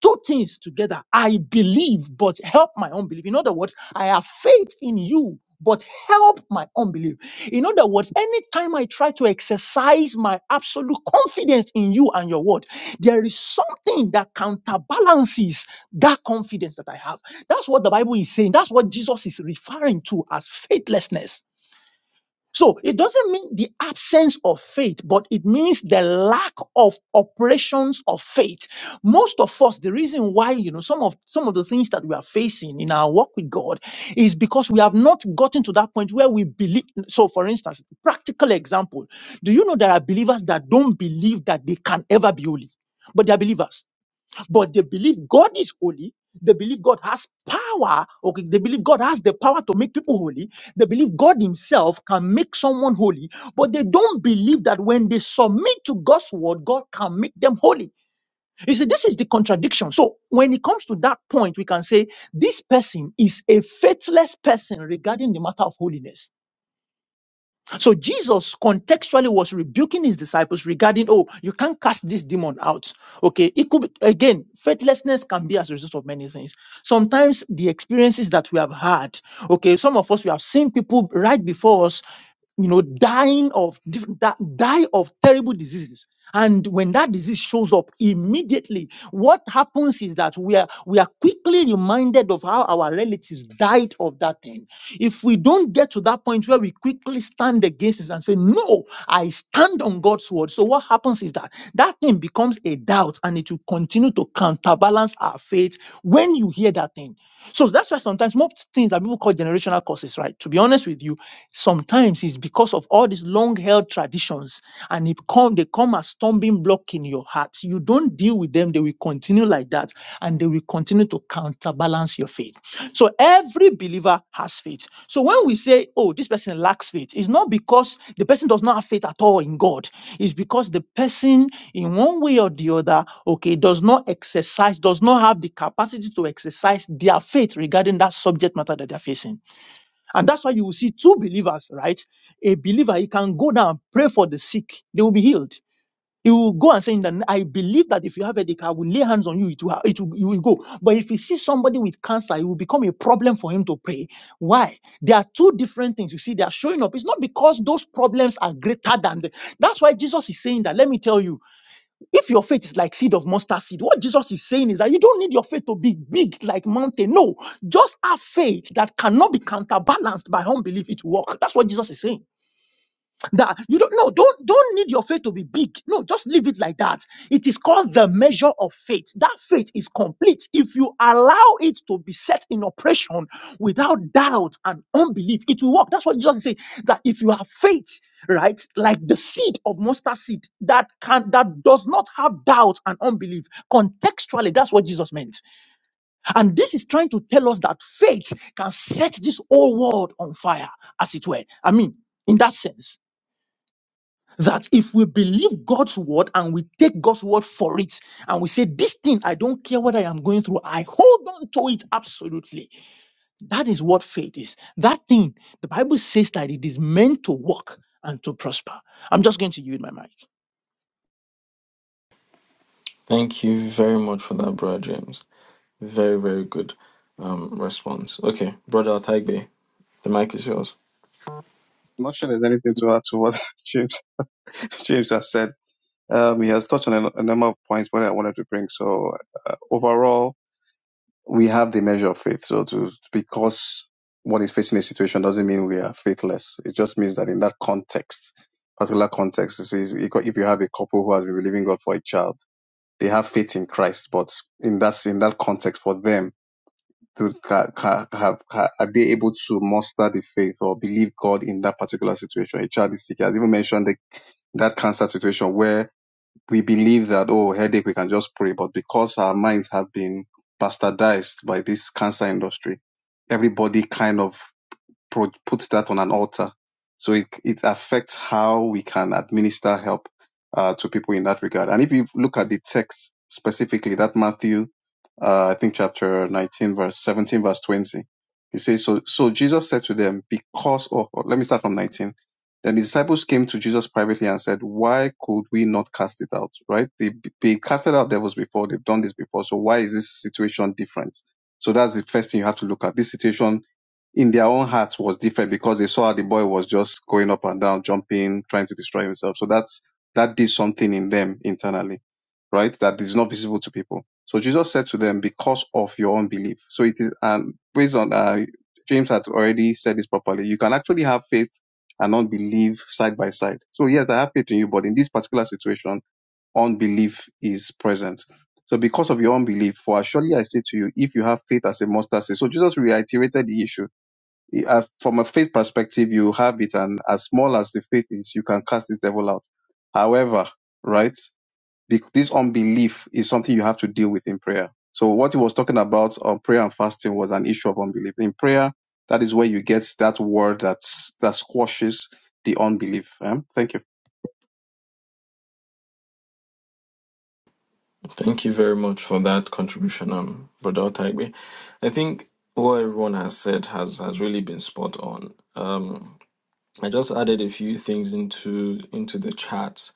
C: Two things together. I believe, but help my unbelief. In other words, I have faith in you, but help my unbelief. In other words, anytime I try to exercise my absolute confidence in you and your word, there is something that counterbalances that confidence that I have. That's what the Bible is saying. That's what Jesus is referring to as faithlessness so it doesn't mean the absence of faith, but it means the lack of operations of faith. Most of us, the reason why, you know, some of, some of the things that we are facing in our walk with God is because we have not gotten to that point where we believe. So for instance, practical example, do you know there are believers that don't believe that they can ever be holy, but they are believers? but they believe God is holy. They believe God has power. Okay, they believe God has the power to make people holy. They believe God Himself can make someone holy, but they don't believe that when they submit to God's word, God can make them holy. You see, this is the contradiction. So when it comes to that point, we can say this person is a faithless person regarding the matter of holiness so Jesus contextually was rebuking his disciples regarding, oh, you can't cast this demon out. Okay, it could be, again, faithlessness can be as a result of many things. Sometimes the experiences that we have had, okay, some of us we have seen people right before us you know, dying of diff- da- die of terrible diseases. And when that disease shows up immediately, what happens is that we are we are quickly reminded of how our relatives died of that thing. If we don't get to that point where we quickly stand against it and say, "No, I stand on God's word," so what happens is that that thing becomes a doubt, and it will continue to counterbalance our faith. When you hear that thing, so that's why sometimes most things that people call generational causes, right? To be honest with you with you, sometimes it's because of all these long held traditions and it come, they come as stumbling block in your heart. You don't deal with them, they will continue like that and they will continue to counterbalance your faith. So every believer has faith. So when we say, oh, this person lacks faith, it's not because the person does not have faith at all in God. It's because the person, in one way or the other, okay, does not exercise, does not have the capacity to exercise their faith regarding that subject matter that they're facing. And that's why you will see two believers, right? A believer, he can go down and pray for the sick, they will be healed. He will go and say, in the n- I believe that if you have a headache, I will lay hands on you, it will, ha- it will, you will go. But if he sees somebody with cancer, it will become a problem for him to pray. Why? There are two different things. You see, they are showing up. It's not because those problems are greater than the. That's why Jesus is saying that. Let me tell you. If your faith is like seed of mustard seed, what Jesus is saying is that you don't need your faith to be big like mountain. No, just have faith that cannot be counterbalanced by unbelief. It will work. That's what Jesus is saying that you don't no don't don't need your faith to be big no just leave it like that it is called the measure of faith that faith is complete if you allow it to be set in operation without doubt and unbelief it will work that's what jesus said. that if you have faith right like the seed of mustard seed that can that does not have doubt and unbelief contextually that's what jesus meant and this is trying to tell us that faith can set this whole world on fire as it were i mean in that sense that if we believe God's word and we take God's word for it and we say, This thing, I don't care what I am going through, I hold on to it absolutely. That is what faith is. That thing, the Bible says that it is meant to work and to prosper. I'm just going to yield my mic.
A: Thank you very much for that, Bro James. Very, very good um, response. Okay, Brother Otaigbe, the mic is yours.
F: I'm not sure there's anything to add to what [LAUGHS] James James has said. Um, he has touched on a, a number of points what I wanted to bring. So uh, overall, we have the measure of faith. So to because one is facing a situation doesn't mean we are faithless. It just means that in that context, particular context, this is if you have a couple who has been believing God for a child, they have faith in Christ, but in that in that context, for them. To ca- ca- have, ca- are they able to muster the faith or believe God in that particular situation? A child is sick. I've even mentioned the that cancer situation where we believe that, oh, headache, we can just pray. But because our minds have been bastardized by this cancer industry, everybody kind of pro- put that on an altar. So it, it affects how we can administer help uh, to people in that regard. And if you look at the text specifically, that Matthew, uh, I think chapter 19, verse 17, verse 20, he says, so, so Jesus said to them, because of, or let me start from 19. Then the disciples came to Jesus privately and said, why could we not cast it out? Right? They, they casted out devils before. They've done this before. So why is this situation different? So that's the first thing you have to look at. This situation in their own hearts was different because they saw how the boy was just going up and down, jumping, trying to destroy himself. So that's that did something in them internally, right? That is not visible to people. So Jesus said to them, "Because of your unbelief." So it is, and based on uh, James had already said this properly. You can actually have faith and unbelief side by side. So yes, I have faith in you, but in this particular situation, unbelief is present. So because of your unbelief, for surely I say to you, if you have faith as a mustard seed. So Jesus reiterated the issue uh, from a faith perspective, you have it, and as small as the faith is, you can cast this devil out. However, right, this unbelief is something you have to deal with in prayer. So what he was talking about on prayer and fasting was an issue of unbelief. In prayer, that is where you get that word that that squashes the unbelief. Um, thank you.
A: Thank you very much for that contribution, um, Brother Otaigbe. I think what everyone has said has has really been spot on. Um, I just added a few things into into the chat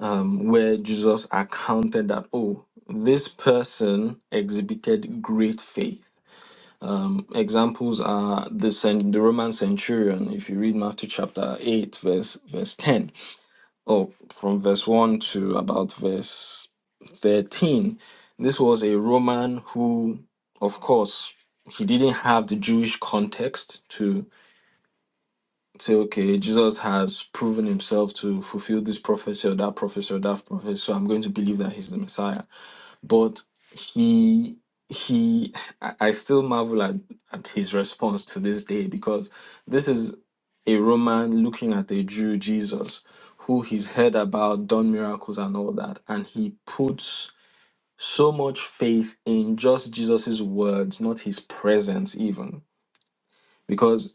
A: um, where Jesus accounted that oh this person exhibited great faith. Um, examples are the cen- the Roman centurion. If you read Matthew chapter eight, verse verse ten, or from verse one to about verse thirteen, this was a Roman who, of course, he didn't have the Jewish context to. say, okay, Jesus has proven himself to fulfill this prophecy or that prophecy or that prophecy, so I'm going to believe that he's the Messiah. But he he I I still marvel at, at his response to this day because this is a Roman looking at a Jew Jesus who he's heard about, done miracles and all that, and he puts so much faith in just Jesus's words, not his presence even. Because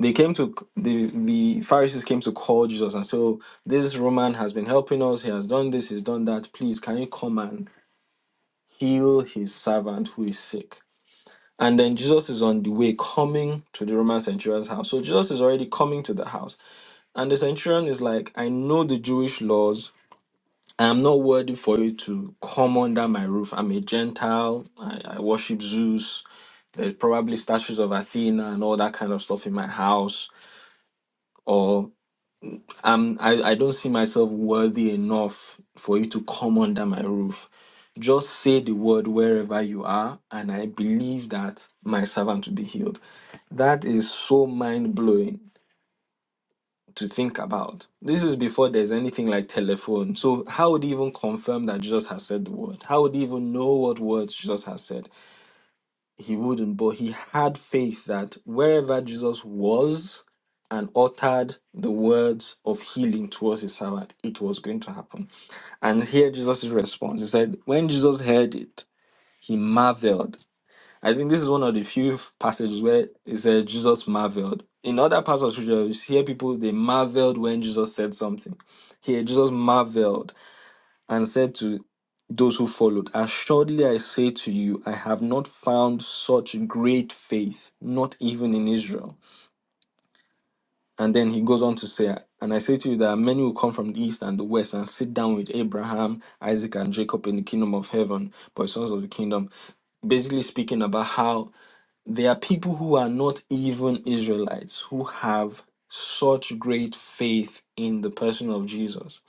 A: they came to the the Pharisees came to call Jesus and so this Roman has been helping us. He has done this. He's done that. Please, can you come and heal his servant who is sick? And then Jesus is on the way coming to the Roman centurion's house. So Jesus is already coming to the house, and the centurion is like, "I know the Jewish laws." I am not worthy for you to come under my roof. I'm a Gentile. I, I worship Zeus. There's probably statues of Athena and all that kind of stuff in my house. or." um I, I don't see myself worthy enough for you to come under my roof just say the word wherever you are and i believe that my servant will be healed that is so mind-blowing to think about this is before there's anything like telephone so how would he even confirm that jesus has said the word how would he even know what words jesus has said he wouldn't, but he had faith that wherever Jesus was and uttered the words of healing towards his servant, it was going to happen. And here Jesus' response. He said, When Jesus heard it, he marveled. I think this is one of the few passages where it says Jesus marveled. In other parts of scripture, you hear people they marveled when Jesus said something. Here, Jesus marveled and said to those who followed, Assuredly I say to you, I have not found such great faith, not even in Israel. And then he goes on to say, And I say to you that many will come from the east and the west and sit down with Abraham, Isaac, and Jacob in the kingdom of heaven, but sons of the kingdom. Basically speaking about how there are people who are not even Israelites who have such great faith in the person of Jesus.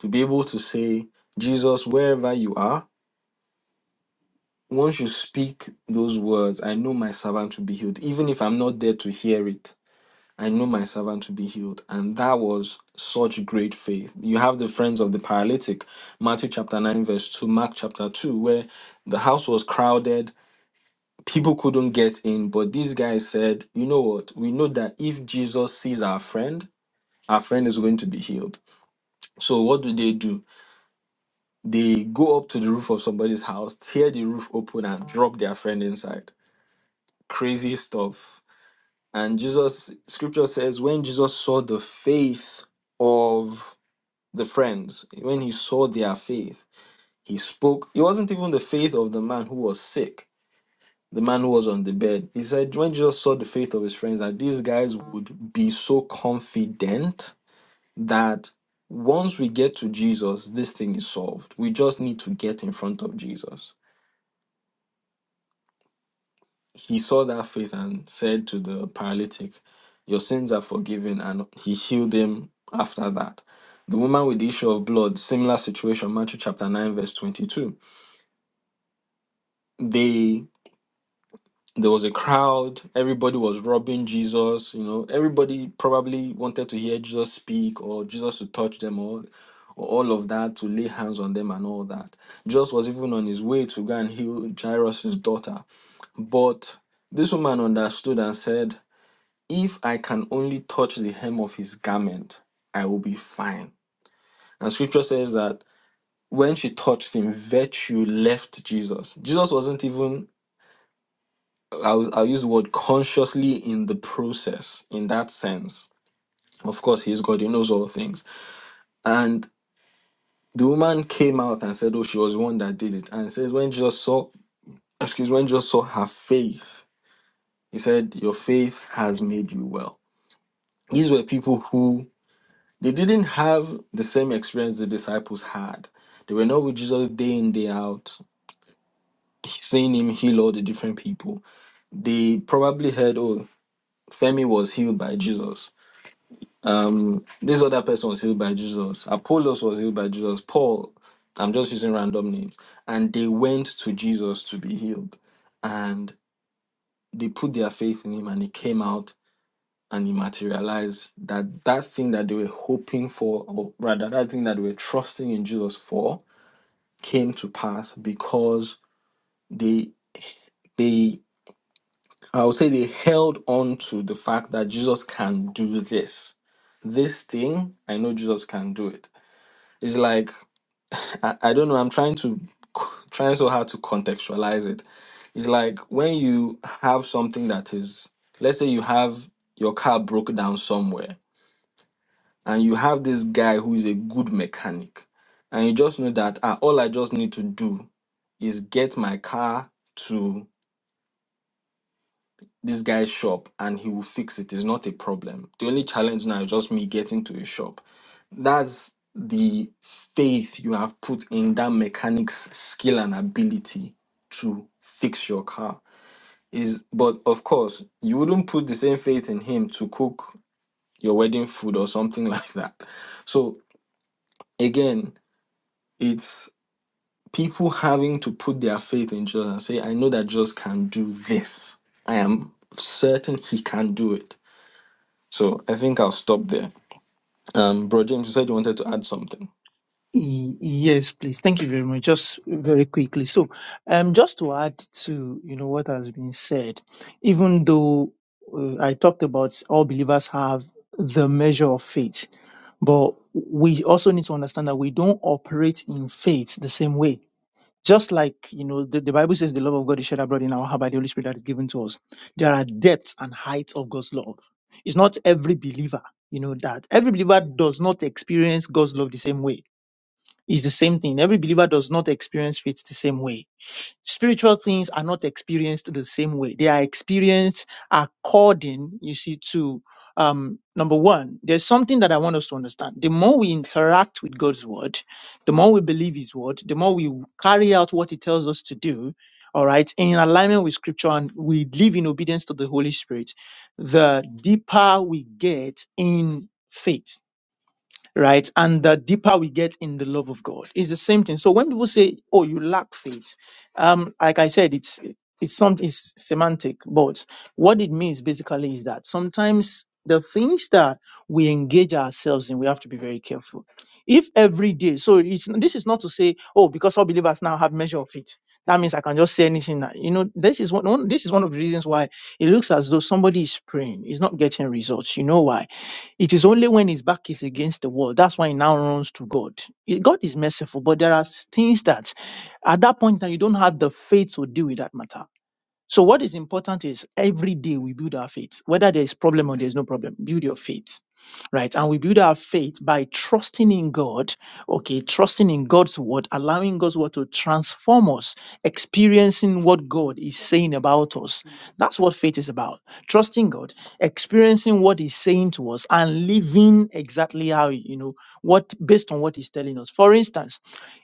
A: To be able to say, Jesus, wherever you are, once you speak those words, I know my servant will be healed. Even if I'm not there to hear it, I know my servant will be healed. And that was such great faith. You have the friends of the paralytic, Matthew chapter 9, verse 2, Mark chapter 2, where the house was crowded, people couldn't get in. But these guys said, you know what? We know that if Jesus sees our friend, our friend is going to be healed. So what do they do? They go up to the roof of somebody's house, tear the roof open, and drop their friend inside crazy stuff. And Jesus, scripture says, when Jesus saw the faith of the friends, when he saw their faith, he spoke. It wasn't even the faith of the man who was sick, the man who was on the bed. He said, when Jesus saw the faith of his friends, that these guys would be so confident that once we get to Jesus, this thing is solved. We just need to get in front of Jesus he saw that faith and said to the paralytic, Your sins are forgiven, and he healed him after that. The woman with the issue of blood, similar situation, Matthew chapter 9, verse 22. They there was a crowd, everybody was robbing Jesus, you know, everybody probably wanted to hear Jesus speak or Jesus to touch them or, or all of that, to lay hands on them and all that. Jesus was even on his way to go and heal Jairus' daughter. But this woman understood and said, If I can only touch the hem of his garment, I will be fine. And scripture says that when she touched him, virtue left Jesus. Jesus wasn't even, I'll, I'll use the word consciously in the process in that sense. Of course, he's God, he knows all things. And the woman came out and said, Oh, she was the one that did it. And it says, When Jesus saw, excuse when Jesus saw her faith, he said, Your faith has made you well. These were people who They didn't have the same experience the disciples had. They were not with Jesus day in, day out, seeing him heal all the different people. They probably heard, oh, Femi was healed by Jesus. Um, this other person was healed by Jesus. Apollos was healed by Jesus. Paul, I'm just using random names. And they went to Jesus to be healed. And they put their faith in him and he came out and he materialized that that thing that they were hoping for, or rather that thing that they were trusting in Jesus for, came to pass because they they I would say they held on to the fact that Jesus can do this. This thing, I know Jesus can do it. It's like [LAUGHS] I, I don't know, I'm trying to [LAUGHS] trying so hard to contextualize it. It's like when you have something that is let's say you have your car broke down somewhere and you have this guy who is a good mechanic and you just know that ah, all I just need to do is get my car to. this guy's shop and he will fix it. It's not a problem. The only challenge now is just me getting to his shop. That's the faith you have put in that mechanic's skill and ability to fix your car. Is but of course you wouldn't put the same faith in him to cook your wedding food or something [LAUGHS] like that. So again, it's people having to put their faith in Jesus and say, I know that Jesus can do this. I am certain he can do it So I think I'll stop there. Um, Bro James, you said you wanted to add something.
C: Y- Yes, please. Thank you very much. Just very quickly. So, um, just to add to, you know, what has been said, even though uh, I talked about all believers have the measure of faith, but we also need to understand that we don't operate in faith the same way. Just like, you know, the, the Bible says the love of God is shed abroad in our heart by the Holy Spirit that is given to us. There are depths and heights of God's love. It's not every believer, you know, that every believer does not experience God's love the same way it's the same thing. Every believer does not experience faith the same way. Spiritual things are not experienced the same way. They are experienced according, you see, to um, number one, there's something that I want us to understand. The more we interact with God's word, the more we believe his word, the more we carry out what he tells us to do, all right, in alignment with scripture and we live in obedience to the Holy Spirit, the deeper we get in faith right? And the deeper we get in the love of God, it's the same thing. So when people say, "Oh, you lack faith," um, like I said, it's it's something it's semantic, but what it means basically is that sometimes the things that we engage ourselves in, we have to be very careful. If every day, so it's this is not to say, "Oh, because all believers now have measure of faith, that means I can just say anything. That, you know, this is one, one. This is one of the reasons why it looks as though somebody is praying, is not getting results. You know why? It is only when his back is against the wall. That's why he now runs to God. Eh, God is merciful, but there are things that at that point that you don't have the faith to deal with that matter. So what is important is every day we build our faith, whether there is problem or there is no problem, build your faith, right? And we build our faith by trusting in God, okay, trusting in God's word, allowing God's word to transform us, experiencing what God is saying about us. That's what faith is about. Trusting God, experiencing what He's saying to us, and living exactly how you know what based on what He's telling us. For instance,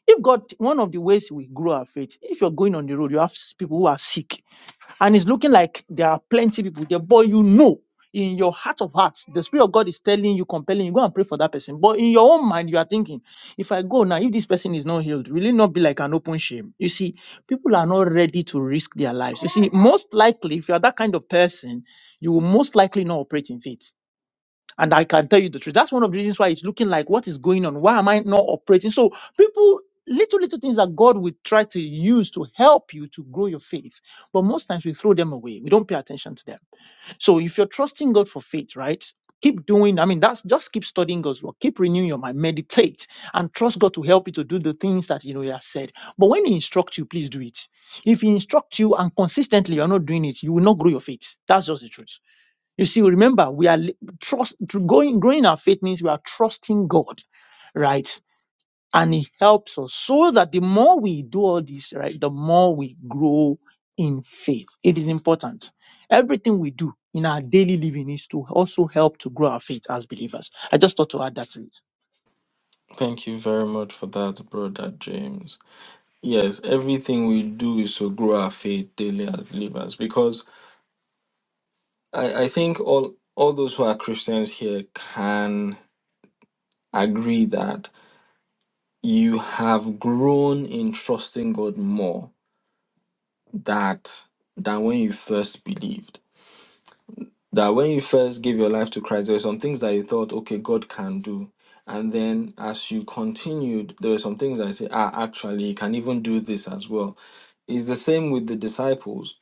C: if God, one of the ways we grow our faith, if you're going on the road, you have s- people who are sick and it's looking like there are plenty people there, but you know in your heart of hearts, the Spirit of God is telling you, compelling you, go and pray for that person. But in your own mind, you are thinking, if I go now, if this person is not healed, will it not be like an open shame? You see, people are not ready to risk their lives. You see, most likely, if you are that kind of person, you will most likely not operate in faith. And I can tell you the truth. That's one of the reasons why it's looking like what is going on? Why am I not operating? So people, little, little things that God will try to use to help you to grow your faith. But most times we throw them away. We don't pay attention to them. So if you're trusting God for faith, right? Keep doing, I mean, that's just keep studying God's word, keep renewing your mind, meditate and trust God to help you to do the things that you know He has said. But when He instructs you, please do it. If He instructs you and consistently you're not doing it, you will not grow your faith. That's just the truth. You see, remember, we are li- trust to going growing our faith means we are trusting God, right? And He helps us so that the more we do all this, right, the more we grow in faith. It is important. Everything we do in our daily living is to also help to grow our faith as believers. I just thought to add that to it.
A: Thank you very much for that, Brother James. Yes, everything we do is to grow our faith daily as believers because I, I think all all those who are Christians here can agree that you have grown in trusting God more that than when you first believed that when you first give your life to Christ, there were some things that you thought, okay, God can do. And then as you continued, there were some things that you say, ah, actually, he can even do this as well. It's the same with the disciples.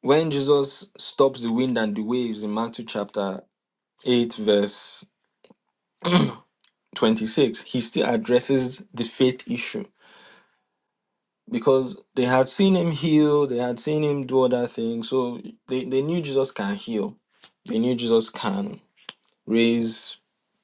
A: When Jesus stops the wind and the waves in Matthew chapter 8, verse 26, he still addresses the faith issue because they had seen him heal, they had seen him do other things. So they, they knew Jesus can heal, they knew Jesus can raise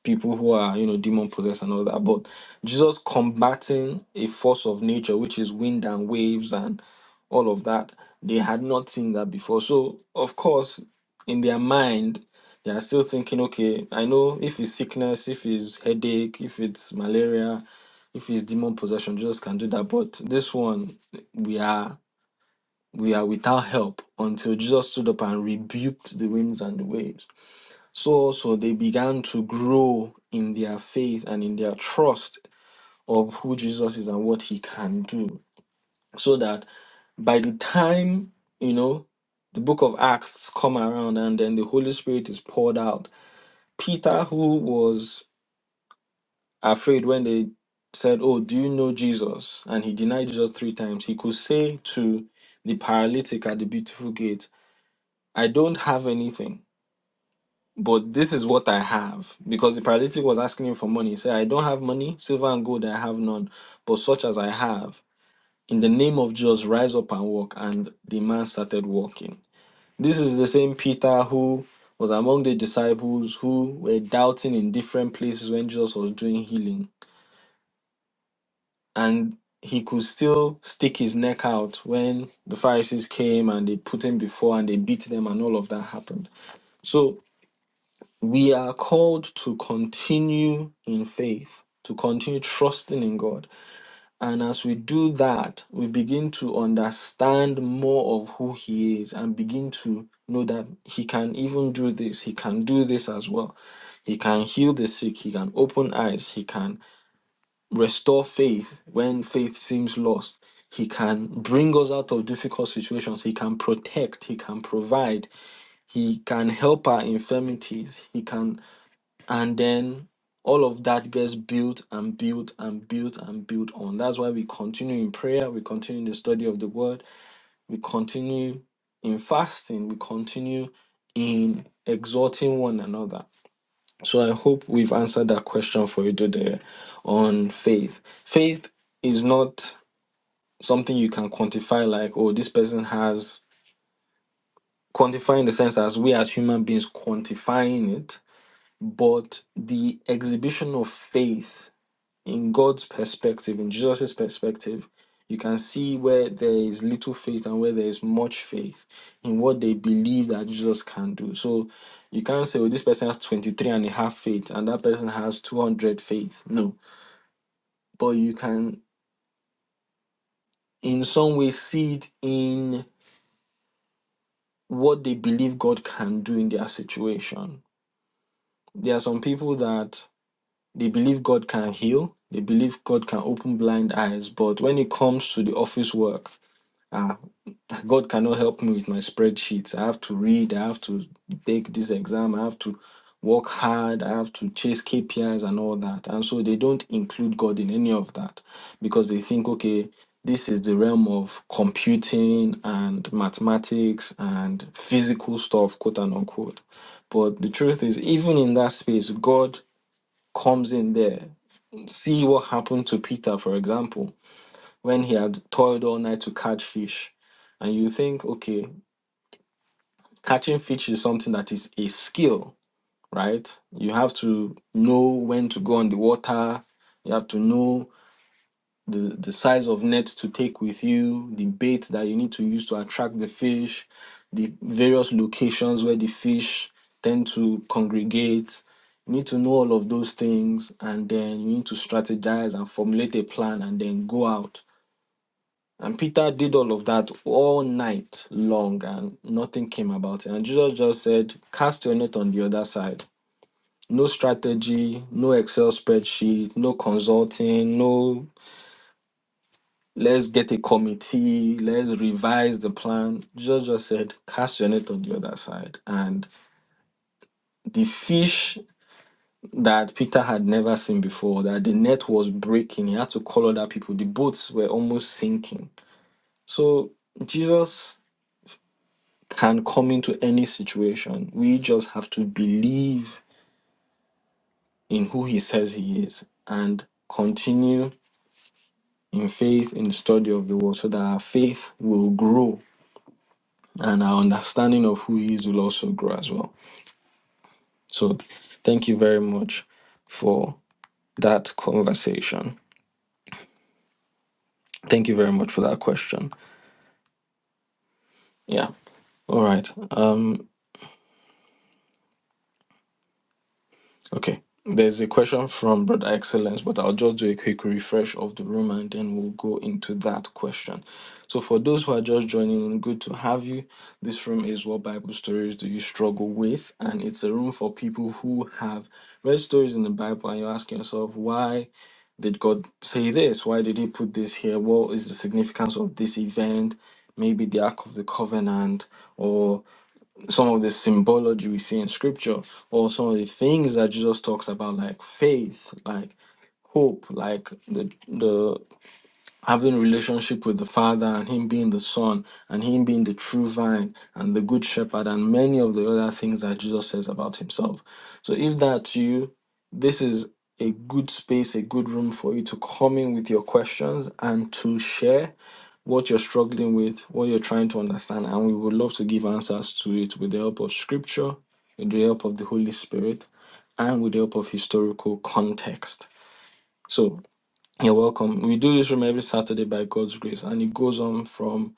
A: people who are you know demon possessed and all that but jesus combating a force of nature which is wind and waves and all of that they had not seen that before so of course in their mind they are still thinking okay i know if it's sickness if it's headache if it's malaria if it's demon possession jesus can do that but this one we are we are without help until jesus stood up and rebuked the winds and the waves so so they began to grow in their faith and in their trust of who Jesus is and what he can do. So that by the time, you know, the book of Acts come around and then the Holy Spirit is poured out. Peter, who was afraid when they said, Oh, do you know Jesus? And he denied Jesus three times. He could say to the paralytic at the beautiful gate, I don't have anything but this is what I have. Because the paralytic was asking him for money. He said, I don't have money, silver and gold I have none, but such as I have, in the name of Jesus, rise up and walk. And the man started walking. This is the same Peter who was among the disciples who were doubting in different places when Jesus was doing healing. And he could still stick his neck out when the Pharisees came and they put him before and they beat them and all of that happened. So We are called to continue in faith, to continue trusting in God. And as we do that, we begin to understand more of who He is and begin to know that He can even do this. He can do this as well. He can heal the sick. He can open eyes. He can restore faith when faith seems lost. He can bring us out of difficult situations. He can protect. He can provide. He can help our infirmities. He can and then all of that gets built and built and built and built on that's why we continue in prayer we continue in the study of the word we continue in fasting we continue in exhorting one another so i hope we've answered that question for you today on faith faith is not something you can quantify like oh this person has quantifying in the sense as we as human beings quantifying it but the exhibition of faith in God's perspective, in Jesus' perspective, you can see where there is little faith and where there is much faith in what they believe that Jesus can do. So you can't say, oh, this person has 23 and a half faith and that person has 200 faith. No. But you can, in some way, see it in what they believe God can do in their situation. There are some people that they believe God can heal, they believe God can open blind eyes, but when it comes to the office work, Ah, God cannot help me with my spreadsheets. I have to read, I have to take this exam, I have to work hard, I have to chase KPIs and all that. And so they don't include God in any of that because they think, okay, this is the realm of computing and mathematics and physical stuff, quote and unquote. But the truth is, even in that space, God comes in there. See what happened to Peter, for example when he had toiled all night to catch fish. And you think, okay, catching fish is something that is a skill, right? You have to know when to go on the water, you have to know the, the size of net to take with you, the bait that you need to use to attract the fish, the various locations where the fish tend to congregate. You need to know all of those things, and then you need to strategize and formulate a plan and then go out And Peter did all of that all night long, and nothing came about it. And Jesus just said, Cast your net on the other side. No strategy, no Excel spreadsheet, no consulting, no let's get a committee, let's revise the plan. Jesus just said, Cast your net on the other side. And the fish that Peter had never seen before, that the net was breaking, he had to call other people. The boats were almost sinking. So Jesus can come into any situation. We just have to believe in who he says he is and continue in faith in the study of the word so that our faith will grow and our understanding of who he is will also grow as well. So thank you very much for that conversation. Thank you very much for that question. Yeah. All right. Um. Okay. There's a question from Brother Excellence, but I'll just do a quick refresh of the room and then we'll go into that question. So, for those who are just joining in, good to have you. This room is What Bible Stories Do You Struggle With? And it's a room for people who have read stories in the Bible and you're asking yourself, why did God say this? Why did He put this here? What is the significance of this event? Maybe the Ark of the Covenant, or some of the symbology we see in scripture or some of the things that Jesus talks about like faith like hope like the the having relationship with the father and him being the son and him being the true vine and the good shepherd and many of the other things that jesus says about himself so if that's you this is a good space a good room for you to come in with your questions and to share what you're struggling with what you're trying to understand and we would love to give answers to it with the help of scripture with the help of the holy spirit and with the help of historical context so you're welcome. We do this room every Saturday by God's grace, and it goes on from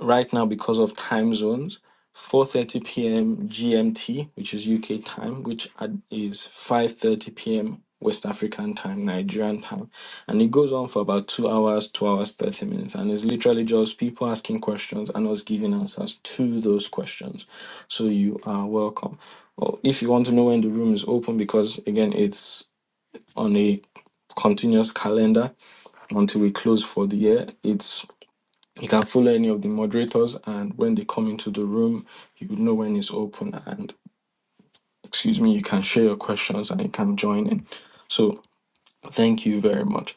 A: right now because of time zones, 4:30 p.m. GMT, which is UK time, which ad- is 5:30 p.m. West African time, Nigerian time, and it goes on for about two hours, two hours, 30 minutes, and it's literally just people asking questions and us giving answers to those questions. So you are welcome. Or if you want to know when the room is open, because again, it's on a continuous calendar until we close for the year. It's you can follow any of the moderators, and when they come into the room, you would know when it's open. And excuse me, you can share your questions and you can join in. So thank you very much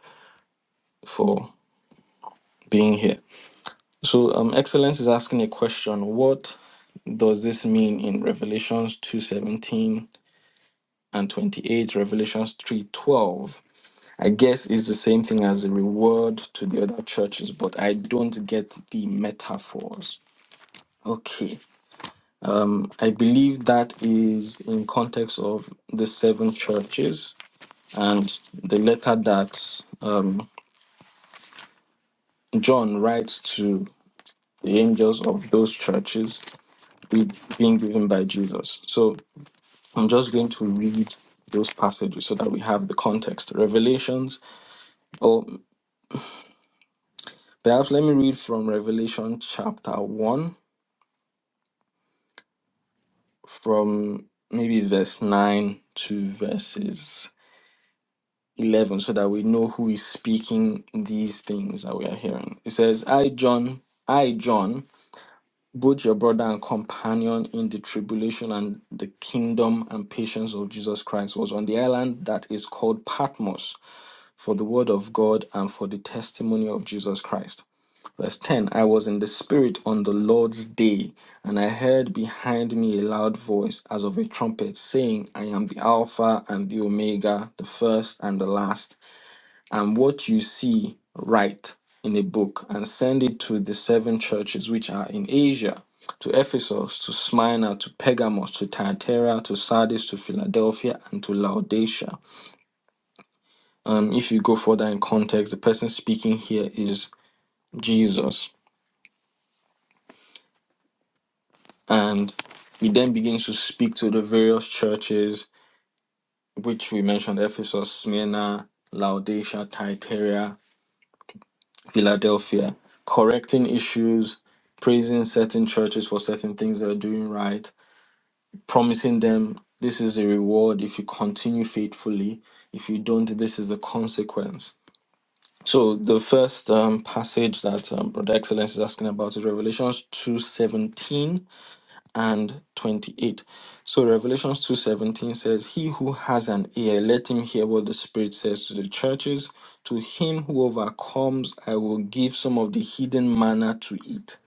A: for being here. So um, Excellence is asking a question. What does this mean in Revelations two seventeen and twenty eight? Revelations three twelve. I guess it's the same thing as a reward to the other churches, but I don't get the metaphors. Okay. I believe that is in context of the seven churches and the letter that um, John writes to the angels of those churches be- being given by Jesus. So I'm just going to read those passages so that we have the context. Revelations, or perhaps let me read from Revelation chapter 1 from maybe verse 9 to verses 11 so that we know who is speaking these things that we are hearing. It says, I, John, I, John, both your brother and companion in the tribulation and the kingdom and patience of Jesus Christ, was on the island that is called Patmos for the word of God and for the testimony of Jesus Christ. Verse 10 I was in the Spirit on the Lord's day, and I heard behind me a loud voice as of a trumpet saying, I am the Alpha and the Omega, the first and the last and what you see write in a book and send it to the seven churches which are in Asia to Ephesus, to Smyrna, to Pergamos, to Thyatira, to Sardis, to Philadelphia, and to Laodicea. Um, if you go further in context, the person speaking here is Jesus. And he then begins to speak to the various churches, which we mentioned Ephesus, Smyrna, Laodicea, Thyatira. Philadelphia, correcting issues, praising certain churches for certain things they're doing right, promising them this is a reward if you continue faithfully. If you don't, this is the consequence. So the first um, passage that um, Brother Excellence is asking about is Revelations two seventeen and 28. So Revelations 2:17 says, "He who has an ear, let him hear what the Spirit says to the churches. To him who overcomes, I will give some of the hidden manna to eat."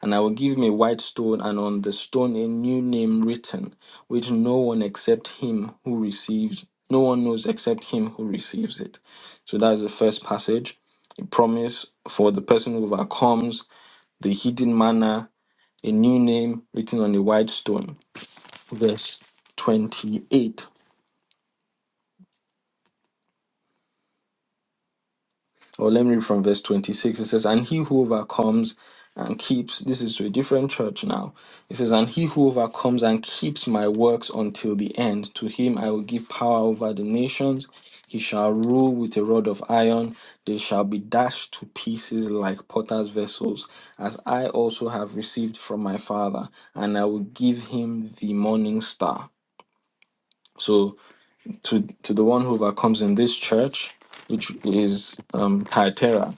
A: And I will give him a white stone, and on the stone a new name written, which no one except him who receives, no one knows except him who receives it. So that's the first passage. A promise for the person who overcomes, the hidden manna, a new name written on a white stone verse 28 or let me read from verse 26 it says and he who overcomes and keeps this is to a different church now it says and he who overcomes and keeps my works until the end to him i will give power over the nations he shall rule with a rod of iron they shall be dashed to pieces like potter's vessels as i also have received from my father and i will give him the morning star so to to the one who overcomes in this church, which is um Hyatera,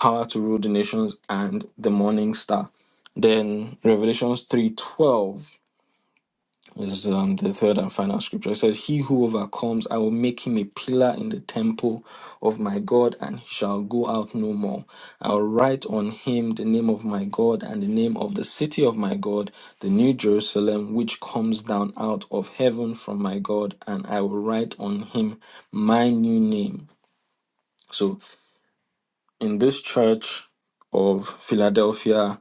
A: power to rule the nations and the morning star. Then Revelations 3:12 this is um, the third and final scripture. It says, He who overcomes, I will make him a pillar in the temple of my God, and he shall go out no more. I will write on him the name of my God and the name of the city of my God, the new Jerusalem, which comes down out of heaven from my God, and I will write on him my new name. So, in this church of Philadelphia,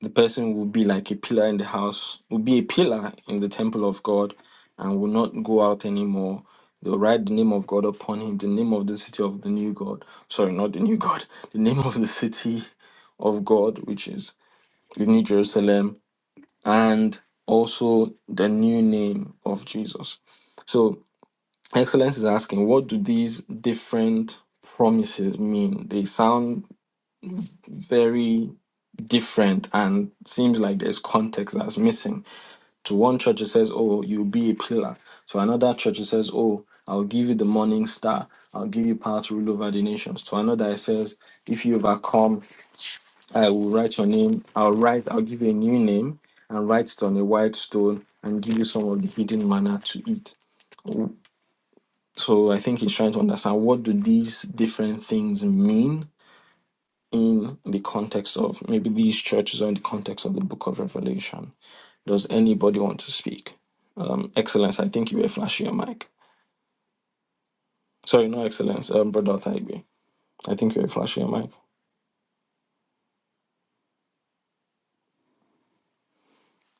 A: the person will be like a pillar in the house, will be a pillar in the temple of God, and will not go out anymore. They'll write the name of God upon him, the name of the city of the new God. Sorry, not the new God, the name of the city of God, which is the New Jerusalem, and also the new name of Jesus. So, Excellence is asking, what do these different promises mean? They sound very different and seems like there's context that's missing. To one church, it says, Oh, you'll be a pillar. To another church, it says, Oh, I'll give you the morning star. I'll give you power to rule over the nations. To another, it says, If you overcome, I will write your name. I'll write, I'll give you a new name and write it on a white stone and give you some of the hidden manna to eat. So I think he's trying to understand what do these different things mean in the context of maybe these churches or in the context of the book of Revelation. Does anybody want to speak? Um, Excellence, I think you were flashing your mic. Sorry, no, Excellence, um, Brother Taigbe. I think you were flashing your mic.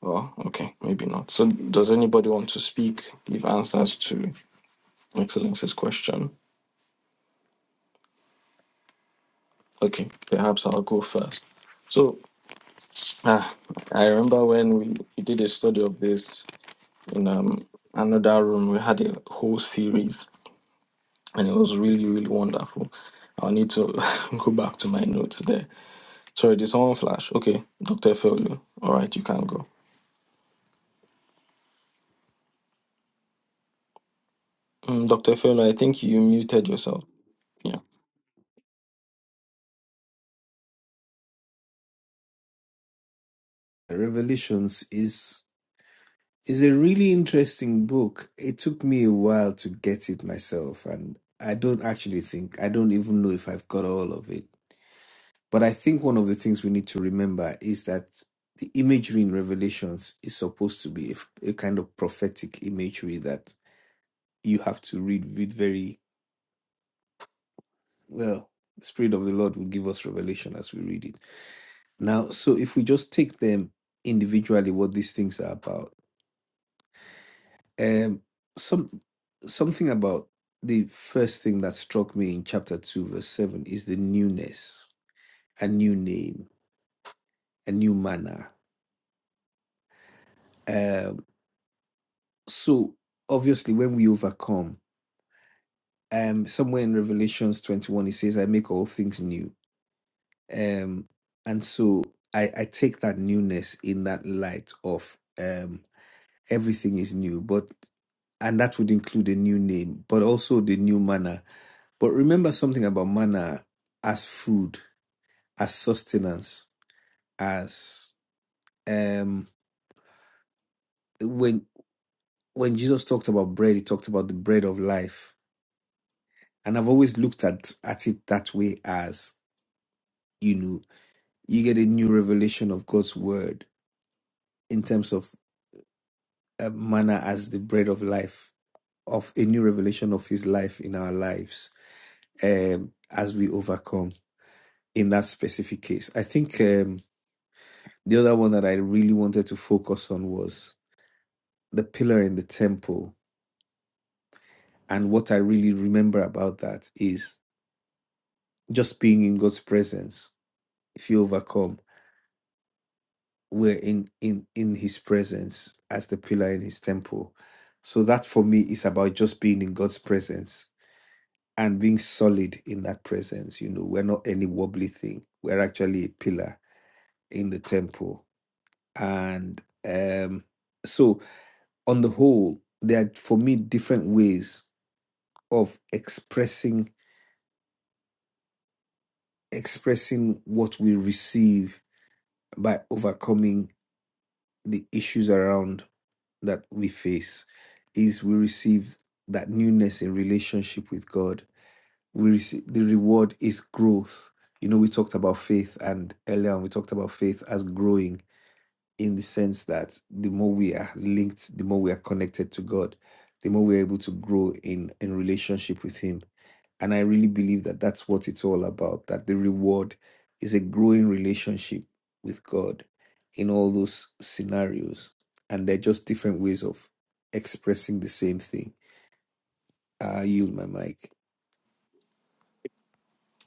A: Oh, okay, maybe not. So, does anybody want to speak, give answers to Excellence's question? Okay, perhaps I'll go first. So, ah, I remember when we, we did a study of this in um, another room, we had a whole series and it was really, really wonderful. I'll need to [LAUGHS] go back to my notes there Sorry, this one flash. Okay, Dr. Efeolu. All right, you can go. Um, Dr. Efeolu, I think you muted yourself. Yeah.
D: Revelations is is a really interesting book. It took me a while to get it myself, and I don't actually think I don't even know if I've got all of it. But I think one of the things we need to remember is that the imagery in Revelations is supposed to be a, f- a kind of prophetic imagery that you have to read with very well, the Spirit of the Lord will give us revelation as we read it. Now, so if we just take them individually, what these things are about, um, some something about the first thing that struck me in chapter two, verse seven, is the newness, a new name, a new manner. Um, so obviously, when we overcome, um, somewhere in Revelations twenty-one, it says, "I make all things new." Um, and so I, I take that newness in that light of um. everything is new but and that would include a new name but also the new manner but remember something about manner as food as sustenance as um when when jesus talked about bread he talked about the bread of life and i've always looked at at it that way as you know you get a new revelation of god's word in terms of uh, manna as the bread of life of a new revelation of his life in our lives um, as we overcome in that specific case. I think um, the other one that I really wanted to focus on was the pillar in the temple. And what I really remember about that is just being in God's presence. If you overcome, we're in in in His presence as the pillar in His temple. So that for me is about just being in God's presence and being solid in that presence. You know, we're not any wobbly thing. We're actually a pillar in the temple. And um, so on the whole, there are for me different ways of expressing expressing what we receive by overcoming the issues around that we face. Is we receive that newness in relationship with God. We receive the reward is growth. You know, we talked about faith and earlier on we talked about faith as growing in the sense that the more we are linked, the more we are connected to God, the more we're able to grow in in relationship with Him And I really believe that that's what it's all about, that the reward is a growing relationship with God in all those scenarios. And they're just different ways of expressing the same thing. I yield my mic.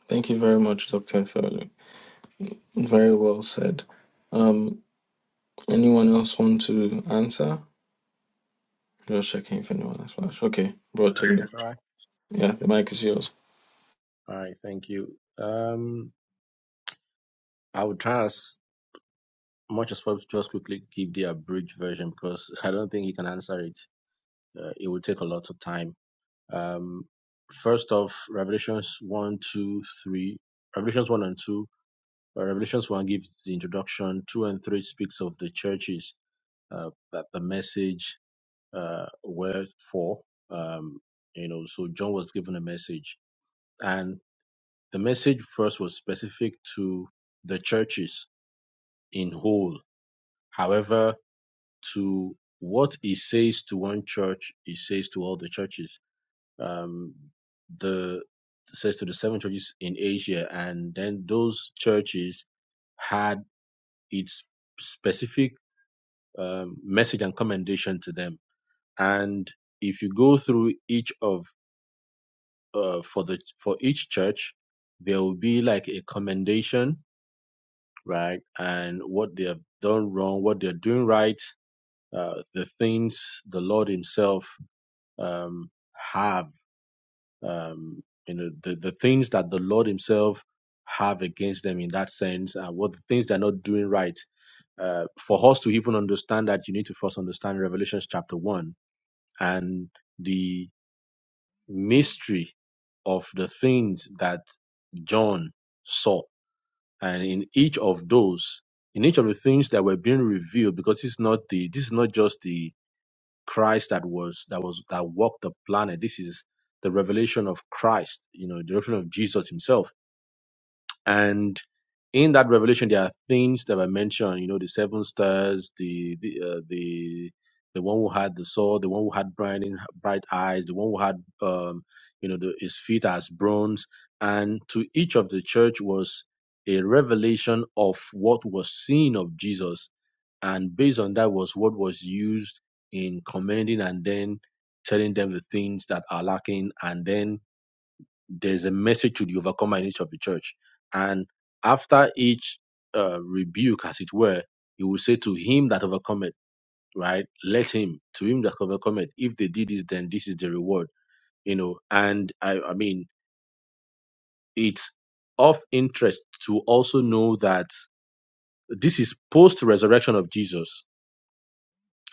A: Thank you very much, Dr. Efeolu. Very well said. Um, anyone else want to answer? Just checking if anyone has flash. Okay, bro
B: Well, I can
A: Tolu.
B: try.
A: Yeah, the mic is yours.
B: Hi, thank you. Um, I would try as much as possible to just quickly give the abridged version because [LAUGHS] I don't think you can answer it. Uh, it will take a lot of time. Um, first off, Revelations one, 2, 3. Revelations 1 and 2. Uh, Revelations 1 gives the introduction. 2 and 3 speaks of the churches, uh, that the message uh, were for. Um, you know, so John was given a message. And the message first was specific to the churches in whole. However, to what he says to one church, he says to all the churches. Um, the says to the seven churches in Asia, and then those churches had its specific um, message and commendation to them. And if you go through each of uh, for the for each church, there will be like a commendation, right? And what they have done wrong, what they're doing right, uh, the things the Lord Himself um, have, um, you know, the, the things that the Lord Himself have against them in that sense, and what the things they're not doing right. Uh, for us to even understand that, you need to first understand Revelation chapter 1 and the mystery of the things that John saw. And in each of those, in each of the things that were being revealed, because it's not the, this is not just the, Christ that was that was that walked the planet. This is the revelation of Christ, you know, the revelation of Jesus himself. And in that revelation, there are things that were mentioned, you know, the seven stars, the the uh, the the one who had the sword, the one who had bright bright eyes, the one who had um, you know the, his feet as bronze, and to each of the church was a revelation of what was seen of Jesus and based on that was what was used in commending and then telling them the things that are lacking and then there's a message to the overcomer in each of the church and after each uh, rebuke as it were he will say to him that overcometh right let him to him that overcometh if they did this then this is the reward you know and i i mean it's of interest to also know that this is post resurrection of jesus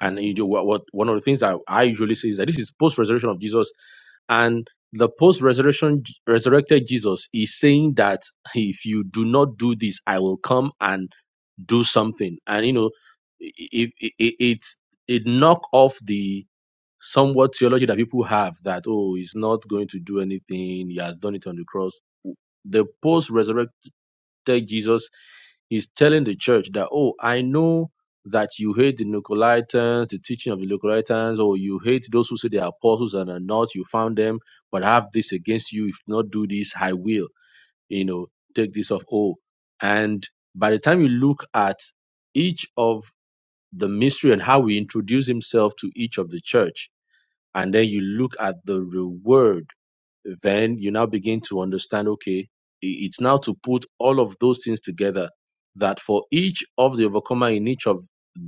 B: And you do what, what one of the things that I usually say is that this is post resurrection of Jesus, and the post resurrection resurrected Jesus is saying that if you do not do this, I will come and do something. And you know, it it, it, it it knock off the somewhat theology that people have that oh, he's not going to do anything. He has done it on the cross. The post resurrected Jesus He's telling the church that, oh, I know that you hate the Nicolaitans, the teaching of the Nicolaitans, or you hate those who say they are apostles and are not, you found them, but I have this against you. If you not do this, I will, you know, take this off. Oh, and by the time you look at each of the mystery and how he introduced himself to each of the church, and then you look at the reward then you now begin to understand okay it's now to put all of those things together that for each of the overcomer in each of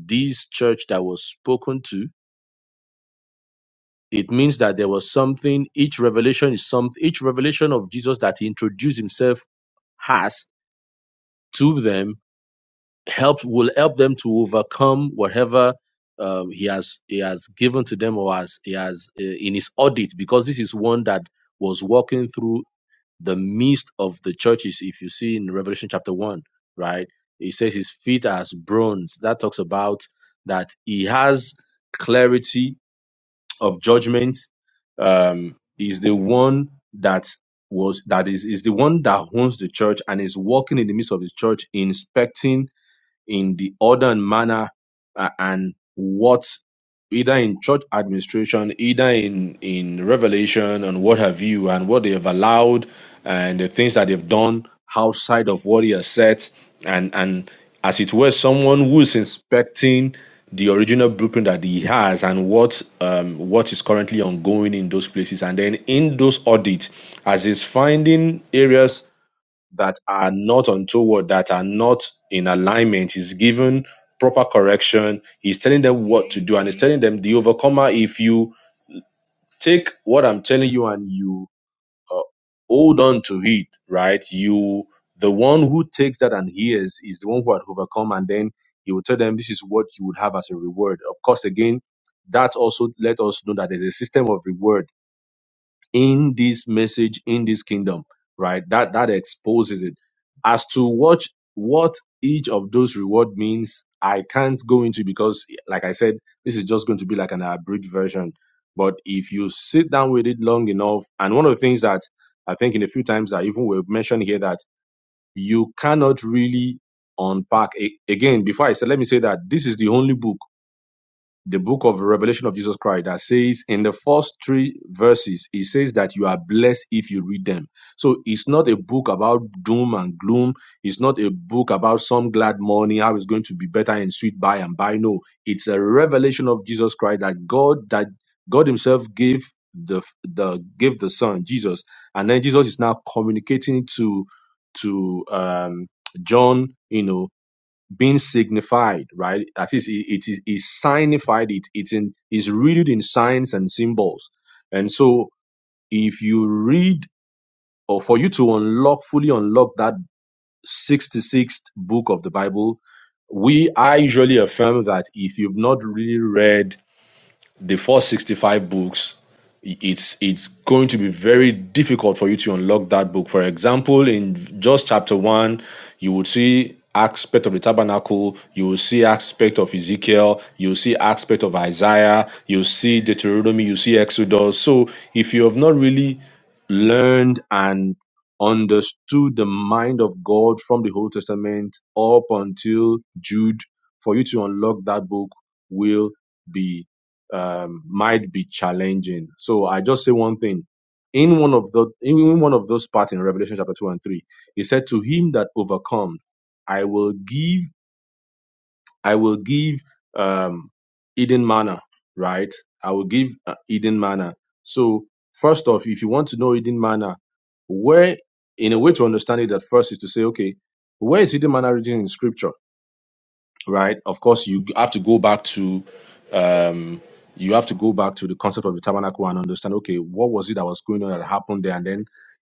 B: these church that was spoken to it means that there was something each revelation is some each revelation of jesus that he introduced himself has to them help will help them to overcome whatever um, he has he has given to them or as he has uh, in his audit because this is one that was walking through the midst of the churches, if you see in Revelation chapter 1, right? It says his feet are as bronze. That talks about that he has clarity of judgment. Um, he's the one that was that is is the one that owns the church and is walking in the midst of his church, inspecting in the order and manner uh, and what either in church administration, either in in revelation and what have you, and what they have allowed and the things that they've done outside of what he has said, and and as it were, someone who is inspecting the original blueprint that he has and what um, what is currently ongoing in those places, and then in those audits, as he's finding areas that are not untoward, that are not in alignment. He's given proper correction. He's telling them what to do, and he's telling them the overcomer. If you take what I'm telling you and you uh, hold on to it, right? You, the one who takes that and hears, is the one who had overcome, and then he will tell them this is what you would have as a reward. Of course, again, that also let us know that there's a system of reward in this message in this kingdom right that that exposes it as to what what each of those reward means i can't go into because like i said this is just going to be like an abridged version but if you sit down with it long enough and one of the things that i think in a few times that even we've mentioned here that you cannot really unpack a- again before i said let me say that this is the only book the book of Revelation of Jesus Christ that says in the first three verses, it says that you are blessed if you read them. So it's not a book about doom and gloom. It's not a book about some glad morning, how it's going to be better and sweet by and by. No, it's a revelation of Jesus Christ that God that God Himself gave the the gave the Son Jesus, and then Jesus is now communicating to to um, John, you know, being signified, right? At least it, it is is signified. It it's in is rooted in signs and symbols, and so if you read or for you to unlock fully unlock that sixty sixth book of the Bible, we I usually affirm that if you've not really read the 465 books it's it's going to be very difficult for you to unlock that book for example in just chapter 1 you would see aspect of the tabernacle you will see aspect of ezekiel you will see aspect of isaiah you will see deuteronomy you see exodus so if you have not really learned and understood the mind of god from the old testament up until jude for you to unlock that book will be um, might be challenging. So I just say one thing. In one of the in one of those parts in Revelation chapter two and three, he said, "To him that overcomes, I will give I will give um, Eden manna, right? I will give uh, Eden manna." So first off, if you want to know Eden manna, where in a way to understand it, at first is to say, okay, where is Eden manna written in Scripture? right? Of course, you have to go back to um, you have to go back to the concept of the tabernacle and understand, okay, what was it that was going on that happened there, and then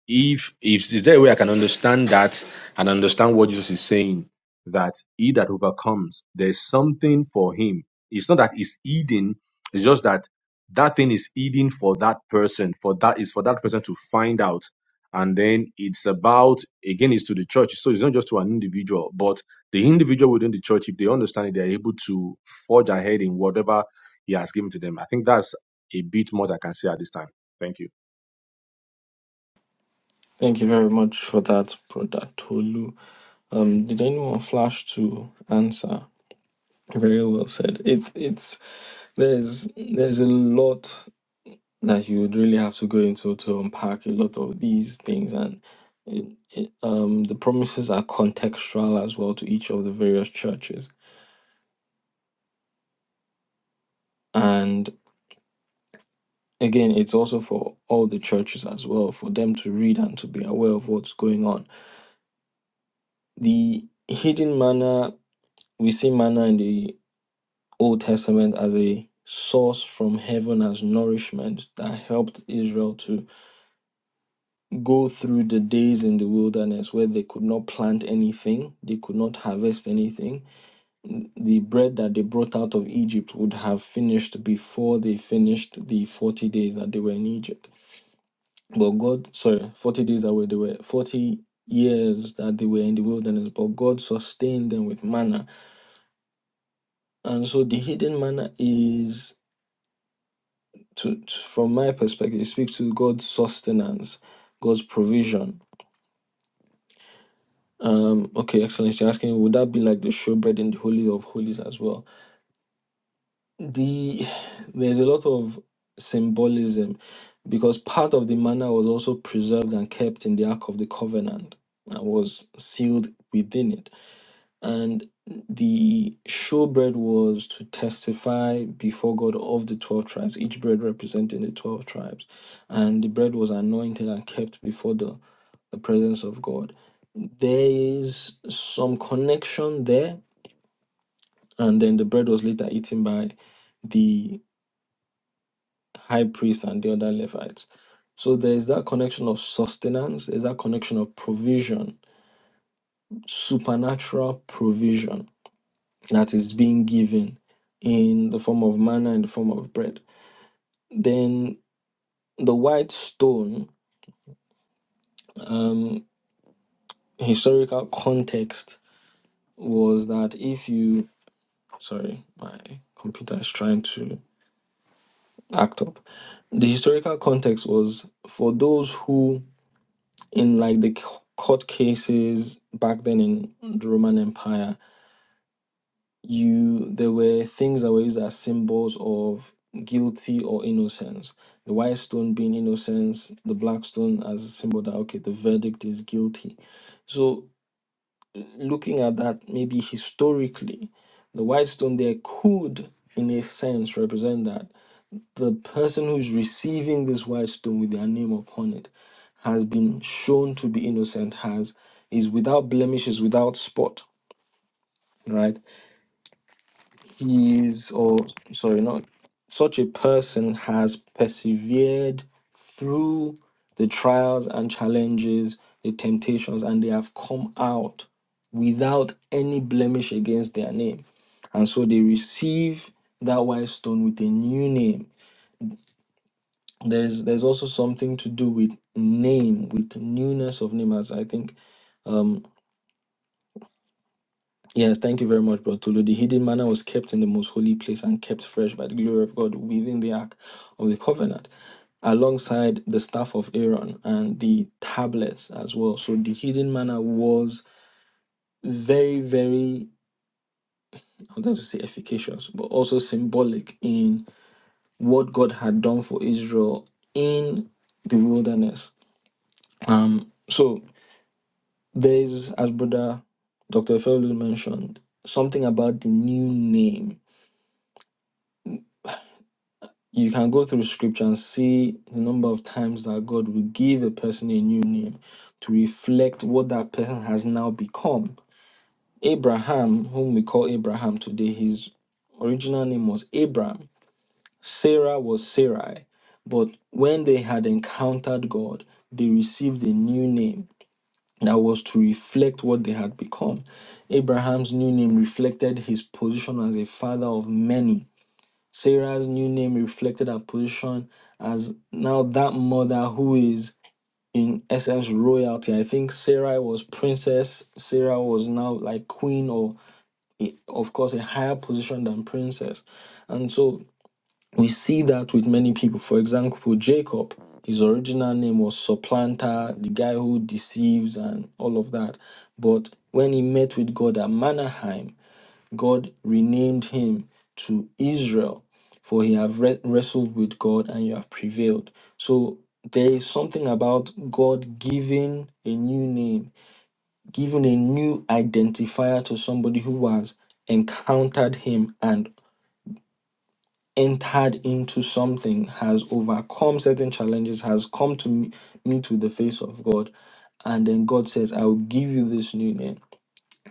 B: if if is there a way I can understand that and understand what Jesus is saying that he that overcomes there's something for him. It's not that it's hidden. It's just that that thing is hidden for that person. For that is for that person to find out. And then it's about again it's to the church. So it's not just to an individual, but the individual within the church, if they understand it, they're able to forge ahead in whatever he has given to them. I think that's a bit more that I can say at this time. Thank you.
A: Thank you very much for that, Brother Tolu. Um, did anyone flash to answer? Very well said. It it's there's there's a lot. that you would really have to go into to unpack a lot of these things and it, it, um, the promises are contextual as well to each of the various churches and again it's also for all the churches as well for them to read and to be aware of what's going on the hidden manna we see manna in the old testament as a source from heaven as nourishment that helped israel to go through the days in the wilderness where they could not plant anything, they could not harvest anything. The bread that they brought out of Egypt would have finished before they finished the 40 days that they were in Egypt. But God, sorry, 40 days that were they were 40 years that they were in the wilderness, but God sustained them with manna. And so the hidden manna is to, to- from my perspective, it speaks to God's sustenance, God's provision Um, okay, excellent. You're asking, would that be like the showbread in the Holy of Holies as well? The there's a lot of symbolism because part of the manna was also preserved and kept in the Ark of the Covenant and was sealed within it. And the showbread was to testify before God of the 12 tribes, each bread representing the 12 tribes. And the bread was anointed and kept before the the presence of God. There is some connection there, and then the bread was later eaten by the high priest and the other Levites. So there is that connection of sustenance, there's that connection of provision, supernatural provision that is being given in the form of manna, in the form of bread. Then the white stone, um, historical context was that if you, sorry, my computer is trying to act up. The historical context was for those who, in like the c- court cases back then in the Roman Empire, you there were things that were used as symbols of guilty or innocence. The white stone being innocence, the black stone as a symbol that okay, the verdict is guilty. So looking at that, maybe historically, the white stone there could, in a sense, represent that the person who's receiving this white stone with their name upon it has been shown to be innocent, has is without blemish, is without spot, right? He is, or sorry, not such a person has persevered through the trials and challenges, the temptations, and they have come out without any blemish against their name. And so they receive that white stone with a new name there's there's also something to do with name with newness of name as i think um yes thank you very much brother Tolu. the hidden manna was kept in the most holy place and kept fresh by the glory of god within the ark of the covenant alongside the staff of aaron and the tablets as well so the hidden manna was very very i want to say efficacious but also symbolic in what god had done for israel in the wilderness um so There's, as brother Dr. Felu mentioned, something about the new name. You can go through scripture and see the number of times that God will give a person a new name to reflect what that person has now become. Abraham, whom we call Abraham today, his original name was Abram. Sarah was Sarai. But when they had encountered God, they received a new name that was to reflect what they had become. Abraham's new name reflected his position as a father of many. Sarah's new name reflected her position as now that mother who is in essence royalty. I think Sarah was princess. Sarah was now like queen or a- of course a higher position than princess. And so we see that with many people. For example, Jacob, his original name was supplanter, the guy who deceives and all of that. But when he met with God at Manaheim, God renamed him to Israel, for he have re- wrestled with God and you have prevailed. So there is something about God giving a new name, giving a new identifier to somebody who has encountered him and entered into something, has overcome certain challenges, has come to me- meet with the face of God. And then God says, I will give you this new name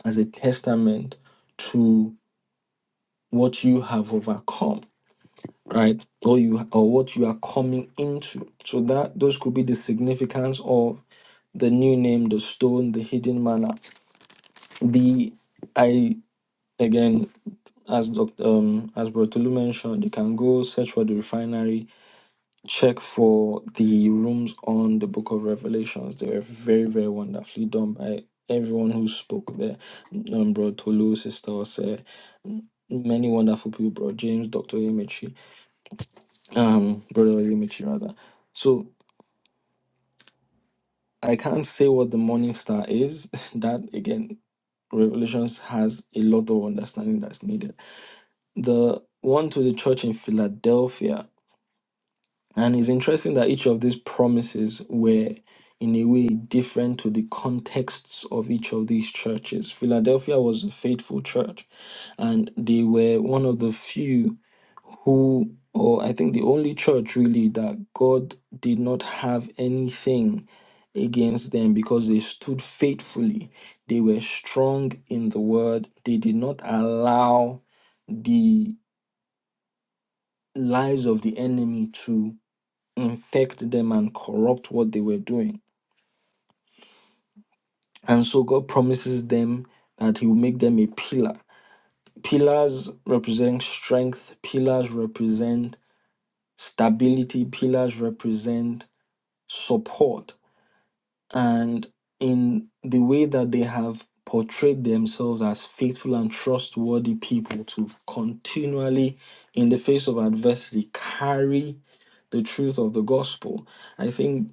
A: as a testament to what you have overcome, right? Or you or what you are coming into. So that those could be the significance of the new name, the stone, the hidden manna. The I again as Dr. Um, as Bertolu mentioned, you can go search for the refinery check for the rooms on the book of revelations they were very very wonderfully done by everyone who spoke there um bro tolu sister Ose, many wonderful people bro james dr imichi um brother imichi rather so i can't say what the morning star is [LAUGHS] that again revelations has a lot of understanding that's needed the one to the church in philadelphia And it's interesting that each of these promises were, in a way, different to the contexts of each of these churches. Philadelphia was a faithful church, and they were one of the few who, or I think the only church really, that God did not have anything against them because they stood faithfully. They were strong in the word, they did not allow the lies of the enemy infect them and corrupt what they were doing. And so God promises them that He will make them a pillar. Pillars represent strength, pillars represent stability, pillars represent support. And in the way that they have portrayed themselves as faithful and trustworthy people to continually, in the face of adversity, carry the truth of the gospel, I think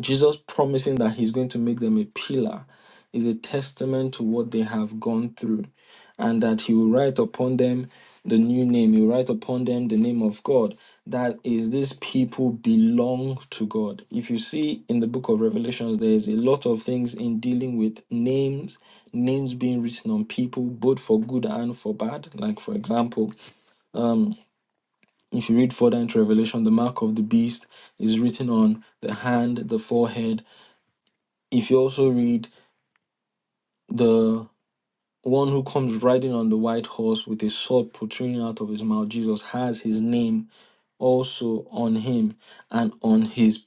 A: Jesus promising that he's going to make them a pillar is a testament to what they have gone through and that he will write upon them the new name. He will write upon them the name of God. That is, these people belong to God. If you see in the book of Revelations, there is a lot of things in dealing with names, names being written on people, both for good and for bad. Like, for example, if you read further into Revelation, the mark of the beast is written on the hand, the forehead, if you also read the one who comes riding on the white horse with a sword protruding out of his mouth, Jesus has his name also on him and on his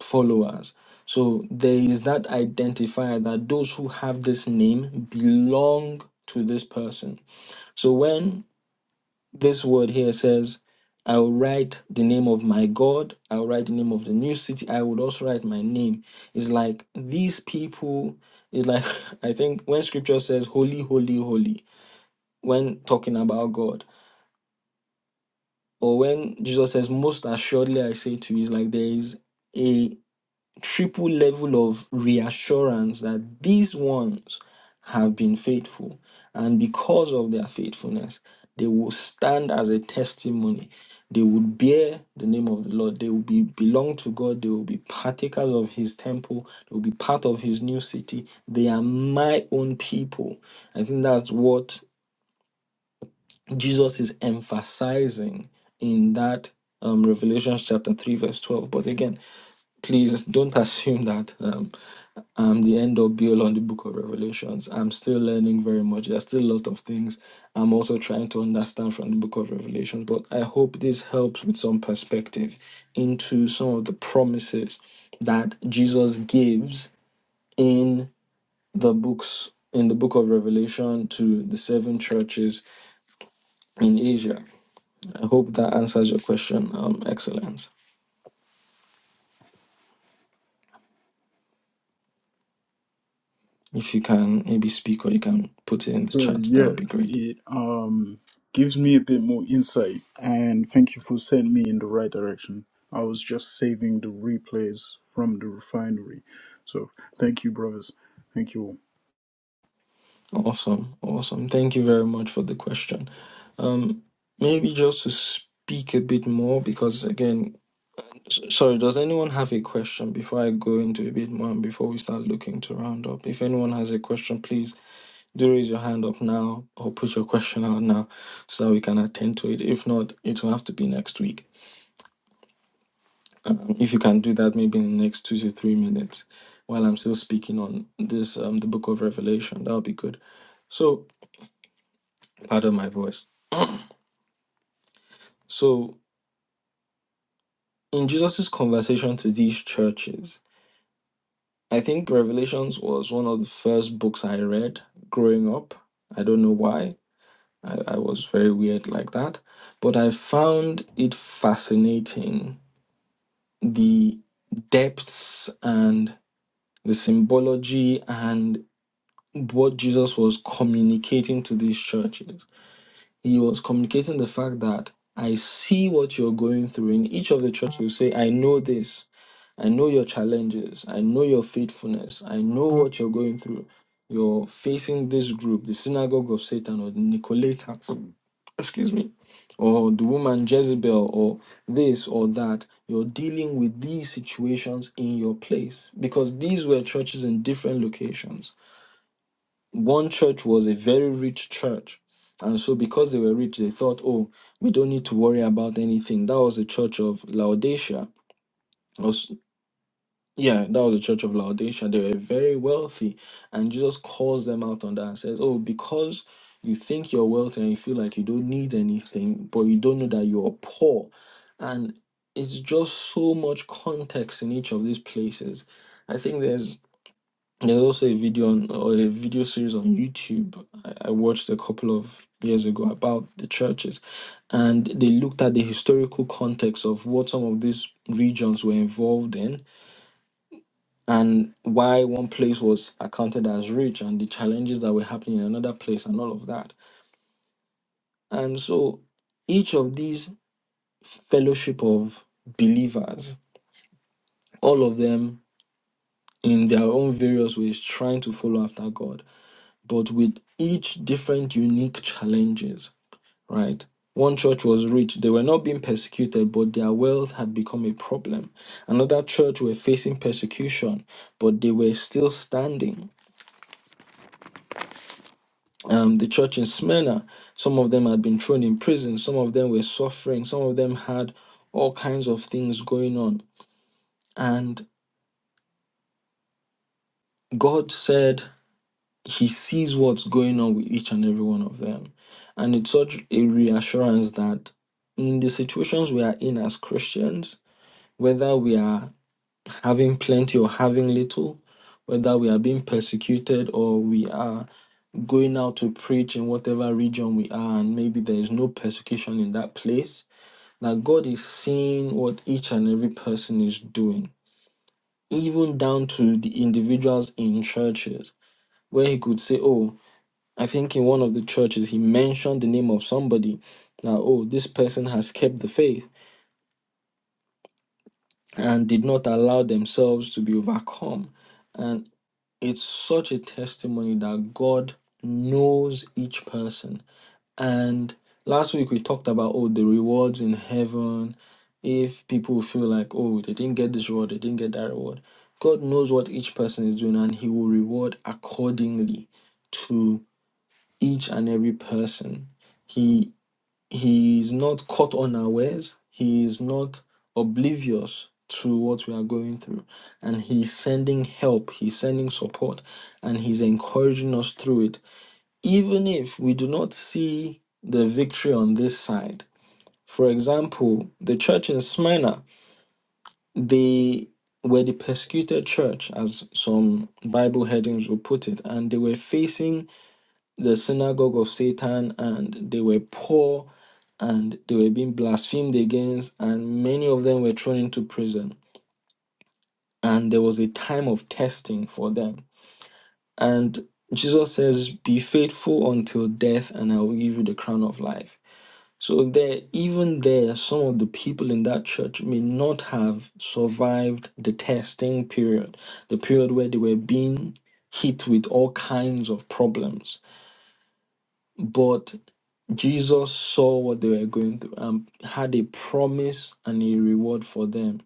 A: followers. So there is that identifier that those who have this name belong to this person. So when This word here says, I will write the name of my God. I will write the name of the new city. I would also write my name. It's like these people, it's like, [LAUGHS] I think when scripture says, Holy, holy, holy, when talking about God, or when Jesus says, Most assuredly I say to you, it's like there is. a triple level of reassurance that these ones have been faithful. And because of their faithfulness, they will stand as a testimony. They will bear the name of the Lord. They will be belong to God. They will be partakers of his temple. They will be part of his new city. They are my own people. I think that's what Jesus is emphasizing in that um, Revelation chapter 3, verse 12. But again, please don't assume that um, I'm the end all, be all on the book of Revelations. I'm still learning very much. There's still a lot of things I'm also trying to understand from the book of Revelation. But I hope this helps with some perspective into some of the promises that Jesus gives in the books in the book of Revelation to the seven churches in Asia. I hope that answers your question, um, Excellence. If you can maybe speak or you can put it in the
E: So
A: chat, that
E: yeah,
A: would be great.
E: it um gives me a bit more insight, and thank you for sending me in the right direction. I was just saving the replays from the refinery, so thank you, brothers. Thank you all.
A: Awesome, awesome. Thank you very much for the question. Um, maybe just to speak a bit more, because again, s- sorry, does anyone have a question before I go into a bit more and before we start looking to round up? If anyone has a question, please do raise your hand up now or put your [LAUGHS] question out now so that we can attend to it. If not, it will have to be next week. Um, if you can do that maybe in the next two to three minutes while I'm still speaking on this, um, the book of Revelation, that will be good. So, pardon my voice. So, in Jesus' conversation to these churches, I think Revelations was one of the first books I read growing up. I don't know why. I, I was very weird like that. But I found it fascinating the depths and the symbology and what Jesus was communicating to these churches. He was communicating the fact that I see what you're going through. In each of the churches, will say, I know this. I know your challenges. I know your faithfulness. I know what you're going through. You're facing this group, the synagogue of Satan or the Nicolaitans, excuse me, or the woman Jezebel or this or that. You're dealing with these situations in your place because these were churches in different locations one church was a very rich church. And so, because they were rich, they thought, oh, we don't need to worry about anything. That was the church of Laodicea. Was, yeah, that was the church of Laodicea. They were very wealthy. And Jesus calls them out on that and says, oh, because you think you're wealthy and you feel like you don't need anything, but you don't know that you're poor. And it's just so much context in each of these places. I think there's there's also a video on or a video series on YouTube I, I watched a couple of years ago about the churches, and they looked at the historical context of what some of these regions were involved in and why one place was accounted as rich and the challenges that were happening in another place and all of that. And so each of these fellowship of believers, all of them in their own various ways trying to follow after God but with each different unique challenges, right? One church was rich. They were not being persecuted, but their wealth had become a problem. Another church were facing persecution, but they were still standing. Um, the church in Smyrna, some of them had been thrown in prison, some of them were suffering, some of them had all kinds of things going on. And God said, he sees what's going on with each and every one of them. And it's such a reassurance that in the situations we are in as Christians, whether we are having plenty or having little, whether we are being persecuted or we are going out to preach in whatever region we are, and maybe there is no persecution in that place, that God is seeing what each and every person is doing, even down to the individuals in churches, where He could say, Oh, I think in one of the churches he mentioned the name of somebody. Now, oh, this person has kept the faith and did not allow themselves to be overcome. And it's such a testimony that God knows each person. And last week we talked about oh the rewards in heaven. If people feel like oh they didn't get this reward, they didn't get that reward. God knows what each person is doing and he will reward accordingly to each and every person. He He is not caught unawares. He is not oblivious to what we are going through. And he's sending help, he's sending support, and he's encouraging us through it. Even if we do not see the victory on this side. For example, the church in Smyrna, they were the persecuted church, as some Bible headings will put it, and they were facing the synagogue of Satan, and they were poor and they were being blasphemed against, and many of them were thrown into prison. And there was a time of testing for them. And Jesus says, Be faithful until death, and I will give you the crown of life. So there, even there, some of the people in that church may not have survived the testing period, the period where they were being hit with all kinds of problems But Jesus saw what they were going through and had a promise and a reward for them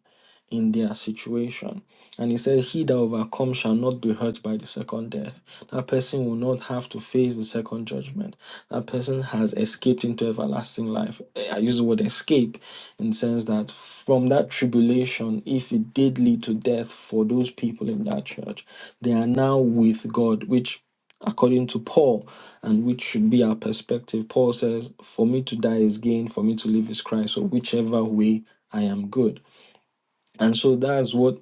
A: in their situation. And he says, He that overcomes shall not be hurt by the second death. That person will not have to face the second judgment. That person has escaped into everlasting life. Eh, I use the word escape in the sense that from that tribulation, if it did lead to death for those people in that church, they are now with God, which according to Paul, and which should be our perspective. Paul says, For me to die is gain, for me to live is Christ. So, whichever way I am good. And so that's what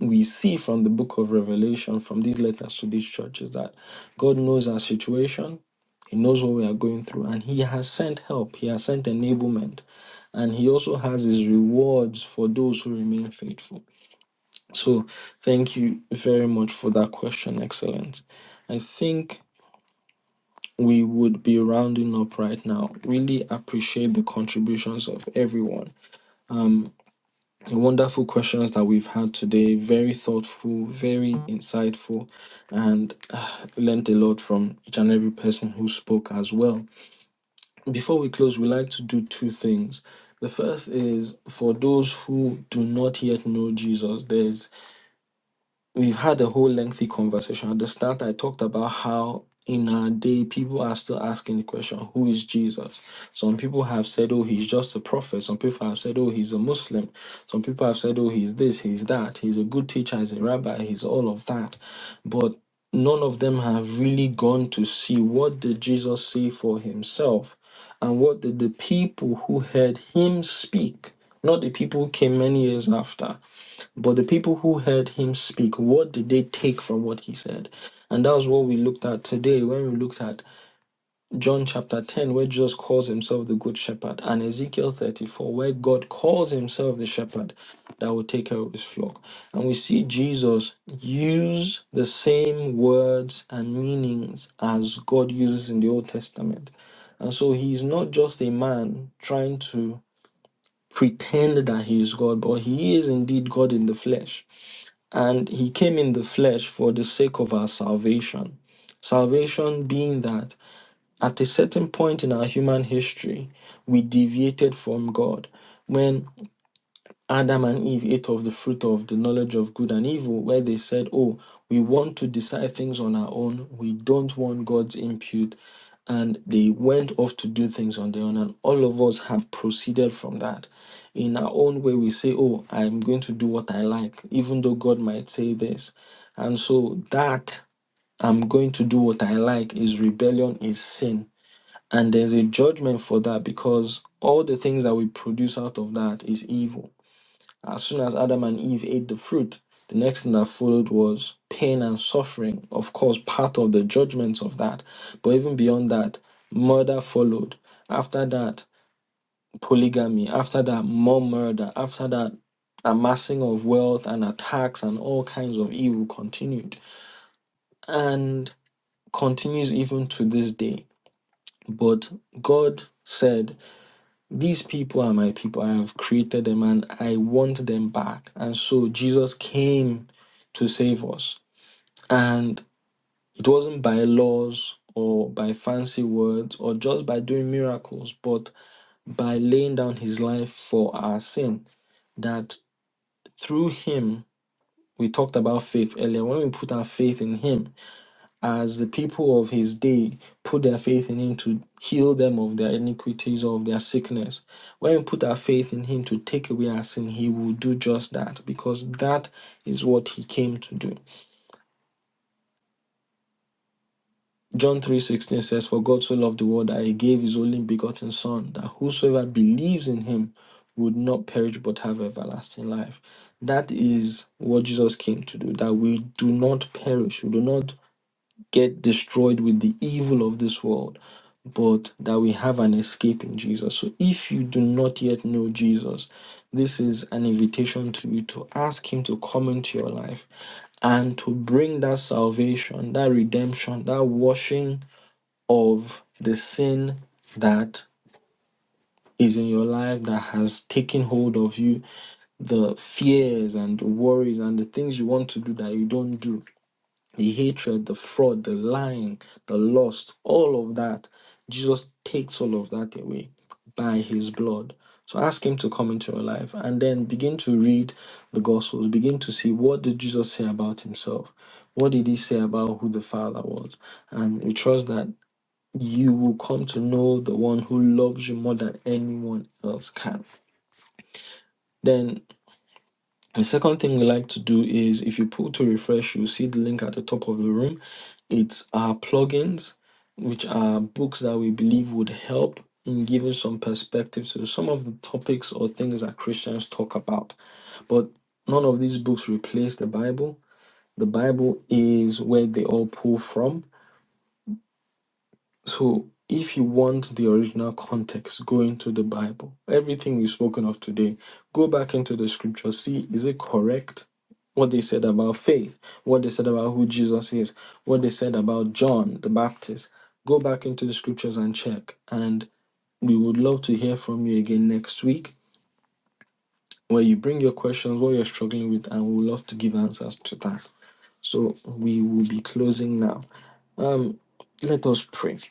A: we see from the book of Revelation, from these letters to these churches, that God knows our situation. He knows what we are going through, and He has sent help. He has sent enablement, and He also has His rewards for those who remain faithful. So, thank you very much for that question, Excellent. I think we would be rounding up right now. Really appreciate the contributions of everyone. Wonderful questions that we've had today. Very thoughtful, very insightful, and uh, learned a lot from each and every person who spoke as well. Before we close, we like to do two things. The first is for those who do not yet know Jesus, there's we've had a whole lengthy conversation. At the start, I talked about how in our day people are still asking the question, who is Jesus? Some people have said, oh, he's just a prophet. Some people have said, oh, he's a Muslim. Some people have said, oh, he's this, he's that. He's a good teacher, he's a rabbi, he's all of that. But none of them have really gone to see what did Jesus say for himself and what did the people who heard him speak not the people who came many years after but the people who heard him speak, what did they take from what he said? And that was what we looked at today when we looked at John chapter 10, where Jesus calls himself the Good Shepherd, and Ezekiel 34, where God calls himself the Shepherd that will take care of his flock. And we see Jesus use the same words and meanings as God uses in the Old Testament. And so he's not just a man trying to pretend that he is God, but he is indeed God in the flesh and he came in the flesh for the sake of our salvation. Salvation being that at a certain point in our human history, we deviated from God. When Adam and Eve ate of the fruit of the knowledge of good and evil, where they said, Oh, we want to decide things on our own. We don't want God's input. And they went off to do things on their own. And all of us have proceeded from that. In our own way, we say, Oh, I'm going to do what I like, even though God might say this. And so that I'm going to do what I like is rebellion, is sin. And there's a judgment for that because all the things that we produce out of that is evil. As soon as Adam and Eve ate the fruit, the next thing that followed was pain and suffering. Of course, part of the judgments of that. But even beyond that, murder followed. After that, polygamy. After that, more murder. After that, amassing of wealth and attacks and all kinds of evil continued and continues even to this day. But God said, These people are my people. I have created them and I want them back. And so Jesus came to save us. And it wasn't by laws or by fancy words or just by doing miracles, but by laying down his life for our sin. That through him, we talked about faith earlier. When we put our faith in him, as the people of his day put their faith in him to heal them of their iniquities or of their sickness. When we put our faith in him to take away our sin, he will do just that because that is what he came to do. John 3:16 says, For God so loved the world that he gave his only begotten son, that whosoever believes in him would not perish but have everlasting life. That is what Jesus came to do, that we do not perish, we do not get destroyed with the evil of this world, but that we have an escape in Jesus. So if you do not yet know Jesus, this is an invitation to you to ask Him to come into your life and to bring that salvation, that redemption, that washing of the sin that is in your life that has taken hold of you, the fears and the worries and the things you want to do that you don't do the hatred, the fraud, the lying, the lust, all of that. Jesus takes all of that away by his blood. So ask him to come into your life and then begin to read the gospels, begin to see what did Jesus say about himself? What did he say about who the Father was? And we trust that you will come to know the one who loves you more than anyone else can. Then. The second thing we like to do is if you pull to refresh, you'll see the link at the top of the room. It's our plugins, which are books that we believe would help in giving some perspective to some of the topics or things that Christians talk about. But none of these books replace the Bible. The Bible is where they all pull from so, if you want the original context, go into the Bible. Everything we've spoken of today, go back into the scripture, see is it correct? What they said about faith, what they said about who Jesus is, what they said about John the Baptist. Go back into the scriptures and check. And we would love to hear from you again next week where you bring your questions, what you're struggling with, and we would love to give answers to that. So we will be closing now. Um, let us pray.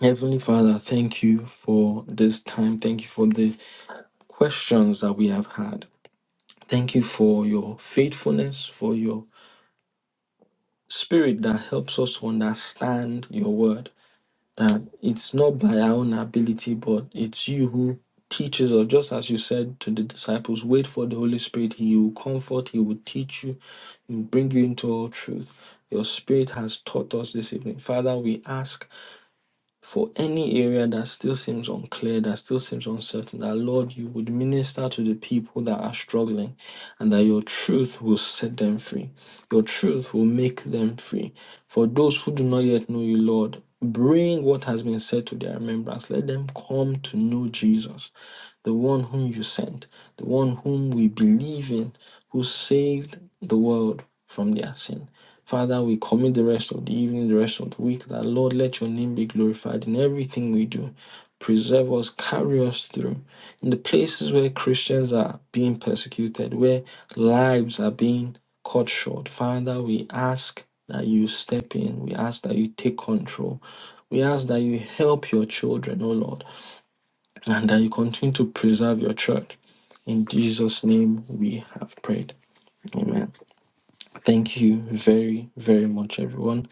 A: Heavenly Father, thank you for this time. Thank you for the questions that we have had. Thank you for your faithfulness, for your spirit that helps us to understand your word. That it's not by our own ability, but it's you who teaches us. Just as you said to the disciples, wait for the Holy Spirit. He will comfort, He will teach you, He will bring you into all truth. Your spirit has taught us this evening. Father, we ask for any area that still seems unclear, that still seems uncertain, that Lord, you would minister to the people that are struggling and that your truth will set them free. Your truth will make them free. For those who do not yet know you, Lord, bring what has been said to their remembrance. Let them come to know Jesus, the one whom you sent, the one whom we believe in, who saved the world from their sin. Father, we commit the rest of the evening, the rest of the week, that Lord, let your name be glorified in everything we do. Preserve us, carry us through. In the places where Christians are being persecuted, where lives are being cut short, Father, we ask that you step in. We ask that you take control. We ask that you help your children, oh Lord, and that you continue to preserve your church. In Jesus' name we have prayed. Amen. Thank you very, very much, everyone.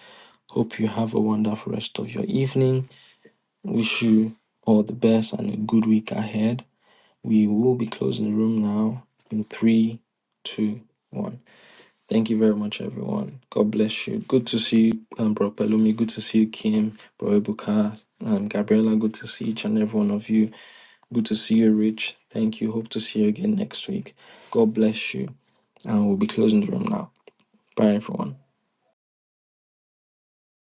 A: Hope you have a wonderful rest of your evening. Wish you all the best and a good week ahead. We will be closing the room now in three, two, one. Thank you very much, everyone. God bless you. Good to see you, um, Bro Pelumi. Good to see you, Kim, Bro Ebuka, um, Gabriella. Good to see each and every one of you. Good to see you, Rich. Thank you. Hope to see you again next week. God bless you. And we'll be closing the room now. Bye, everyone.